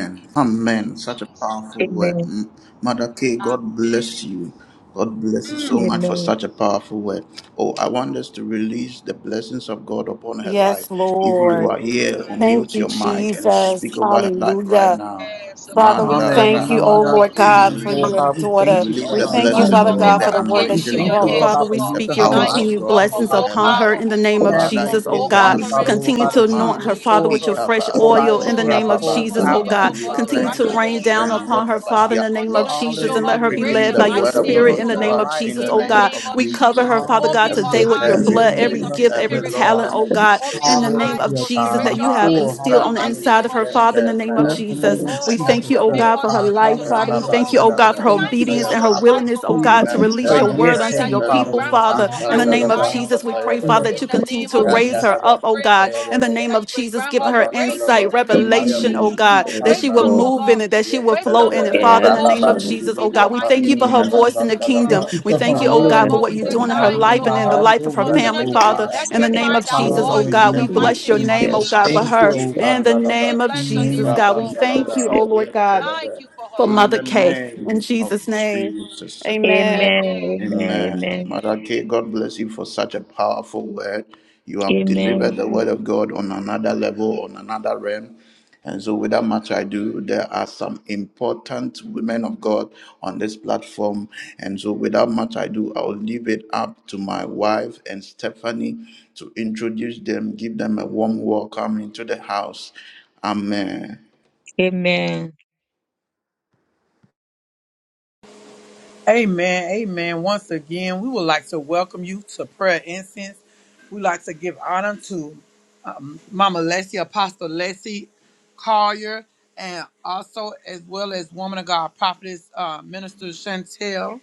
Speaker 2: Amen.
Speaker 1: Amen. Such a
Speaker 2: Jesus.
Speaker 1: powerful word.
Speaker 4: Amen.
Speaker 1: M- Mother K, God
Speaker 2: Amen.
Speaker 1: bless you. God bless you
Speaker 2: Mm.
Speaker 1: so much for
Speaker 4: Amen.
Speaker 1: such a powerful word. Oh, I want us to release the blessings of God upon her life.
Speaker 5: Yes,
Speaker 1: If you
Speaker 5: Lord.
Speaker 1: are here,
Speaker 5: Thank
Speaker 1: unmute
Speaker 5: you,
Speaker 1: your mic and
Speaker 5: Jesus.
Speaker 1: speak over her life right
Speaker 5: Hallelujah.
Speaker 1: now.
Speaker 2: Yes, so
Speaker 5: Father,
Speaker 2: Lord,
Speaker 5: we
Speaker 2: we
Speaker 1: Manda
Speaker 2: thank
Speaker 5: thank
Speaker 2: you.
Speaker 5: you, oh
Speaker 2: We
Speaker 3: Hallelujah,
Speaker 5: Lord
Speaker 1: Rahabada,
Speaker 2: give
Speaker 1: we
Speaker 2: you
Speaker 5: God,
Speaker 3: Jesus,
Speaker 5: for
Speaker 3: Lord
Speaker 2: praise.
Speaker 5: your
Speaker 1: release,
Speaker 3: God. We
Speaker 1: we
Speaker 5: daughter.
Speaker 3: thank you
Speaker 1: release
Speaker 3: for
Speaker 5: We
Speaker 1: the
Speaker 3: her
Speaker 2: Oh
Speaker 5: thank you,
Speaker 2: God,
Speaker 3: life,
Speaker 1: blessing
Speaker 2: we're
Speaker 5: Father
Speaker 1: of
Speaker 2: gonna be
Speaker 3: Lord
Speaker 1: God,
Speaker 5: God,
Speaker 4: Amen.
Speaker 1: the
Speaker 2: able
Speaker 3: God.
Speaker 5: for
Speaker 2: to
Speaker 5: the word
Speaker 2: get
Speaker 5: that
Speaker 3: We
Speaker 5: she
Speaker 1: anointing
Speaker 2: into your
Speaker 1: of
Speaker 3: thank you,
Speaker 5: brought.
Speaker 1: God
Speaker 3: Lord
Speaker 2: hands,
Speaker 5: Father,
Speaker 3: God,
Speaker 2: oh
Speaker 5: we
Speaker 3: for
Speaker 1: the
Speaker 2: God.
Speaker 5: speak
Speaker 3: using
Speaker 2: We
Speaker 5: your
Speaker 3: her
Speaker 1: power
Speaker 2: thank
Speaker 3: mind,
Speaker 2: you,
Speaker 1: of
Speaker 2: oh
Speaker 5: continued
Speaker 2: God,
Speaker 1: God
Speaker 3: Heavenly
Speaker 2: for
Speaker 5: blessings
Speaker 1: over
Speaker 3: Father,
Speaker 2: more
Speaker 1: her
Speaker 5: upon
Speaker 3: Lord
Speaker 2: power,
Speaker 3: God.
Speaker 5: her in
Speaker 1: life.
Speaker 5: the
Speaker 2: oh God,
Speaker 5: name of
Speaker 3: Have
Speaker 1: Father,
Speaker 3: your
Speaker 2: for
Speaker 5: Jesus, oh
Speaker 3: way,
Speaker 1: increase
Speaker 2: more
Speaker 1: her
Speaker 3: Heavenly
Speaker 5: God.
Speaker 3: Father,
Speaker 2: utterance, oh
Speaker 3: Lord
Speaker 1: anointing.
Speaker 5: Continue
Speaker 3: God,
Speaker 5: to
Speaker 2: God,
Speaker 3: that
Speaker 2: in
Speaker 3: you
Speaker 2: the
Speaker 5: anoint her,
Speaker 2: name
Speaker 1: Mandos,
Speaker 5: Father,
Speaker 2: of
Speaker 3: restore
Speaker 5: with your
Speaker 3: her,
Speaker 2: Jesus.
Speaker 5: fresh
Speaker 1: Ikava,
Speaker 3: Lord God,
Speaker 5: oil
Speaker 3: as
Speaker 5: in the
Speaker 3: she
Speaker 2: Oh
Speaker 3: has
Speaker 5: name
Speaker 2: God,
Speaker 5: of
Speaker 2: we say
Speaker 3: pulled
Speaker 5: Jesus, oh
Speaker 3: out,
Speaker 2: continue,
Speaker 1: Rababandalaba,
Speaker 5: God.
Speaker 2: oh
Speaker 3: Heavenly
Speaker 2: God,
Speaker 3: Father,
Speaker 2: to
Speaker 5: Continue
Speaker 3: right
Speaker 2: wrap
Speaker 5: to
Speaker 2: your
Speaker 1: replenish
Speaker 3: now
Speaker 1: her
Speaker 3: in the
Speaker 5: rain
Speaker 2: hands
Speaker 3: name
Speaker 5: down
Speaker 3: of
Speaker 2: around
Speaker 1: strength,
Speaker 2: her,
Speaker 5: upon
Speaker 2: oh
Speaker 5: her,
Speaker 3: Jesus,
Speaker 1: whatever
Speaker 2: God.
Speaker 5: Father,
Speaker 1: she
Speaker 3: God.
Speaker 5: in
Speaker 1: has
Speaker 5: the name of
Speaker 2: Continue to
Speaker 1: lost.
Speaker 5: Jesus,
Speaker 2: show
Speaker 5: and
Speaker 2: her
Speaker 5: let her
Speaker 3: Hallelujah,
Speaker 5: be
Speaker 2: great
Speaker 1: Bringing
Speaker 5: led
Speaker 3: Jesus.
Speaker 1: the
Speaker 2: and
Speaker 5: by your
Speaker 2: mighty
Speaker 1: word of God
Speaker 5: spirit
Speaker 2: things,
Speaker 5: in
Speaker 3: Bless
Speaker 2: oh
Speaker 5: the
Speaker 1: unto
Speaker 3: her
Speaker 5: name
Speaker 2: God,
Speaker 5: of
Speaker 1: us in
Speaker 5: Jesus,
Speaker 1: the
Speaker 3: mightily,
Speaker 2: in
Speaker 5: oh
Speaker 2: the
Speaker 3: Lord
Speaker 1: name
Speaker 5: God.
Speaker 3: God.
Speaker 2: name
Speaker 1: of
Speaker 2: of
Speaker 5: We cover
Speaker 1: Jesus.
Speaker 2: Jesus.
Speaker 5: her, Father
Speaker 2: Open
Speaker 5: God,
Speaker 2: her
Speaker 3: Hallelujah,
Speaker 5: today
Speaker 1: Equip
Speaker 5: with your
Speaker 2: eyes
Speaker 1: her,
Speaker 2: to
Speaker 3: Jesus,
Speaker 2: the
Speaker 5: blood,
Speaker 3: in the
Speaker 2: things
Speaker 5: every
Speaker 3: name
Speaker 2: of
Speaker 1: replace
Speaker 2: the
Speaker 3: of
Speaker 5: gift,
Speaker 1: every
Speaker 5: every
Speaker 2: Spirit, oh
Speaker 1: lost
Speaker 5: talent,
Speaker 2: God.
Speaker 3: Jesus.
Speaker 5: oh
Speaker 1: energy
Speaker 5: God
Speaker 2: Open
Speaker 5: in the
Speaker 2: her
Speaker 1: spiritually.
Speaker 5: name of
Speaker 2: eyes
Speaker 3: Hallelujah,
Speaker 2: to
Speaker 5: Jesus
Speaker 3: God.
Speaker 5: that you
Speaker 2: spiritual
Speaker 5: have
Speaker 3: Restore,
Speaker 2: things in
Speaker 1: Mahalura
Speaker 5: instilled
Speaker 2: the
Speaker 5: on the
Speaker 3: hallelujah,
Speaker 2: mighty
Speaker 1: alus
Speaker 5: inside
Speaker 2: name
Speaker 5: of
Speaker 2: of
Speaker 5: her,
Speaker 3: Jesus.
Speaker 5: Father,
Speaker 1: kente
Speaker 5: in
Speaker 2: Jesus,
Speaker 5: the
Speaker 2: oh
Speaker 5: name of
Speaker 2: God.
Speaker 4: Yes,
Speaker 3: In the
Speaker 1: mehendus
Speaker 5: Jesus.
Speaker 3: name
Speaker 4: Lord.
Speaker 3: of
Speaker 1: me
Speaker 2: Oh
Speaker 5: We
Speaker 2: God, we
Speaker 5: thank you,
Speaker 3: Jesus,
Speaker 5: oh
Speaker 2: commit
Speaker 3: Lord
Speaker 1: edderebe.
Speaker 5: God,
Speaker 2: her
Speaker 5: for her
Speaker 2: to
Speaker 3: God,
Speaker 2: you
Speaker 5: life,
Speaker 3: hallelujah,
Speaker 5: Father.
Speaker 2: tonight,
Speaker 5: We
Speaker 2: oh
Speaker 1: Rababa
Speaker 5: thank
Speaker 2: God.
Speaker 5: you,
Speaker 2: We
Speaker 5: oh
Speaker 3: Jesus.
Speaker 2: say
Speaker 5: God,
Speaker 1: nerebe
Speaker 5: for
Speaker 2: you
Speaker 5: her
Speaker 3: Thank
Speaker 2: thank
Speaker 3: you,
Speaker 2: you
Speaker 5: obedience
Speaker 2: for
Speaker 1: kapaya
Speaker 3: Lord
Speaker 5: and her
Speaker 2: her
Speaker 3: God,
Speaker 1: belebe.
Speaker 3: for
Speaker 2: life,
Speaker 5: willingness,
Speaker 2: oh
Speaker 5: oh
Speaker 2: God.
Speaker 5: God,
Speaker 3: spirit.
Speaker 5: to
Speaker 1: Mente
Speaker 3: Oh,
Speaker 5: release
Speaker 2: Father,
Speaker 5: your
Speaker 2: we
Speaker 1: re
Speaker 5: word
Speaker 2: pray
Speaker 3: yes,
Speaker 5: unto
Speaker 2: that you
Speaker 3: Heavenly
Speaker 5: your
Speaker 2: will
Speaker 3: Father,
Speaker 5: people,
Speaker 1: ependus
Speaker 2: grant
Speaker 3: Lord
Speaker 2: her
Speaker 3: God,
Speaker 5: Father.
Speaker 2: her
Speaker 3: have
Speaker 5: In
Speaker 2: heart
Speaker 3: your
Speaker 5: the
Speaker 3: way,
Speaker 5: name of
Speaker 1: ipandelebe
Speaker 2: desire,
Speaker 3: God.
Speaker 2: oh
Speaker 5: Jesus, we
Speaker 2: God,
Speaker 1: kapaya
Speaker 5: pray, Father,
Speaker 3: Mm,
Speaker 1: belebe.
Speaker 5: that
Speaker 2: in
Speaker 5: you
Speaker 2: the
Speaker 5: continue
Speaker 2: name
Speaker 5: to
Speaker 2: of
Speaker 5: raise
Speaker 2: Jesus.
Speaker 5: her
Speaker 1: Rendelebe
Speaker 2: We
Speaker 5: up, oh
Speaker 2: pray, oh
Speaker 5: God.
Speaker 1: kapaya
Speaker 2: God,
Speaker 5: In the
Speaker 1: belebe.
Speaker 5: name
Speaker 2: that
Speaker 5: of
Speaker 2: you will
Speaker 5: Jesus,
Speaker 2: grant
Speaker 5: give
Speaker 2: her
Speaker 5: her
Speaker 2: grace
Speaker 1: Rabandelebe
Speaker 2: in
Speaker 5: insight,
Speaker 2: the name of
Speaker 1: kapaya
Speaker 5: revelation,
Speaker 1: bus
Speaker 5: oh
Speaker 2: Jesus,
Speaker 4: Amen.
Speaker 2: oh
Speaker 5: God,
Speaker 2: God.
Speaker 5: that
Speaker 4: Yes,
Speaker 5: she will
Speaker 2: Wisdom,
Speaker 1: ipandelebe.
Speaker 4: Lord.
Speaker 2: oh
Speaker 5: move in
Speaker 2: God.
Speaker 5: it, that she will flow
Speaker 2: Wisdom
Speaker 1: Yentelebe
Speaker 2: will
Speaker 5: in it,
Speaker 2: be her
Speaker 5: Father. In
Speaker 4: Yes,
Speaker 5: the name
Speaker 2: portion
Speaker 5: of
Speaker 1: rababan
Speaker 4: Lord.
Speaker 5: Jesus, oh
Speaker 2: in the
Speaker 5: God, we
Speaker 1: dilibiyata.
Speaker 5: thank
Speaker 2: mighty
Speaker 5: you for
Speaker 2: name
Speaker 5: her
Speaker 2: of
Speaker 4: Amen.
Speaker 5: voice in the
Speaker 2: Jesus, oh God.
Speaker 1: Rabandelebe
Speaker 5: kingdom.
Speaker 3: Thank you
Speaker 5: We
Speaker 3: for her
Speaker 5: thank you, oh
Speaker 2: Oh
Speaker 5: God,
Speaker 4: Yes,
Speaker 1: ipandelebe
Speaker 5: for
Speaker 2: God,
Speaker 3: willingness,
Speaker 5: what
Speaker 2: we
Speaker 5: you're
Speaker 2: say
Speaker 3: Heavenly
Speaker 5: doing
Speaker 4: Lord.
Speaker 5: in her
Speaker 3: Father,
Speaker 2: thank you,
Speaker 3: Lord
Speaker 5: life
Speaker 2: oh
Speaker 5: and
Speaker 3: God,
Speaker 5: in the
Speaker 1: ipandelebe.
Speaker 2: God.
Speaker 3: have
Speaker 5: life
Speaker 3: your
Speaker 5: of her
Speaker 3: way,
Speaker 1: Father,
Speaker 2: Continue
Speaker 5: family,
Speaker 3: oh
Speaker 2: to
Speaker 1: it is
Speaker 5: Father.
Speaker 3: God.
Speaker 5: In the
Speaker 1: anointing
Speaker 5: name
Speaker 2: electrify
Speaker 5: of
Speaker 4: Yes,
Speaker 2: that
Speaker 5: Jesus,
Speaker 4: Lord.
Speaker 5: oh
Speaker 2: voice
Speaker 1: increase
Speaker 2: in
Speaker 5: God,
Speaker 1: her
Speaker 2: the
Speaker 5: we
Speaker 3: Hallelujah,
Speaker 5: bless
Speaker 1: praise.
Speaker 2: mighty
Speaker 5: your
Speaker 2: name of
Speaker 5: name,
Speaker 4: Yes,
Speaker 5: oh
Speaker 3: Jesus.
Speaker 5: God, for
Speaker 2: Jesus, oh
Speaker 1: Mandos
Speaker 3: Thank you,
Speaker 5: her.
Speaker 2: God.
Speaker 3: oh
Speaker 5: In
Speaker 3: God.
Speaker 5: the
Speaker 1: ipandaraba,
Speaker 2: We
Speaker 5: name of
Speaker 2: bless
Speaker 3: In the
Speaker 2: your
Speaker 3: name
Speaker 2: name
Speaker 5: Jesus,
Speaker 3: of
Speaker 2: for her,
Speaker 5: God,
Speaker 3: Jesus.
Speaker 5: we
Speaker 2: oh
Speaker 5: thank
Speaker 2: God.
Speaker 1: irabandalabra,
Speaker 4: yes,
Speaker 5: you,
Speaker 4: yes.
Speaker 5: oh Lord God,
Speaker 1: yetelebe.
Speaker 2: Thank you for her
Speaker 5: for
Speaker 1: In
Speaker 2: life,
Speaker 5: Mother
Speaker 1: the
Speaker 2: oh God.
Speaker 5: Kay. In
Speaker 1: name of
Speaker 5: Jesus' name,
Speaker 1: Jesus.
Speaker 5: amen.
Speaker 4: Amen.
Speaker 2: Amen.
Speaker 1: Amen.
Speaker 4: Amen.
Speaker 2: Amen.
Speaker 1: Mother K, God bless you for such a powerful word. You have
Speaker 4: Amen.
Speaker 1: delivered the word of God on another level, on another realm. And so, without much ado, there are some important women of God on this platform. And so, without much ado, I'll leave it up to my wife and Stephanie to introduce them, give them a warm welcome into the house. Amen.
Speaker 4: Amen.
Speaker 3: Amen. Amen. Once again, we would like to welcome you to prayer incense. We'd like to give honor to um, Mama Leslie, Apostle Leslie Collier, and also as well as Woman of God Prophetess uh, Minister Chantel.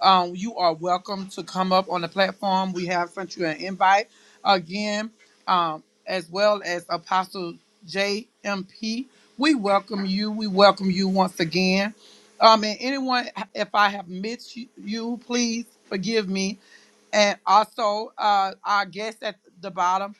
Speaker 3: Um, you are welcome to come up on the platform. We have sent you an invite again, um, as well as Apostle JMP. We welcome you. We welcome you once again. Um, and anyone, if I have missed you, please forgive me. And also, uh, our guest at the bottom.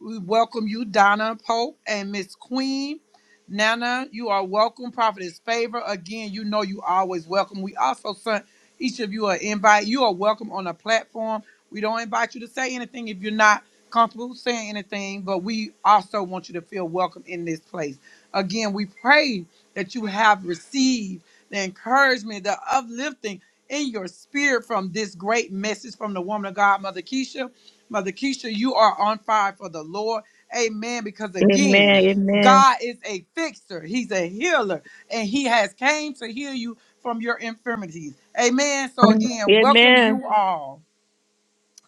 Speaker 3: We welcome you, Donna Pope and Miss Queen. Nana, you are welcome. Prophetess Favor. Again, you know you always welcome. We also sent each of you an invite. You are welcome on the platform. We don't invite you to say anything if you're not comfortable saying anything, but we also want you to feel welcome in this place. Again, we pray that you have received the encouragement, the uplifting in your spirit from this great message from the woman of God, Mother Keisha. Mother Keisha, you are on fire for the Lord. Amen. Because
Speaker 4: Amen.
Speaker 3: again, Amen.
Speaker 4: Amen.
Speaker 3: God is a fixer. He's a healer. And he has came to heal you from your infirmities. Amen. So
Speaker 4: Amen.
Speaker 3: again, welcome
Speaker 4: Amen.
Speaker 3: you all.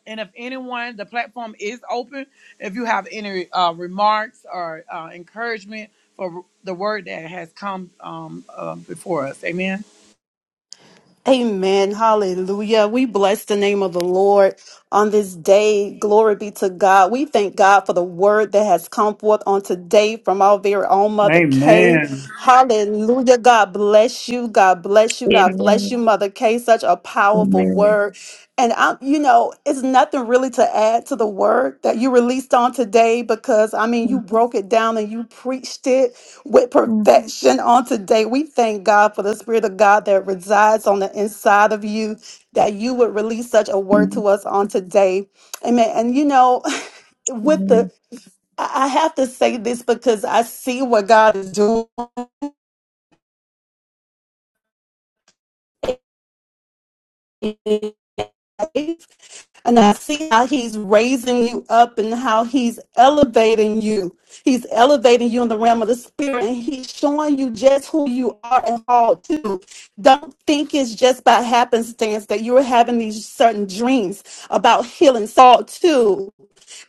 Speaker 3: And if anyone, the platform is open. If you have any uh, remarks or uh, encouragement for the word that has come um, uh, before us. Amen.
Speaker 5: Amen. Hallelujah. We bless the name of the Lord on this day. Glory be to God. We thank God for the word that has come forth on today from our very own Mother Kay.
Speaker 3: Amen.
Speaker 5: Hallelujah. God bless you. God bless you. God bless you,
Speaker 4: Amen.
Speaker 5: Mother Kay. Such a powerful
Speaker 4: Amen.
Speaker 5: word. And I, you know, it's nothing really to add to the word that you released on today because I mean, you
Speaker 4: Mm,
Speaker 5: broke it down and you preached it with
Speaker 4: mm,
Speaker 5: perfection on today. We thank God for the Spirit of God that resides on the inside of you, that you would release such a word to us on today. Amen. And you know, with the,
Speaker 4: Amen.
Speaker 5: I I have to say this because I see what God is doing. life. And I see how he's raising you up and how he's elevating you. He's elevating you in the realm of the spirit and he's showing you just who you are and how to. Don't think it's just by happenstance that you're having these certain dreams about healing. Saul too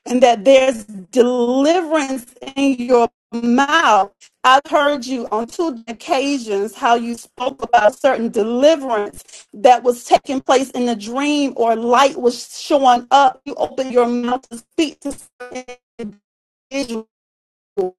Speaker 5: and that there's deliverance in your mouth. I've heard you on two occasions how you spoke about certain deliverance that was taking place in a dream or light was showing up. You open your mouth to speak to certain individuals and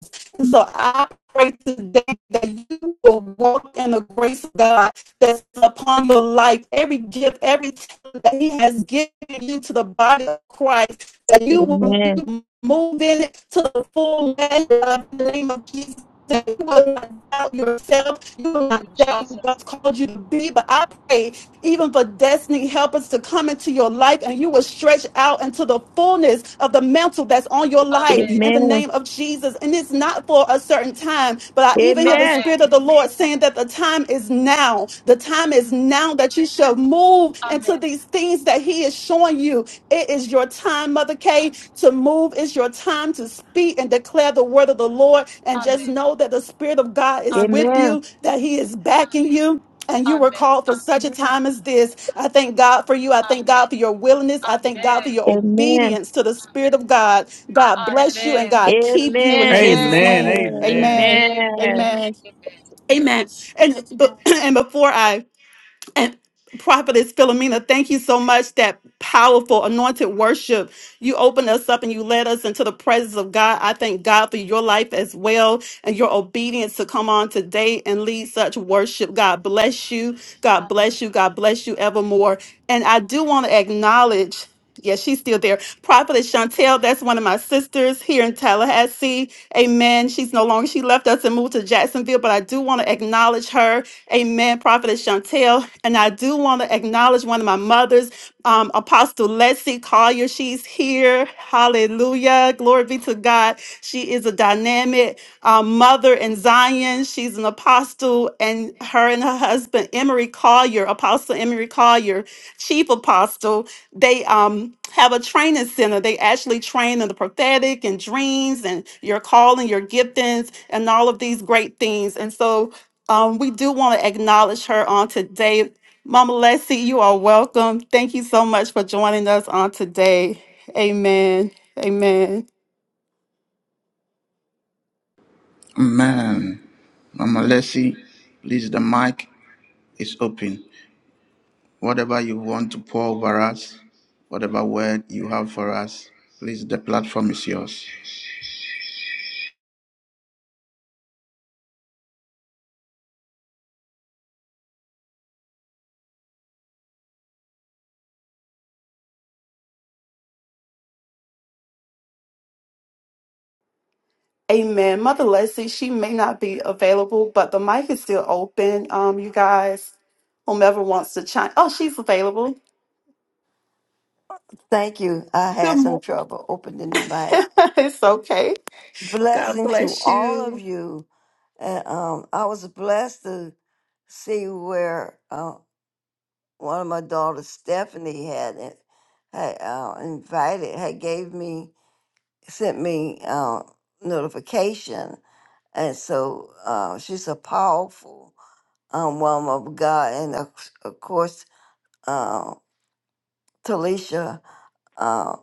Speaker 5: So I pray today that you will walk in the grace of God that's upon your life, every gift, every talent that He has given you to the body of Christ, that you will
Speaker 4: Amen.
Speaker 5: move in it to the full measure of the name of Jesus. That you will not doubt yourself, you will
Speaker 2: In
Speaker 5: not doubt who
Speaker 2: Jesus.
Speaker 5: God's
Speaker 2: name.
Speaker 5: called you to be. But I pray even for destiny helpers to come into your life and you will stretch out into the fullness of the mantle that's on your life
Speaker 2: Amen.
Speaker 5: in the
Speaker 4: Amen.
Speaker 5: name of Jesus. And it's not for a certain time, but I even hear the
Speaker 2: Amen.
Speaker 5: Spirit of the Lord saying that the time is now. The time is now that you shall move into
Speaker 2: Amen.
Speaker 5: these things that He is showing you. It is your time, Mother Kay, to move. It's your time to speak and declare the word of the Lord. And just
Speaker 2: Amen.
Speaker 5: know that the Spirit of God is with
Speaker 2: Amen.
Speaker 5: you, that He is backing you and you were
Speaker 2: Amen.
Speaker 5: called for such a time as this. I thank God for you. I thank
Speaker 2: Amen.
Speaker 5: God for your willingness. I thank God
Speaker 2: Amen.
Speaker 5: for your
Speaker 4: Amen. Amen.
Speaker 5: obedience to the Spirit of God. God bless you and
Speaker 2: Amen.
Speaker 5: God
Speaker 4: Amen.
Speaker 5: keep you in
Speaker 2: Amen.
Speaker 5: Jesus'
Speaker 4: Amen.
Speaker 3: Amen.
Speaker 5: name. Amen.
Speaker 3: Amen.
Speaker 2: Amen. Amen.
Speaker 5: Amen. Amen. And, but, and before I and Prophetess Philomena, thank you so much. That powerful anointed worship. You opened us up and you led us into the presence of God. I thank God for your life as well and your obedience to come on today and lead such worship. God bless you. God bless you. God bless you evermore. And I do want to acknowledge. Yeah, she's still there. Prophetess Chantel, that's one of my sisters here in Tallahassee. Amen. She's no longer, she left us and moved to Jacksonville, but I do want to acknowledge her. Amen. Prophetess Chantel. And I do want to acknowledge one of my mothers, um, Apostle Leslie Collier. She's here. Hallelujah. Glory be to God. She is a dynamic um, mother in Zion. She's an apostle, and her and her husband, Emery Collier, Apostle Emery Collier, chief apostle they um have a training center. They actually train in the prophetic and dreams and your calling, your giftings, and all of these great things. And so um, we do want to acknowledge her on today. Mama Leslie, you are welcome. Thank you so much for joining us on today. Amen. Amen.
Speaker 1: Amen. Mama Leslie, please, the mic is open. Whatever you want to pour over us, Whatever word you have for us, please, the platform is yours.
Speaker 5: Amen. Mother Leslie, she may not be available, but the mic is still open. Um, you guys, whomever wants to chime. Oh, she's available.
Speaker 7: Thank you. I
Speaker 5: Good
Speaker 7: had some
Speaker 5: morning.
Speaker 7: trouble opening the mic.
Speaker 5: it's okay. God
Speaker 7: Blessing to
Speaker 5: bless
Speaker 7: all of
Speaker 5: you.
Speaker 7: you. And um, I was blessed to see where uh, one of my daughters, Stephanie, had it- had uh, invited, had gave me, sent me uh, notification, and so uh, she's a powerful um, woman of God, and of, of course, uh, Talisha. uh,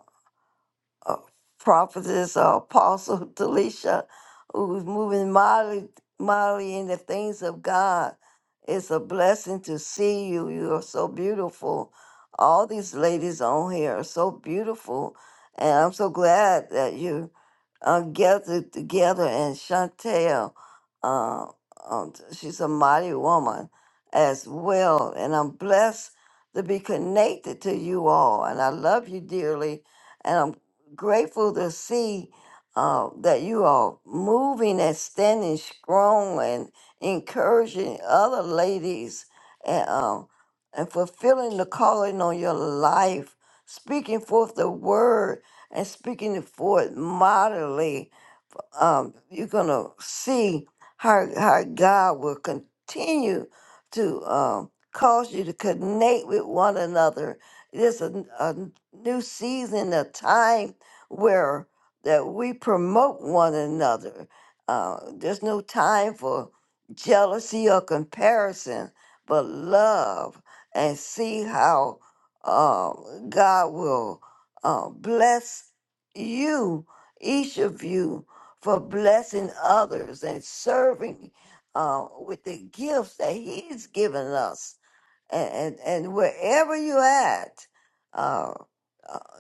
Speaker 7: uh, prophetess or apostle Delisha, who's moving mildly, mildly in the things of God. It's a blessing to see you. You are so beautiful. All these ladies on here are so beautiful. And I'm so glad that you uh, gathered together. And Chantel, uh, um, she's a mighty woman as well. And I'm blessed to be connected to you all. And I love you dearly. and I'm grateful to see uh, that you are moving and standing strong and encouraging other ladies and, um, and fulfilling the calling on your life, speaking forth the word and speaking it forth mightily um, you're gonna see how how God will continue to um, cause you to connect with one another. There's a, a new season, a time where that we promote one another. Uh, there's no time for jealousy or comparison, but love and see how um, God will uh, bless you, each of you, for blessing others and serving uh, with the gifts that He's given us. And, and, and wherever you're at, uh, uh,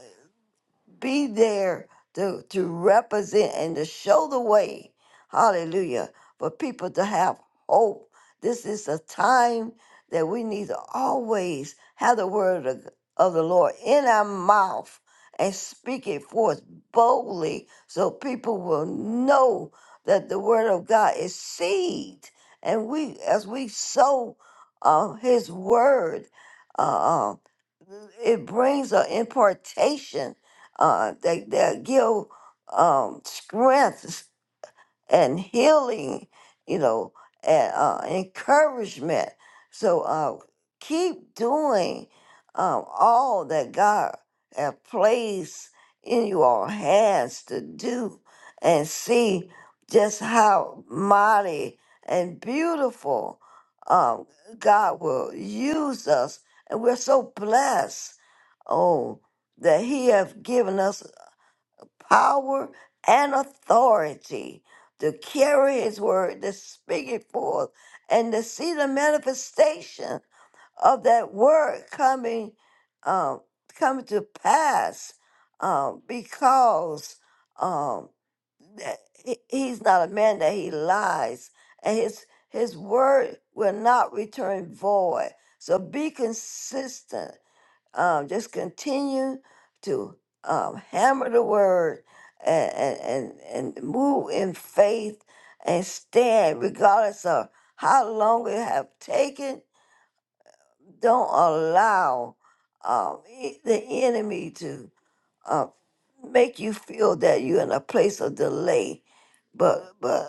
Speaker 7: be there to, to represent and to show the way. Hallelujah. For people to have hope. This is a time that we need to always have the word of, of the Lord in our mouth and speak it forth boldly so people will know that the word of God is seed. And we, as we sow uh, his word, uh, uh, it brings an impartation uh, they, they give um, strength and healing, you know, and uh, encouragement. So uh, keep doing um, all that God has placed in your hands to do and see just how mighty and beautiful um, God will use us. And we're so blessed, oh, that He has given us power, and authority to carry his word, to speak it forth, and to see the manifestation of that word coming um, coming to pass um, because um, that he- he's not a man that he lies, and his his word will not return void. So be consistent um, just continue to um, hammer the word and, and, and and move in faith and stand regardless of how long it have taken. Don't allow um, e- the enemy to uh, make you feel that you're in a place of delay. But but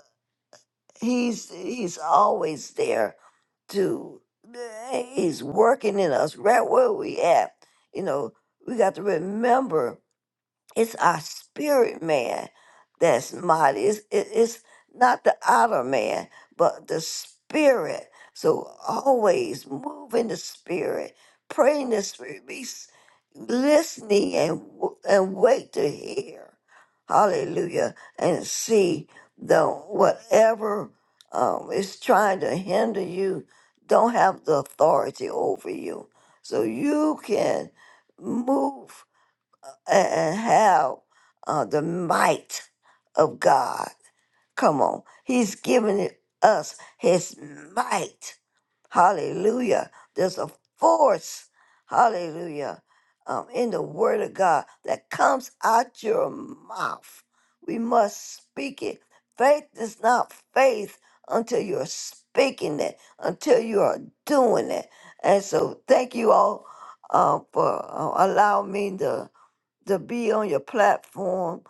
Speaker 7: he's he's always there to eh, he's working in us right where we at you know we got to remember it's our spirit man that's mighty. It's, it- it's not the outer man, but the spirit. So always move in the spirit, pray in the spirit, be s- listening and w- and wait to hear. Hallelujah. And see the whatever um, is trying to hinder you don't have the authority over you. So you can move and have uh, the might of God. Come on. He's given it- us his might. Hallelujah. There's a force, hallelujah, um, in the word of God that comes out your mouth. We must speak it. Faith is not faith until you're speaking it, until you are doing it. And so, thank you all uh, for uh, allowing me to to be on your platform.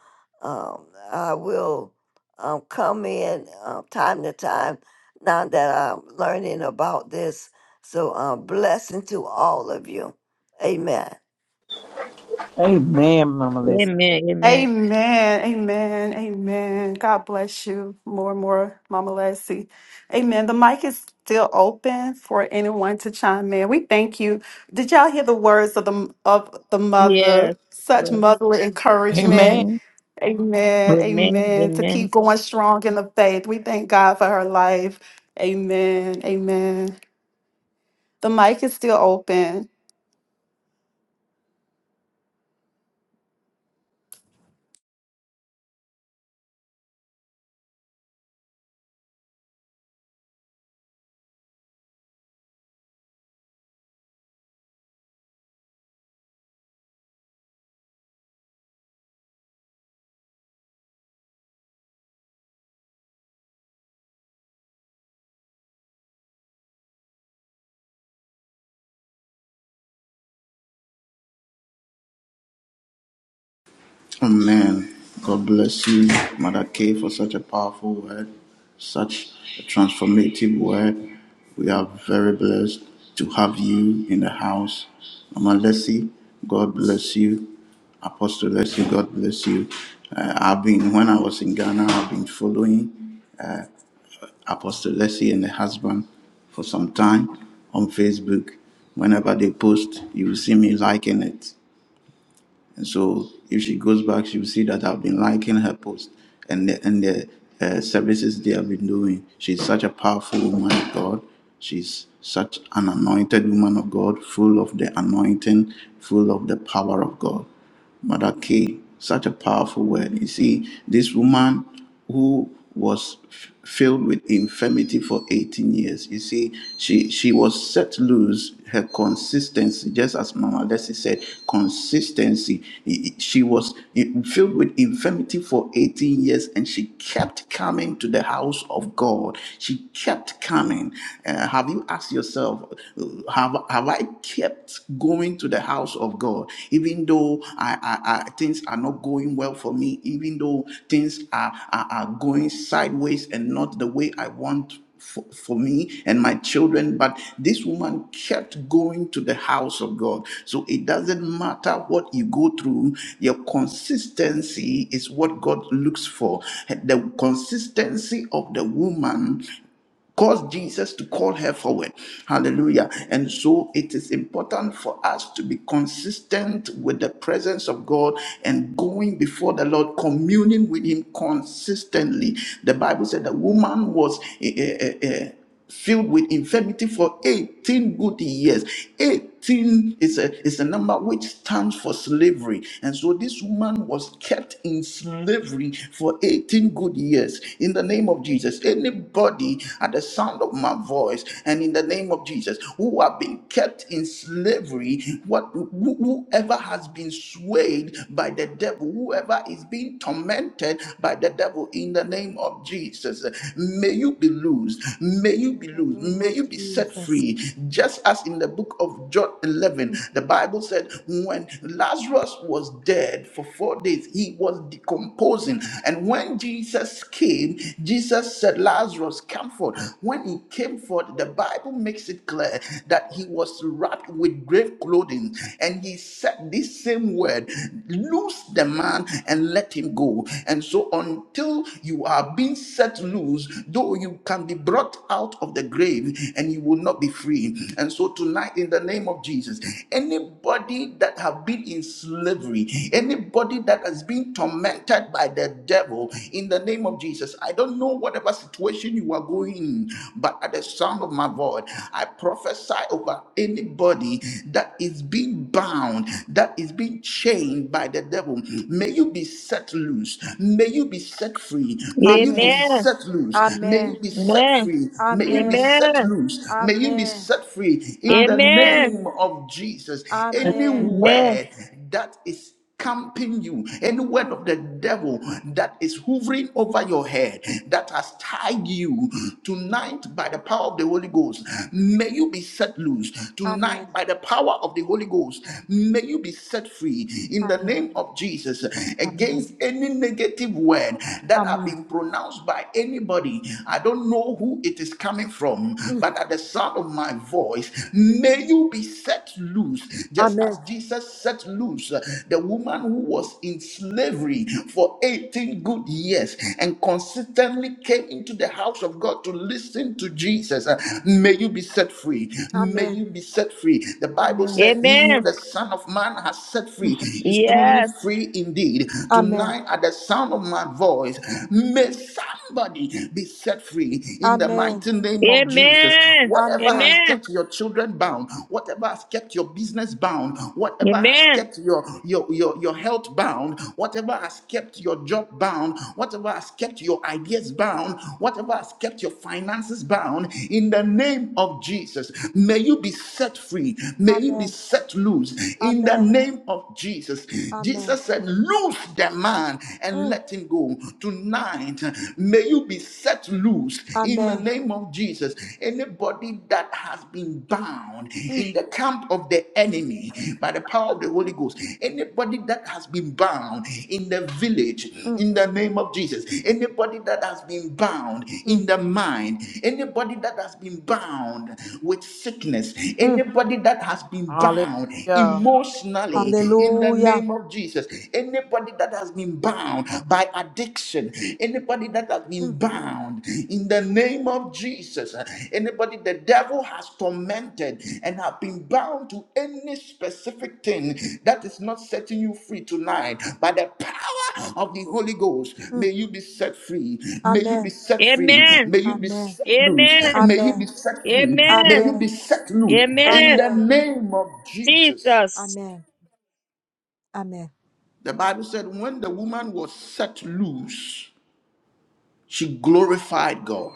Speaker 7: Um, I will um, come in uh, time to time now that I'm learning about this. So, uh, blessing to all of you. Amen.
Speaker 3: Amen, Mama
Speaker 4: Amen.
Speaker 3: Lisa.
Speaker 4: Amen. Amen.
Speaker 5: Amen, amen, amen. God bless you more and more, Mama Leslie. Amen. The mic is still open for anyone to chime in. We thank you. Did y'all hear the words of the of the mother?
Speaker 4: Yes.
Speaker 5: Such motherly encouragement.
Speaker 4: Mm-hmm.
Speaker 5: Amen,
Speaker 4: Amen.
Speaker 5: amen. To keep
Speaker 4: Amen.
Speaker 5: going strong in the faith. We thank God for her life. Amen, amen. The mic is still open.
Speaker 1: Amen. God bless you, Mother K, for such a powerful word, such a transformative word. We are very blessed to have you in the house. Mama Leslie, God bless you. Apostle Leslie, God bless you. Uh, I've been, when I was in Ghana, I've been following. Apostle Leslie and the husband for some time on Facebook. Whenever they post, you will see me liking it. And so if she goes back, she will see that I've been liking her post and the, and the uh, services they have been doing. She's such a powerful woman of God. She's such an anointed woman of God, full of the anointing, full of the power of God. Mother K, such a powerful word. You see, this woman who was f- filled with infirmity for 18 years. You see, she she was set loose. Her consistency, just as Mama Leslie said, consistency. I- I- She was i- filled with infirmity for 18 years, and she kept coming to the house of God. She kept coming. Uh, have you asked yourself, uh, have have I kept going to the house? house of God. Even though I, I, I, things are not going well for me, even though things are, are, are going sideways and not the way I want for, for me and my children. But this woman kept going to the house of God. So it doesn't matter what you go through, your consistency is what God looks for. The consistency of the woman caused Jesus to call her forward. Hallelujah. And so it is important for us to be consistent with the presence of God and going before the Lord, communing with Him consistently. The Bible said the woman was. eh, eh, eh, eh, filled with infirmity for 18 good years. 18 is a, is a number which stands for slavery. And so this woman was kept in slavery for 18 good years. In the name of Jesus, anybody at the sound of my voice and in the name of Jesus who have been kept in slavery, what who- whoever has been swayed by the devil, whoever is being tormented by the devil in the name of Jesus, may you be loosed. May you be loosed. May you be set free. Just as in the book of John 11, the Bible said, when Lazarus was dead for four days, he was decomposing. And when Jesus came, Jesus said, Lazarus, come forth. When he came forth, the Bible makes it clear that he was wrapped with grave clothing. And he said this same word, loose the man and let him go. And so until you are being set set loose, though you can be brought out of the grave and you will not be free. And so tonight, in the name of Jesus, anybody that have been in slavery, anybody that has been tormented by the devil, in the name of Jesus, I don't know whatever situation you are going in, but at the sound of my voice, I prophesy over anybody that is being bound, that is being chained by the devil. May you be set loose. May you be set free free.
Speaker 2: Amen.
Speaker 1: May you be
Speaker 2: Amen.
Speaker 4: Amen.
Speaker 1: set loose. May
Speaker 2: Amen.
Speaker 1: you be set free. May you be set
Speaker 4: Amen.
Speaker 1: loose. May you be set free
Speaker 4: Amen. Amen.
Speaker 1: in
Speaker 4: Amen.
Speaker 1: the
Speaker 2: Amen. Amen.
Speaker 1: name of Jesus. Any
Speaker 2: Amen.
Speaker 1: word that is camping you, any word
Speaker 2: Mm.
Speaker 1: of the devil that is hovering over your head, that has tied you tonight by the power of the Holy Ghost, may you be set loose.
Speaker 2: Amen.
Speaker 1: Tonight by the power of the Holy Ghost, may you be set free in the
Speaker 2: Amen.
Speaker 1: name of Jesus
Speaker 2: Amen.
Speaker 1: against any negative negative word that have
Speaker 2: Amen.
Speaker 1: been pronounced by anybody. I don't know who it is coming from,
Speaker 2: Mm.
Speaker 1: but at the sound of my voice, may you be set loose, just
Speaker 2: Amen.
Speaker 1: as Jesus set loose uh, the woman who was in slavery for 18 good years and consistently came into the house of God to listen to Jesus. Uh, May you be set free. May you be set free. The
Speaker 2: Amen.
Speaker 1: Bible
Speaker 2: Amen.
Speaker 1: said, He who
Speaker 4: Amen.
Speaker 1: the Son of Man has set free
Speaker 2: Mm.
Speaker 1: is truly
Speaker 4: Yes.
Speaker 1: free indeed.
Speaker 2: Amen.
Speaker 1: Tonight, at the sound of my voice, may somebody be set free in the
Speaker 2: Amen.
Speaker 1: mighty name of Jesus.
Speaker 4: Amen.
Speaker 1: Whatever has
Speaker 2: Amen.
Speaker 4: Amen.
Speaker 1: kept your children bound, whatever has kept your business bound, whatever has
Speaker 4: Amen.
Speaker 1: kept your, your, your, your health bound, whatever has kept your job bound, whatever has kept your ideas bound, whatever has kept your finances bound, in the name of Jesus, may you be set free. May you be
Speaker 2: Amen.
Speaker 1: set loose in the
Speaker 2: Amen.
Speaker 1: name of Jesus.
Speaker 2: Amen.
Speaker 1: Jesus said, Loose the man and
Speaker 2: Mm.
Speaker 1: let him go. Tonight, may you be set loose in the
Speaker 2: Amen.
Speaker 1: name of Jesus. Anybody that has been bound in the camp of the enemy by the power of the Holy Ghost, anybody that has been bound in the village
Speaker 2: Mm.
Speaker 1: in the name of Jesus, anybody that has been bound
Speaker 2: Mm.
Speaker 1: in the mind, anybody that has been bound with sickness,
Speaker 2: Mm.
Speaker 1: anybody that has been bound
Speaker 3: Hallelujah.
Speaker 1: emotionally, in the
Speaker 2: Hallelujah.
Speaker 1: name of Jesus. Anybody that has been bound by addiction, anybody that has
Speaker 2: Mm.
Speaker 1: been bound in the name of Jesus, anybody the devil has tormented and have been bound to any specific thing that is not setting you free tonight by the power of the Holy Ghost,
Speaker 2: Mm.
Speaker 1: may you be set free. May you be
Speaker 2: Amen.
Speaker 1: set free.
Speaker 4: Amen.
Speaker 1: May you be
Speaker 2: Amen.
Speaker 1: set loose.
Speaker 4: Amen.
Speaker 1: May you
Speaker 2: Amen.
Speaker 1: be set free. May
Speaker 4: Amen.
Speaker 1: you be set loose
Speaker 3: Lord God.
Speaker 1: in
Speaker 4: Amen.
Speaker 1: the
Speaker 2: Amen.
Speaker 1: name of Jesus.
Speaker 4: Jesus.
Speaker 2: Amen. Amen.
Speaker 1: The Bible said, when the woman was set loose, she glorified God.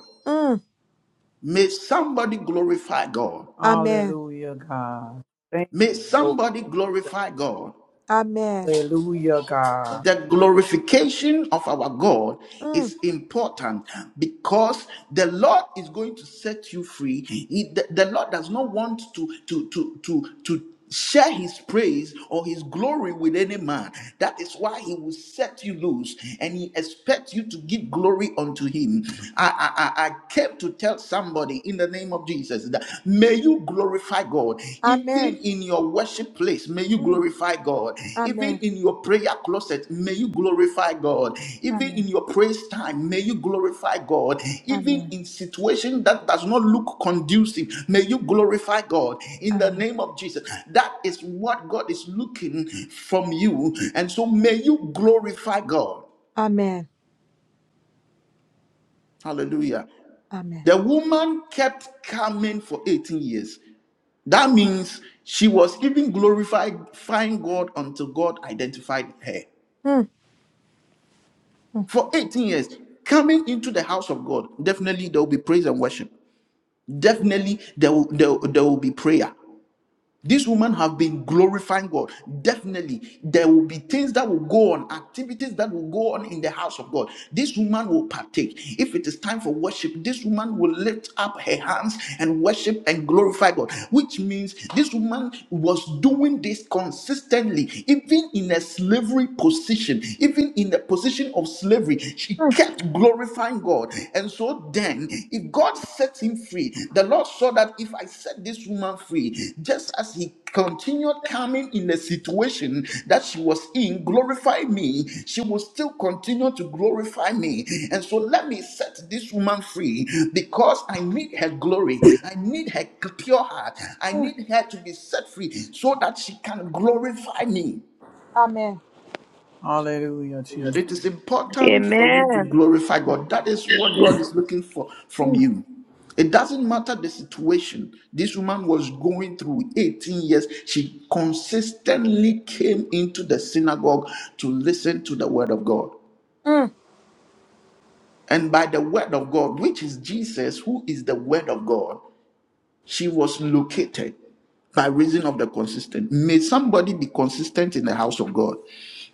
Speaker 1: May somebody glorify God.
Speaker 3: Hallelujah, God. Thank
Speaker 1: May
Speaker 3: you, Lord.
Speaker 1: somebody glorify God.
Speaker 2: Amen.
Speaker 3: Hallelujah, God.
Speaker 1: The glorification of our God
Speaker 2: Mm.
Speaker 1: is important because the Lord is going to set you free. He- the, the Lord does not want to to to to to share his praise or his glory with any man that is why he will set you loose and he expects you to give glory unto him i i i I came to tell somebody in the name of jesus that. May you glorify God. Even
Speaker 2: Amen.
Speaker 1: in your worship place, may you
Speaker 2: Amen. Mm.
Speaker 1: glorify God.
Speaker 2: Amen.
Speaker 1: Even in your prayer closet, may you glorify God.
Speaker 2: Mm.
Speaker 1: Even
Speaker 2: Amen.
Speaker 1: in your praise time, may you glorify God. Even in
Speaker 2: Amen.
Speaker 1: situation that does not look conducive, may you glorify God. In the name of Jesus. That is what God is looking from you. And so may you glorify God.
Speaker 2: Amen. Amen. Amen.
Speaker 1: Hallelujah. The
Speaker 2: Amen.
Speaker 1: woman kept coming for 18 years. That means she was even glorifying God until God identified her.
Speaker 2: Mm. Mm.
Speaker 1: For 18 years, coming into the house of God, definitely there will be praise and worship. Definitely there will, there, there will be prayer. This woman have been glorifying God. Definitely, there will be things that will go on, activities that will go on in the house of God. This woman will partake. If it is time for worship, this woman will lift up her hands and worship and glorify God. Which means this woman was doing this consistently, even in a slavery position, even in the position of slavery. She
Speaker 2: Mm.
Speaker 1: kept glorifying God. And so then, if God set him free, the Lord saw that if I set this woman free, just as he continued coming in the situation that she was in, glorify me, she will still continue to glorify me. And so let me set this woman free because I need her glory. I need her pure heart. I need her to be set free so that she can glorify me.
Speaker 2: Amen.
Speaker 3: Hallelujah, Jesus.
Speaker 1: It is important for you to
Speaker 4: Amen.
Speaker 1: glorify God. That is what God is looking for from
Speaker 2: Mm.
Speaker 1: you. It doesn't matter the situation this woman was going through 18 years, she consistently came into the synagogue to listen to the word of God.
Speaker 2: Mm.
Speaker 1: And by the word of God, which is Jesus, who is the word of God, she was located by reason of the consistent. May somebody be consistent in the house of God.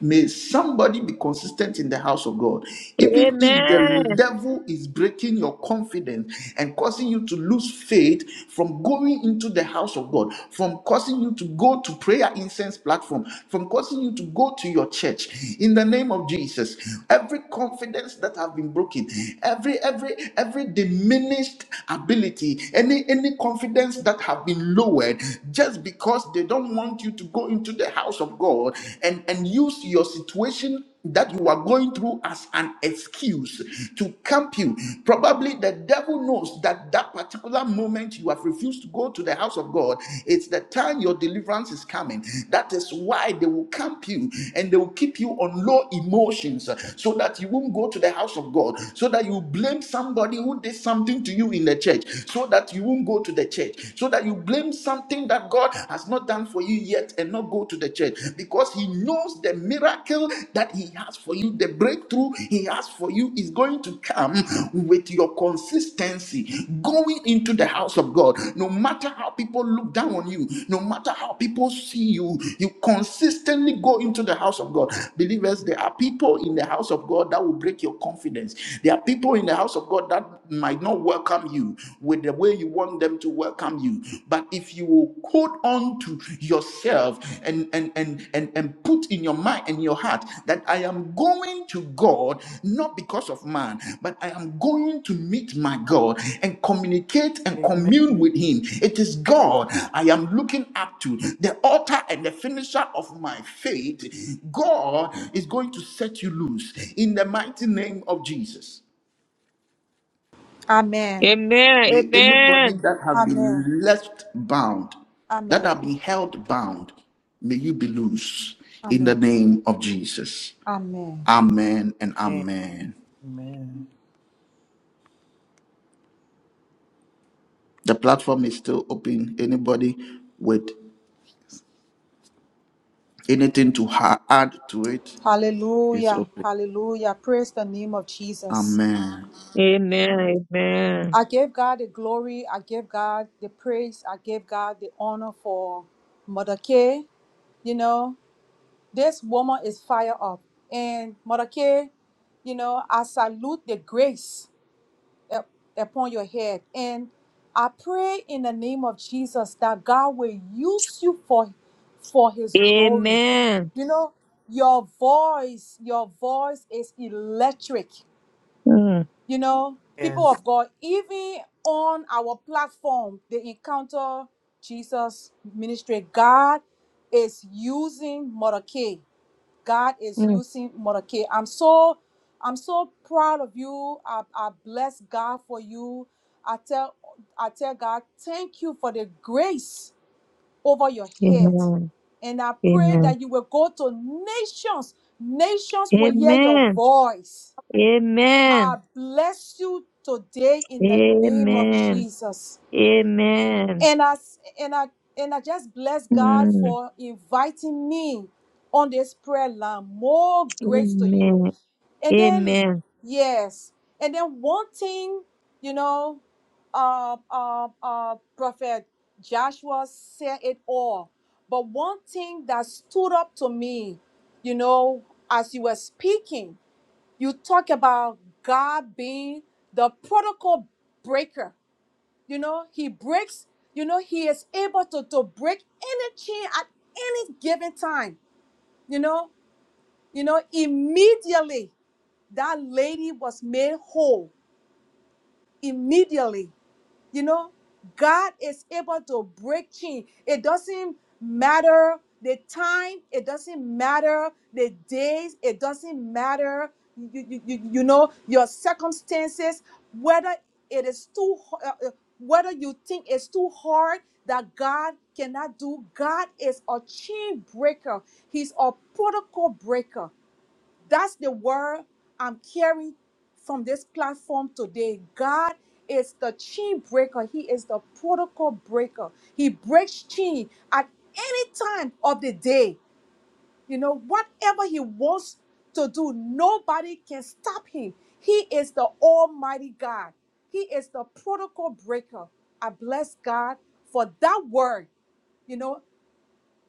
Speaker 1: May somebody be consistent in the house of God. Even if the
Speaker 4: Amen.
Speaker 1: devil is breaking your confidence and causing you to lose faith from going into the house of God, from causing you to go to prayer incense platform, from causing you to go to your church. In the name of Jesus, every confidence that have been broken, every every every diminished ability, any any confidence that have been lowered just because they don't want you to you to go into the house of God and, and use your situation that you are going through as an excuse to camp you. Probably the devil knows that that particular moment you have refused to go to the house of God, it's the time your deliverance is coming. That is why they will camp you and they will keep you on low emotions so that you won't go to the house of God, so that you blame somebody who did something to you in the church, so that you won't go to the church, so that you you blame something that God has not done for you yet and not go to the church because He knows the miracle that He has for you, the breakthrough He has for you is going to come with your consistency going into the house of God. No matter how people look down on you, no matter how people see you, you consistently go into the house of God. Believers, there are people in the house of God that will break your confidence. There are people in the house of God that might not welcome you with the way you want them to welcome you. But if you will hold on to yourself and and and and, and put in your mind and your heart that I am going to God not because of man, but I am going to meet my God and communicate and
Speaker 3: Amen.
Speaker 1: commune with Him. It is God I am looking up to, the author and the finisher of my faith. God is going to set you loose in the mighty name of Jesus.
Speaker 2: Amen.
Speaker 4: Amen.
Speaker 1: May anybody
Speaker 4: Amen.
Speaker 1: that have
Speaker 2: Amen.
Speaker 1: been left bound, that
Speaker 2: Amen.
Speaker 1: have been held bound, may you be loose in
Speaker 2: Amen.
Speaker 1: the name of Jesus.
Speaker 2: Amen.
Speaker 1: Amen and amen.
Speaker 3: Amen.
Speaker 1: The platform is still open. Anybody with anything to ha- add to it is
Speaker 2: Hallelujah.
Speaker 1: open.
Speaker 2: Hallelujah. Praise the name of Jesus.
Speaker 1: Amen.
Speaker 4: Amen. Amen.
Speaker 2: I give God the glory. I give God the praise. I give God the honor for Mother Kay. You know, this woman is fire up. And Mother Kay, you know, I salute the grace. up- upon your head. And I pray in the name of Jesus that God will use you for for his glory.
Speaker 4: Amen.
Speaker 2: You know, your voice, your voice is electric.
Speaker 4: Mm,
Speaker 2: You know, people
Speaker 3: Yes.
Speaker 2: of God, even on our platform, they encounter Jesus ministry. God is using Mordecai. God is
Speaker 4: mm.
Speaker 2: using Morake. I'm so I'm so proud of you. I, I bless God for you. I tell I tell God, thank you for the grace over your head.
Speaker 4: Amen.
Speaker 2: And I pray that you will go to nations. Nations will hear your
Speaker 4: Amen.
Speaker 2: voice. I
Speaker 4: Amen.
Speaker 2: bless you today
Speaker 4: Amen.
Speaker 2: in the name of
Speaker 4: Amen.
Speaker 2: Jesus
Speaker 4: Amen.
Speaker 2: and I s- and I and I just bless God
Speaker 4: Mm.
Speaker 2: for inviting me on this prayer line. More grace to you.
Speaker 4: Amen.
Speaker 2: And then
Speaker 4: Amen.
Speaker 2: yes, and then one thing, you know, uh, uh, uh, Prophet Joshua said it all. But one thing that stood up to me, you know, as you were speaking, you talk about God being the protocol breaker you know, he breaks, you know, he is able to, to break any chain at any given time. You know, you know, immediately that lady was made whole. Immediately. You know, God is able to break chains. It doesn't matter the time, it doesn't matter the days, it doesn't matter, you, you, you, you know, your circumstances, whether it is too, h- uh, uh, whether you think it's too hard that God cannot do. God is a chain breaker, He's a protocol breaker. That's the word I'm carrying from this platform today. God is the chain breaker, He is the protocol breaker. He breaks chain at any time of the day. You know, whatever He wants to do, nobody can stop Him. He is the Almighty God, He is the protocol breaker. I bless God for that word. You know,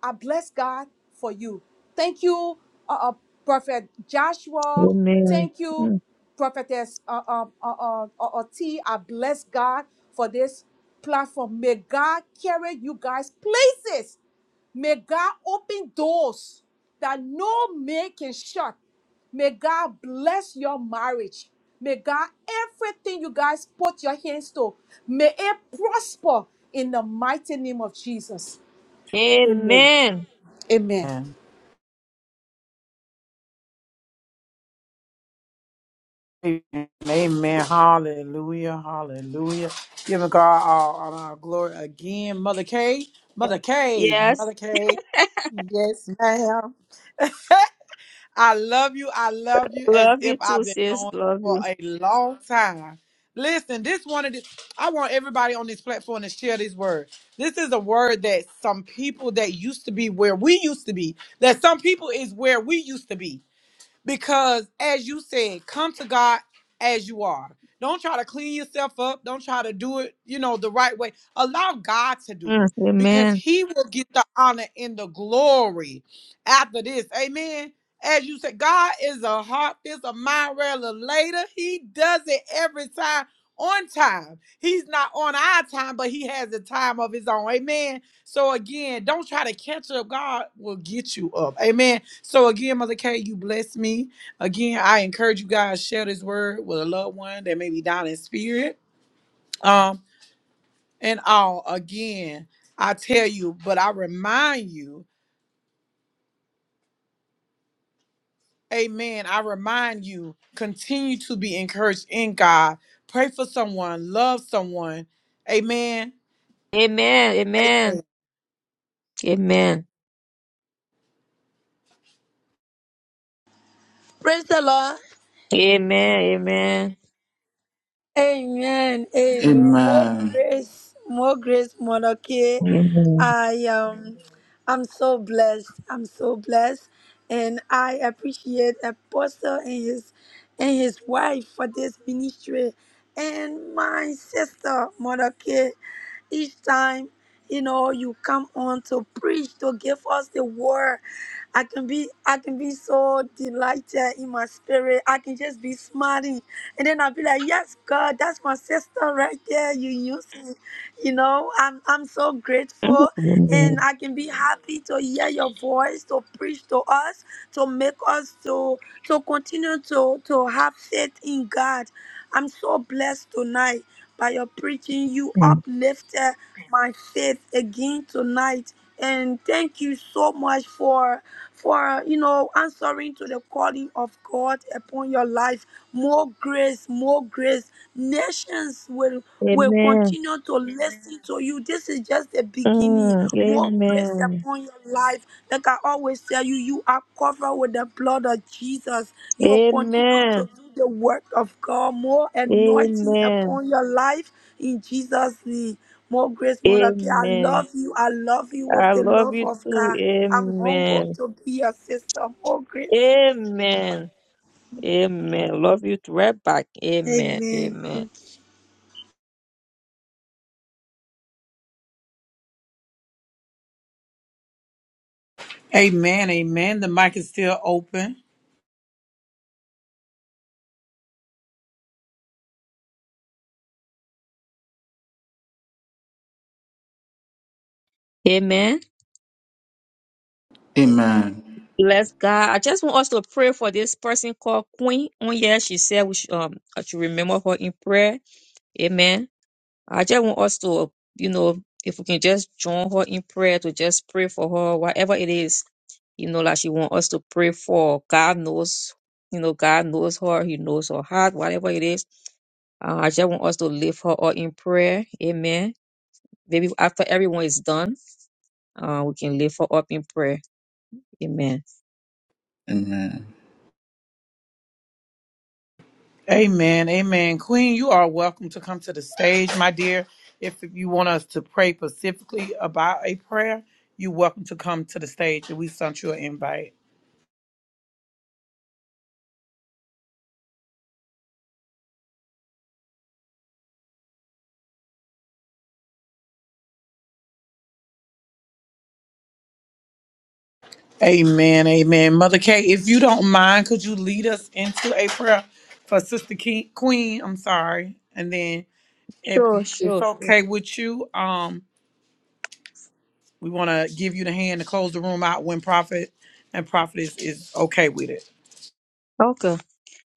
Speaker 2: I bless God for you. Thank you, uh, uh, Prophet Joshua.
Speaker 4: Amen.
Speaker 2: Thank you,
Speaker 4: Mm.
Speaker 2: Prophetess uh, uh, uh, uh, uh, uh, T. I bless God for this platform. May God carry you guys places. May God open doors that no man can shut. May God bless your marriage. May God, everything you guys put your hands to, may it prosper in the mighty name of Jesus. Amen.
Speaker 4: Amen.
Speaker 2: Amen.
Speaker 3: Amen. Amen. Amen. Hallelujah. Hallelujah. Giving God all, honor, all our glory again. Mother K. Mother K.
Speaker 4: Yes.
Speaker 3: Mother K. Yes, ma'am. I love you. I love you as
Speaker 4: Love
Speaker 3: if
Speaker 4: you
Speaker 3: I've
Speaker 4: too,
Speaker 3: been
Speaker 4: sis.
Speaker 3: knowing you
Speaker 4: Love
Speaker 3: for
Speaker 4: you.
Speaker 3: a long time. Listen, this one of the I want everybody on this platform to share this word. This is a word that some people that used to be where we used to be, that some people is where we used to be. Because as you said, come to God as you are. Don't try to clean yourself up. Don't try to do it, you know, the right way. Allow God to do
Speaker 4: Mm.
Speaker 3: it because
Speaker 4: Amen.
Speaker 3: he will get the honor and the glory after this. Amen. As you said, God is a heart, this a mind rather He does it every time on time. He's not on our time, but he has a time of his own. Amen. So again, don't try to catch up. God will get you up. Amen. So again, Mother K, you bless me. Again, I encourage you guys share this word with a loved one that may be down in spirit. Um, and all again, I tell you, but I remind you, Amen. I remind you, continue to be encouraged in God. Pray for someone, love someone. Amen.
Speaker 4: Amen. Amen.
Speaker 3: Amen.
Speaker 4: Amen.
Speaker 6: Praise the Lord.
Speaker 4: Amen. Amen.
Speaker 6: Amen. Amen. More
Speaker 1: Amen.
Speaker 6: grace, more grace, Monoke. I um I'm so blessed. I'm so blessed. And I appreciate Apostle and his and his wife for this ministry. And my sister, Monoke. Each time, you know, you come on to preach, to give us the word. I can be I can be so delighted in my spirit. I can just be smiling. And then I'll be like, Yes, God, that's my sister right there. You use me you know i'm i'm so grateful
Speaker 4: Amen.
Speaker 6: and i
Speaker 4: Amen.
Speaker 6: can be happy to hear your voice to preach to us to make us to to continue to to have faith in god i'm so blessed tonight by your preaching you uplifted my faith again tonight and thank you so much for for you know answering to the calling of god upon your life more grace more grace nations will will
Speaker 4: Amen.
Speaker 6: continue to listen to you. This is just the beginning.
Speaker 4: Mm,
Speaker 6: More grace
Speaker 4: Amen.
Speaker 6: upon your life. Like I always tell you, you are covered with the blood of Jesus. You will continue to
Speaker 4: Amen.
Speaker 6: do the work of God. More anointing
Speaker 4: Amen.
Speaker 6: upon your life in Jesus' name. More grace, Monarchy. I
Speaker 4: Amen.
Speaker 6: love you. I love you with
Speaker 4: I
Speaker 6: the
Speaker 4: love
Speaker 6: love
Speaker 4: you
Speaker 6: of
Speaker 4: too.
Speaker 6: God. I'm humbled
Speaker 4: Amen.
Speaker 6: to be your sister. More grace.
Speaker 4: Amen. Amen. Love you too. right back. Amen. Amen.
Speaker 6: Amen.
Speaker 3: Amen. Amen. The mic is still open.
Speaker 4: Amen.
Speaker 1: Amen.
Speaker 4: Bless God. I just want us to pray for this person called Queen. On here, she said we should, um, I should remember her in prayer. Amen. I just want us to, you know, if we can just join her in prayer to just pray for her, whatever it is, you know, like she want us to pray for. God knows, you know, God knows her. He knows her heart, whatever it is. Uh, I just want us to lift her up in prayer. Amen. Maybe after everyone is done, uh, we can lift her up in prayer. Amen.
Speaker 1: Amen.
Speaker 3: Amen. Amen. Queen, you are welcome to come to the stage, my dear. If you want us to pray specifically about a prayer, you're welcome to come to the stage and we sent you an invite. Amen. Amen. Mother Kay, if you don't mind, could you lead us into a prayer for Sister King, Queen? I'm sorry. And then if
Speaker 4: Sure,
Speaker 3: it's
Speaker 4: sure, sure.
Speaker 3: okay with you, um, we want to give you the hand to close the room out when Prophet and Prophet is, is okay with it.
Speaker 4: Okay.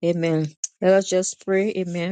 Speaker 4: Amen. Let us just pray. Amen.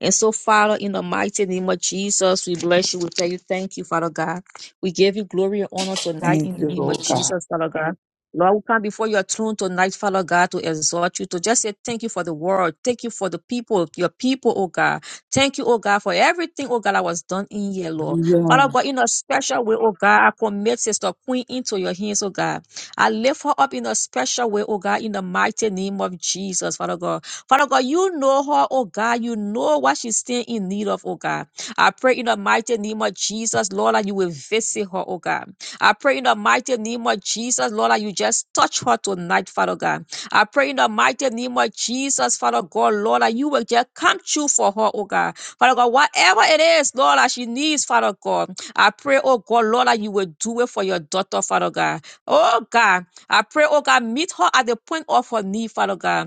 Speaker 4: And so, Father, in the mighty name of Jesus, we bless you. We tell you, thank you, Father God. We give you glory and honor tonight in
Speaker 3: Thank
Speaker 4: the
Speaker 3: you,
Speaker 4: name
Speaker 3: Lord
Speaker 4: of Jesus, Father God. Lord, we come before your throne tonight, Father God, to exhort you, to just say thank you for the world. Thank you for the people, your people, oh God. Thank you, oh God, for everything, oh God, that was done in here, Lord.
Speaker 3: God.
Speaker 4: Father God, in a special way, oh God, I commit Sister Queen into your hands, oh God. I lift her up in a special way, oh God, in the mighty name of Jesus, Father God. Father God, you know her, oh God. You know what she's still in need of, oh God. I pray in the mighty name of Jesus, Lord, that you will visit her, oh God. I pray in the mighty name of Jesus, Lord, that you just touch her tonight, Father God. I pray in the mighty name of Jesus, Father God, Lord, that you will just come true for her, oh God. Father God, whatever it is, Lord, that she needs, Father God, I pray, oh God, Lord, that you will do it for your daughter, Father God. Oh God, I pray, oh God, meet her at the point of her need, Father God.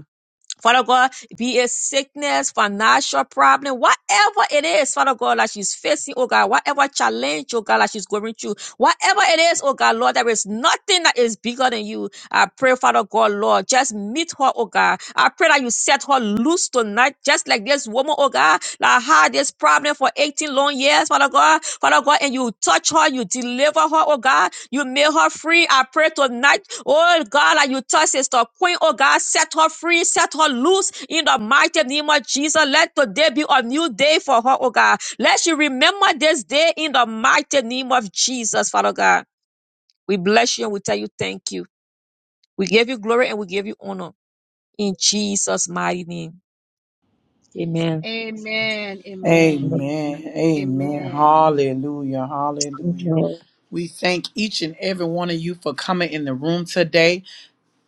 Speaker 4: Father God, be it sickness, financial problem, whatever it is, Father God, that she's facing, oh God, whatever challenge, oh God, that she's going through, whatever it is, oh God, Lord, there is nothing that is bigger than you. I pray, Father God, Lord, just meet her, oh God. I pray that you set her loose tonight, just like this woman, oh God, that had this problem for 18 long years, Father God, Father God, and you touch her, you deliver her, oh God, you make her free. I pray tonight Oh God, like you touch sister queen, oh God, set her free, set her loose in the mighty name of Jesus. Let today be a new day for her, oh God. Let she remember this day in the mighty name of Jesus, Father God. We bless you and we tell you thank you. We give you glory and we give you honor in Jesus' mighty name. Amen.
Speaker 2: Amen. Amen.
Speaker 3: Amen. Amen.
Speaker 2: Amen.
Speaker 3: Hallelujah. Hallelujah.
Speaker 4: Amen.
Speaker 3: We thank each and every one of you for coming in the room today.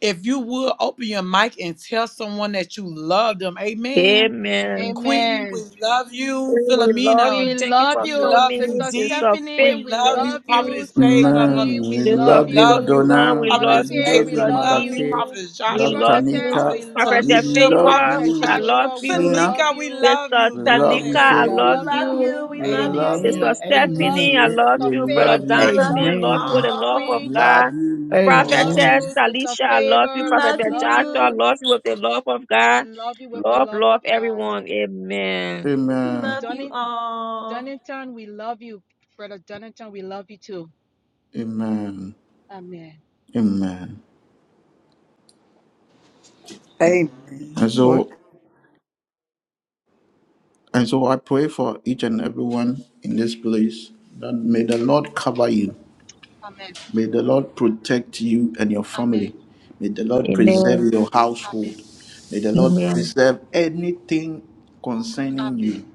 Speaker 3: If you would open your mic and tell someone that you love them, amen.
Speaker 4: Amen.
Speaker 3: Queen, we
Speaker 2: Amen.
Speaker 3: love you.
Speaker 4: We love you.
Speaker 2: We
Speaker 3: Philomena,
Speaker 4: Thank you
Speaker 2: love
Speaker 4: for
Speaker 3: we
Speaker 2: you,
Speaker 3: love you.
Speaker 4: coming,
Speaker 2: Sister
Speaker 3: D,
Speaker 4: Sister
Speaker 2: Stephanie.
Speaker 4: Faith.
Speaker 3: we
Speaker 2: We
Speaker 3: love
Speaker 4: Thank
Speaker 3: you.
Speaker 2: love
Speaker 4: you.
Speaker 2: you,
Speaker 3: Prophetess
Speaker 2: Sister
Speaker 3: Favor, Mother
Speaker 2: D.
Speaker 1: Man,
Speaker 2: We
Speaker 1: we
Speaker 3: Keisha,
Speaker 4: Sister
Speaker 2: love
Speaker 3: we
Speaker 1: love you,
Speaker 3: love
Speaker 2: you,
Speaker 3: you.
Speaker 4: Philomena,
Speaker 1: Donna.
Speaker 4: we
Speaker 2: Mother
Speaker 1: We
Speaker 4: love
Speaker 3: Prophetess
Speaker 4: you.
Speaker 2: K.
Speaker 3: Faith,
Speaker 1: love
Speaker 2: We
Speaker 3: we
Speaker 1: you,
Speaker 4: Sister
Speaker 2: love
Speaker 3: love you.
Speaker 4: D,
Speaker 1: Madake.
Speaker 2: you,
Speaker 3: Prophetess
Speaker 4: we
Speaker 1: Love
Speaker 3: Joshua,
Speaker 4: love you.
Speaker 2: Prophetess.
Speaker 1: Tanika.
Speaker 2: We
Speaker 3: Prophetess
Speaker 4: Prophet
Speaker 2: love
Speaker 1: We
Speaker 3: Talisha,
Speaker 2: you,
Speaker 1: love
Speaker 4: Favor,
Speaker 3: Prophet
Speaker 2: Prophet
Speaker 4: I
Speaker 1: you,
Speaker 3: Joshua,
Speaker 4: love
Speaker 2: Joshua. We
Speaker 4: you.
Speaker 1: Sheena.
Speaker 2: love
Speaker 3: Tanika, we
Speaker 2: you.
Speaker 3: love
Speaker 4: Sister
Speaker 3: you.
Speaker 1: We love
Speaker 3: Dante,
Speaker 1: you,
Speaker 4: Tanika,
Speaker 3: we
Speaker 2: We
Speaker 4: I
Speaker 1: Faith. We
Speaker 3: love
Speaker 4: love
Speaker 2: love
Speaker 3: you.
Speaker 1: love
Speaker 4: you.
Speaker 1: you.
Speaker 2: you.
Speaker 1: We We love love you.
Speaker 4: Sister
Speaker 1: you,
Speaker 3: Amen.
Speaker 2: We
Speaker 1: D.
Speaker 2: love
Speaker 4: Stephanie, I
Speaker 2: you,
Speaker 3: Amen.
Speaker 4: love
Speaker 1: We
Speaker 2: Sister
Speaker 4: you. Brother
Speaker 2: Faith.
Speaker 1: love you,
Speaker 2: We
Speaker 1: Love
Speaker 2: love
Speaker 1: too.
Speaker 4: Jonathan,
Speaker 1: you
Speaker 2: you,
Speaker 4: love you
Speaker 3: Amen.
Speaker 4: with the
Speaker 2: Sister
Speaker 4: love
Speaker 1: all.
Speaker 4: of
Speaker 2: Queen.
Speaker 1: Love
Speaker 4: God.
Speaker 1: you
Speaker 2: We love
Speaker 1: all.
Speaker 3: Amen.
Speaker 4: Prophetess
Speaker 2: you, Sister
Speaker 4: Talisha, I love you.
Speaker 2: Favor. We
Speaker 4: Prophet
Speaker 1: Love
Speaker 2: love
Speaker 4: Joshua, I
Speaker 1: you.
Speaker 2: you.
Speaker 4: love you with the love of
Speaker 2: We
Speaker 4: God.
Speaker 2: love you with the
Speaker 4: Love,
Speaker 2: love of
Speaker 4: love
Speaker 2: God.
Speaker 4: everyone. Amen.
Speaker 1: Amen. Love
Speaker 2: Donny,
Speaker 1: you all.
Speaker 2: Dunnington, we love you. Brother Dunnington, we love you too.
Speaker 1: Amen.
Speaker 2: Amen.
Speaker 1: Amen.
Speaker 3: Amen.
Speaker 1: And
Speaker 3: Glory.
Speaker 1: so, and so I pray for each and everyone in this place that may the Lord cover you.
Speaker 2: Amen.
Speaker 1: May the Lord protect you and your
Speaker 2: Amen.
Speaker 1: family. May the Lord
Speaker 4: Amen.
Speaker 1: preserve your
Speaker 2: Amen.
Speaker 1: household. May the Lord
Speaker 4: Amen.
Speaker 1: preserve anything concerning
Speaker 2: Amen.
Speaker 1: you.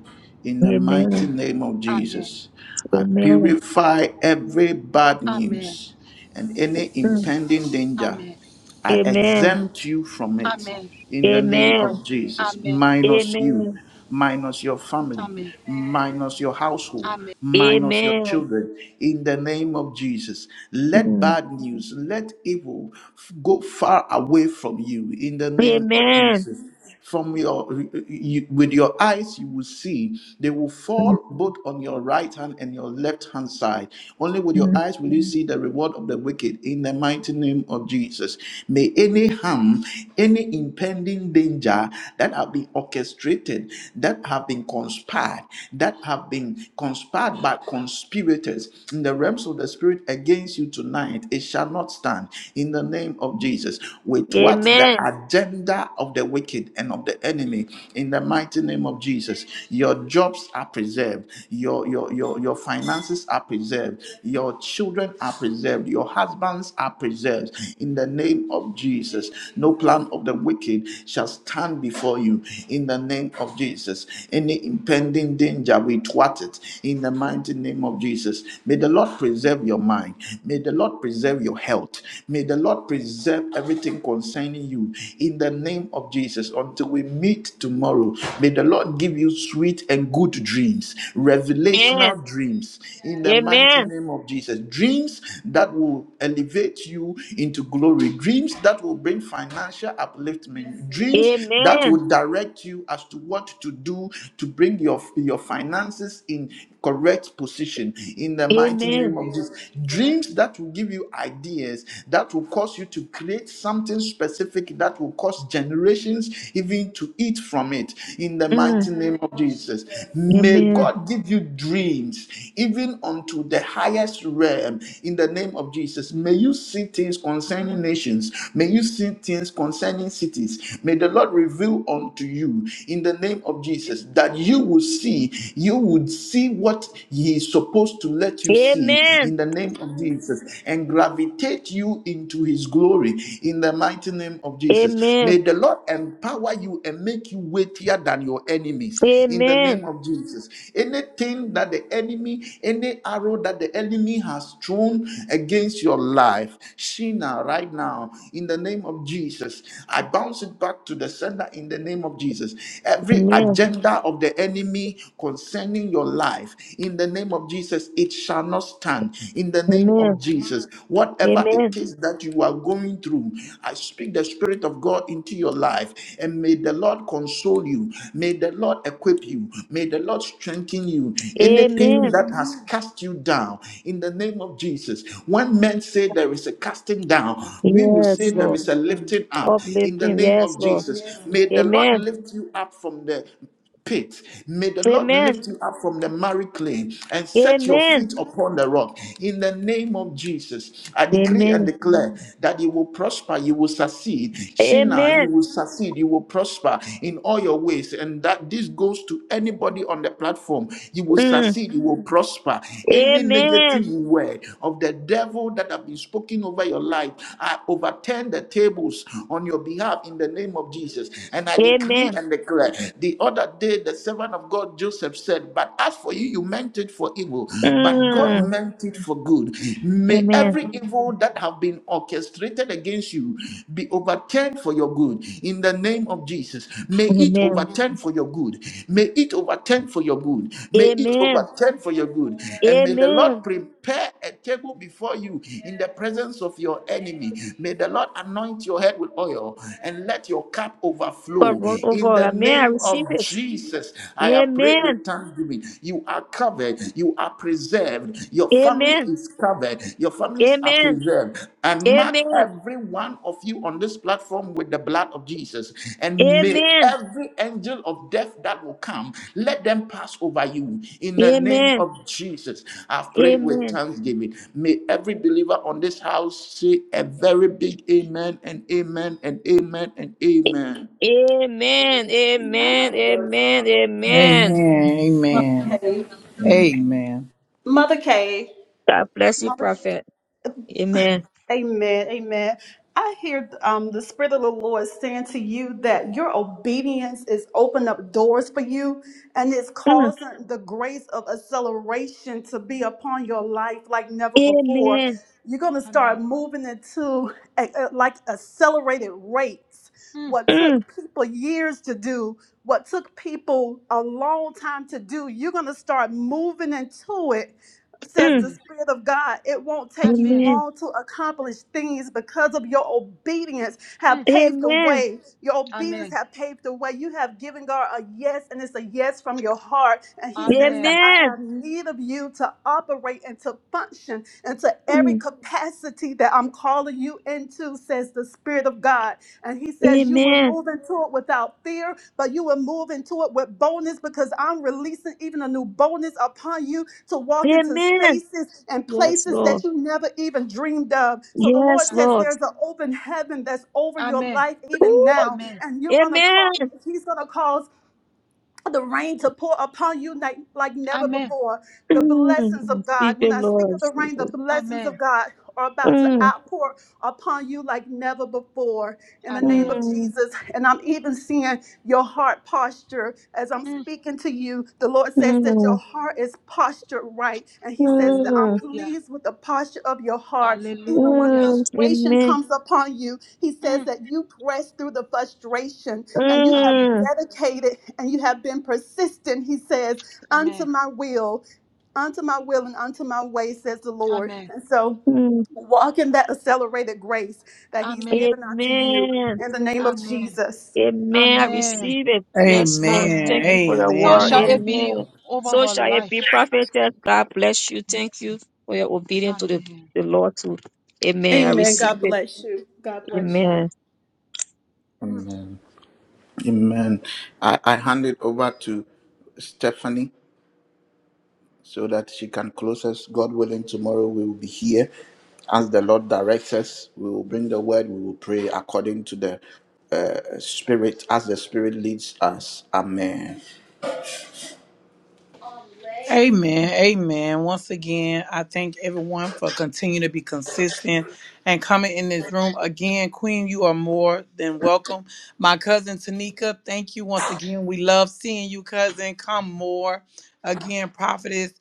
Speaker 1: In the mighty
Speaker 4: Amen.
Speaker 1: name of
Speaker 2: Amen.
Speaker 1: Jesus, I
Speaker 4: Amen.
Speaker 1: purify every bad
Speaker 2: Amen.
Speaker 1: news and any
Speaker 4: Mm.
Speaker 1: impending danger
Speaker 2: Amen.
Speaker 1: I
Speaker 4: Amen.
Speaker 1: exempt you from it
Speaker 2: Amen.
Speaker 1: in the name
Speaker 4: Amen.
Speaker 1: of Jesus.
Speaker 2: Amen.
Speaker 1: Minus
Speaker 4: Amen.
Speaker 1: you, minus your family,
Speaker 2: Amen.
Speaker 1: minus your household,
Speaker 2: Amen.
Speaker 1: minus your
Speaker 4: Amen.
Speaker 1: children, in the name of Jesus. Let
Speaker 4: Mm,
Speaker 1: bad news, let evil f- go far away from you in the name of
Speaker 4: Amen.
Speaker 1: Jesus. From your you, with your eyes you will see they will
Speaker 4: mm,
Speaker 1: fall both on your right hand and your left hand side. Only with your
Speaker 4: mm.
Speaker 1: eyes will you see the reward of sword of the wicked in the mighty name of Jesus. May any harm, any impending danger that have been orchestrated, that have been conspired, that have been conspired by conspirators in the realms of the spirit against you tonight, it shall not stand in the name of Jesus. With what the
Speaker 4: Amen.
Speaker 1: agenda of the wicked and of the enemy in the mighty name of Jesus. Your jobs are preserved, your your your, your finances finances are preserved, your children are preserved, your husbands are preserved. In the name of Jesus, no plan of the wicked shall stand before you. In the name of Jesus, any impending danger, we thwart it. In the mighty name of Jesus, may the Lord preserve your mind. May the Lord preserve your health. May the Lord preserve everything concerning you. In the name of Jesus, until we meet tomorrow, may the Lord give you sweet and good dreams,
Speaker 4: Amen.
Speaker 1: revelational dreams in the mighty
Speaker 4: Amen.
Speaker 1: name of Jesus. Dreams that will elevate you into glory, dreams that will bring financial upliftment, dreams
Speaker 4: Amen.
Speaker 1: that will direct you as to what to do to bring your, your finances in correct position in the mighty
Speaker 4: Amen.
Speaker 1: name of Jesus. Dreams that will give you ideas, that will cause you to create something specific that will cause generations even to eat from it in the
Speaker 4: Mm.
Speaker 1: mighty name of Jesus. May
Speaker 4: Amen.
Speaker 1: God give you dreams even unto the highest realm in the name of Jesus. May you see things concerning nations. May you see things concerning cities. May the Lord reveal unto you in the name of Jesus that you will see, you you would see what He is supposed to let you see in
Speaker 4: Amen.
Speaker 1: the name of Jesus and gravitate you into His glory in the mighty name of Jesus.
Speaker 4: Amen.
Speaker 1: May the Lord empower you and make you weightier than your enemies in the
Speaker 4: Amen.
Speaker 1: name of Jesus. Anything that the enemy, any arrow that the enemy has thrown against your life, Sheena, right now, in the name of Jesus, I bounce it back to the sender in the name of Jesus. Every agenda of the enemy enemy concerning your life. In the name of Jesus, it shall not stand. In the
Speaker 4: Amen.
Speaker 1: name of
Speaker 4: Amen.
Speaker 1: Jesus, whatever it
Speaker 4: Amen.
Speaker 1: is that you are going through, I speak the Spirit of God into your life. And may the Lord console you. May the Lord equip you. May the Lord strengthen you. Anything
Speaker 4: Amen.
Speaker 1: that has cast you down, in the name of Jesus, when men say there is a casting down, we will say
Speaker 4: Yes,
Speaker 1: there
Speaker 4: Lord.
Speaker 1: is a lifting up. In the
Speaker 4: Uplifting.
Speaker 1: name
Speaker 4: Yes,
Speaker 1: of
Speaker 4: Lord.
Speaker 1: Jesus, may the Lord
Speaker 4: Amen.
Speaker 1: lift you up from there pit. May the Lord
Speaker 4: Amen.
Speaker 1: lift you up from the miry clay and set your
Speaker 4: Amen.
Speaker 1: feet upon the rock. In the name of Jesus, I decree and
Speaker 4: Amen.
Speaker 1: declare that you will prosper, you will succeed. Shina, you
Speaker 4: Amen.
Speaker 1: will succeed, you will prosper in all your ways. And that this goes to anybody on the platform. You will
Speaker 4: Mm.
Speaker 1: succeed, you will prosper. Any
Speaker 4: Amen.
Speaker 1: negative word of the devil that have been spoken over your life, I overturn the tables on your behalf in the name of Jesus. And I decree
Speaker 4: Amen.
Speaker 1: and declare the other day, the servant of God Joseph said, But as for you, you meant it for evil, but God
Speaker 4: Mm.
Speaker 1: meant it for good. May
Speaker 4: Amen.
Speaker 1: every evil that have been orchestrated against you be overturned for your good in the name of Jesus. May it
Speaker 4: Amen.
Speaker 1: overturn for your good. May it overturn for your good. May it
Speaker 4: Amen.
Speaker 1: overturn for your good. And may the Lord
Speaker 4: Amen.
Speaker 1: prepare a table before you in the presence of your enemy. May the Lord anoint your head with oil and let your cup
Speaker 4: God,
Speaker 1: overflow
Speaker 4: one- oh
Speaker 1: in
Speaker 4: God,
Speaker 1: the
Speaker 4: amen. I
Speaker 1: name of
Speaker 4: receive it.
Speaker 1: Jesus, I have prayed
Speaker 4: Amen.
Speaker 1: with thanksgiving. You are covered. You are preserved. Your family
Speaker 4: Amen.
Speaker 1: is covered. Your families are
Speaker 4: Amen.
Speaker 1: preserved. And mark
Speaker 4: Amen.
Speaker 1: every one of you on this platform with the blood of Jesus. And may
Speaker 4: Amen.
Speaker 1: every angel of death that will come, let them pass over you. In the name
Speaker 4: Amen.
Speaker 1: of Jesus, I've
Speaker 4: Amen.
Speaker 1: prayed with
Speaker 4: Amen.
Speaker 1: thanksgiving. May every believer on this house say a very big amen and amen and amen and amen.
Speaker 4: Amen. Amen. Amen.
Speaker 3: Amen. Amen. Amen.
Speaker 1: Mother Kay,
Speaker 4: God bless you,
Speaker 1: Mother,
Speaker 4: prophet. Amen.
Speaker 1: Amen, Amen. I hear um, the Spirit of the Lord saying to you that your obedience is opening up doors for you, and it's
Speaker 4: Mm.
Speaker 1: causing the grace of acceleration to be upon your life like never before.
Speaker 4: Amen.
Speaker 1: You're going to
Speaker 2: Amen.
Speaker 1: start moving into a, a- like accelerated rates.
Speaker 2: Mm.
Speaker 1: What took
Speaker 4: Mm.
Speaker 1: people years to do, what took people a long time to do, you're going to start moving into it says
Speaker 4: Mm.
Speaker 1: the
Speaker 2: Amen.
Speaker 1: Spirit of God, it won't take you
Speaker 2: Amen.
Speaker 4: Amen.
Speaker 1: long to accomplish things because of your obedience have
Speaker 2: Mm.
Speaker 1: paved the
Speaker 4: Amen.
Speaker 1: way. Your obedience
Speaker 2: Amen.
Speaker 1: have paved the way. You have given God a yes, and it's a yes from your heart. And He says that
Speaker 2: Amen.
Speaker 1: I
Speaker 4: Amen.
Speaker 1: have need of you to operate and to function into every
Speaker 4: Mm.
Speaker 1: capacity that I'm calling you into, says the Spirit of God. And He says you will
Speaker 4: Amen.
Speaker 1: move into it without fear, but you will move into it with boldness because I'm releasing even a new boldness upon you to walk into
Speaker 4: Amen.
Speaker 1: spaces and
Speaker 4: Yes,
Speaker 1: places that
Speaker 4: Lord.
Speaker 1: you never even dreamed of. So the Lord
Speaker 4: Yes,
Speaker 1: says
Speaker 2: Amen.
Speaker 4: Lord.
Speaker 1: there's an open heaven that's
Speaker 2: Amen.
Speaker 1: over your
Speaker 2: Amen.
Speaker 1: life even
Speaker 4: Ooh.
Speaker 1: now. And you're gonna call,
Speaker 4: Amen.
Speaker 1: He's gonna cause the rain to pour upon you like, like never
Speaker 2: Amen.
Speaker 1: before. The blessings
Speaker 4: Mm,
Speaker 1: of
Speaker 4: Speak
Speaker 1: God. When
Speaker 4: it,
Speaker 1: I speak of
Speaker 4: Lord.
Speaker 1: the
Speaker 4: Speak
Speaker 1: rain, the
Speaker 4: it.
Speaker 1: blessings of
Speaker 2: Amen.
Speaker 1: God are about to
Speaker 4: Mm,
Speaker 1: outpour upon you like never before in the name
Speaker 2: Amen.
Speaker 1: of
Speaker 4: mm,
Speaker 1: Jesus. And I'm even seeing your heart posture as I'm
Speaker 2: Mm.
Speaker 1: speaking to you. The Lord
Speaker 2: Mm.
Speaker 1: says that your
Speaker 4: mm,
Speaker 1: heart is postured right. And He says that I'm
Speaker 4: mm,
Speaker 2: Hallelujah.
Speaker 1: pleased with the posture of your heart even when
Speaker 2: Hallelujah.
Speaker 4: mm.
Speaker 1: frustration
Speaker 4: Amen.
Speaker 1: comes upon you, he says
Speaker 2: Mm.
Speaker 1: that you press through the frustration and you
Speaker 2: Amen.
Speaker 1: have
Speaker 4: Mm,
Speaker 1: dedicated and you have been persistent, he says, unto
Speaker 2: Amen.
Speaker 1: my will, unto my will and unto my way, says the Lord.
Speaker 2: Amen.
Speaker 1: And so
Speaker 4: mm.
Speaker 1: walk in that accelerated grace that he's
Speaker 2: Amen.
Speaker 1: given unto you
Speaker 4: Amen.
Speaker 1: in the name of
Speaker 2: Amen.
Speaker 1: Jesus.
Speaker 4: Amen. I
Speaker 2: Amen.
Speaker 4: receive it. Yes, Lord.
Speaker 2: Amen.
Speaker 4: Thank you for your
Speaker 2: So
Speaker 3: Amen.
Speaker 4: word.
Speaker 2: shall
Speaker 3: Amen.
Speaker 2: it be
Speaker 4: Amen.
Speaker 2: over
Speaker 4: So
Speaker 2: her
Speaker 4: shall it be
Speaker 2: life.
Speaker 4: prophetess. God bless you. Thank you for your obedience to the,
Speaker 2: Amen.
Speaker 4: the Lord too. Amen. I
Speaker 1: Amen.
Speaker 2: Amen.
Speaker 4: receive
Speaker 1: God
Speaker 4: it.
Speaker 1: bless you. God bless you.
Speaker 2: Amen.
Speaker 4: Amen.
Speaker 1: Amen. Amen. I, I hand it over to Stephanie. so that she can close us. God willing, tomorrow we will be here. As the Lord directs us, we will bring the word, we will pray according to the uh, Spirit, as the Spirit leads us. Amen.
Speaker 3: Amen. Amen. Once again, I thank everyone for continuing to be consistent and coming in this room. Again, Queen, you are more than welcome. My cousin Tanika, thank you once again. We love seeing you, cousin. Come more. Again, prophetess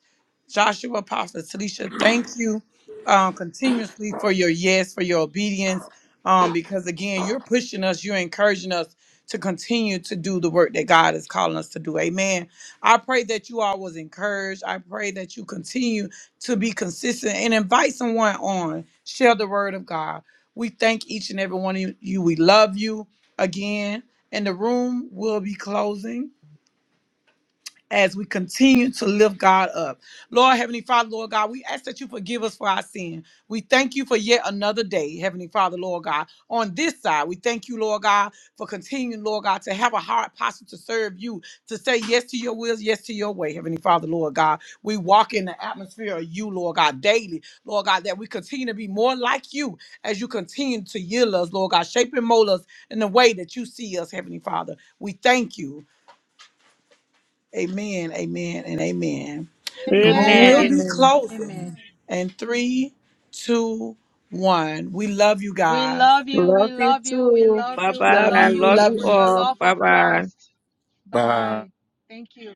Speaker 3: Joshua, prophet Talisha, thank you um, continuously for your yes, for your obedience. Um, because again, you're pushing us, you're encouraging us to continue to do the work that God is calling us to do. Amen. I pray that you all was encouraged. I pray that you continue to be consistent and invite someone on. Share the word of God. We thank each and every one of you. We love you again. And the room will be closing as we continue to lift God up. Lord, Heavenly Father, Lord God, we ask that you forgive us for our sin. We thank you for yet another day, Heavenly Father, Lord God. On this side, we thank you, Lord God, for continuing, Lord God, to have a heart posture to serve you, to say yes to your wills, yes to your way, Heavenly Father, Lord God. We walk in the atmosphere of you, Lord God, daily, Lord God, that we continue to be more like you as you continue to yield us, Lord God, shape and mold us in the way that you see us, Heavenly Father. We thank you. Amen, amen, and amen. The room
Speaker 4: Amen.
Speaker 3: will be
Speaker 2: Amen.
Speaker 4: Amen.
Speaker 3: closing.
Speaker 2: Amen.
Speaker 3: And three, two, one. We love you
Speaker 2: We
Speaker 3: guys.
Speaker 2: love you. We
Speaker 4: Love you
Speaker 2: love you. We
Speaker 4: too.
Speaker 2: love
Speaker 4: Bye
Speaker 2: you. We
Speaker 3: Love
Speaker 4: bye.
Speaker 2: love you
Speaker 3: you,
Speaker 4: Love
Speaker 2: with,
Speaker 3: love
Speaker 4: you
Speaker 2: with the
Speaker 3: you.
Speaker 4: all.
Speaker 2: love
Speaker 4: Bye
Speaker 2: of
Speaker 4: bye.
Speaker 2: Christ.
Speaker 1: Bye.
Speaker 2: Bye. Thank you.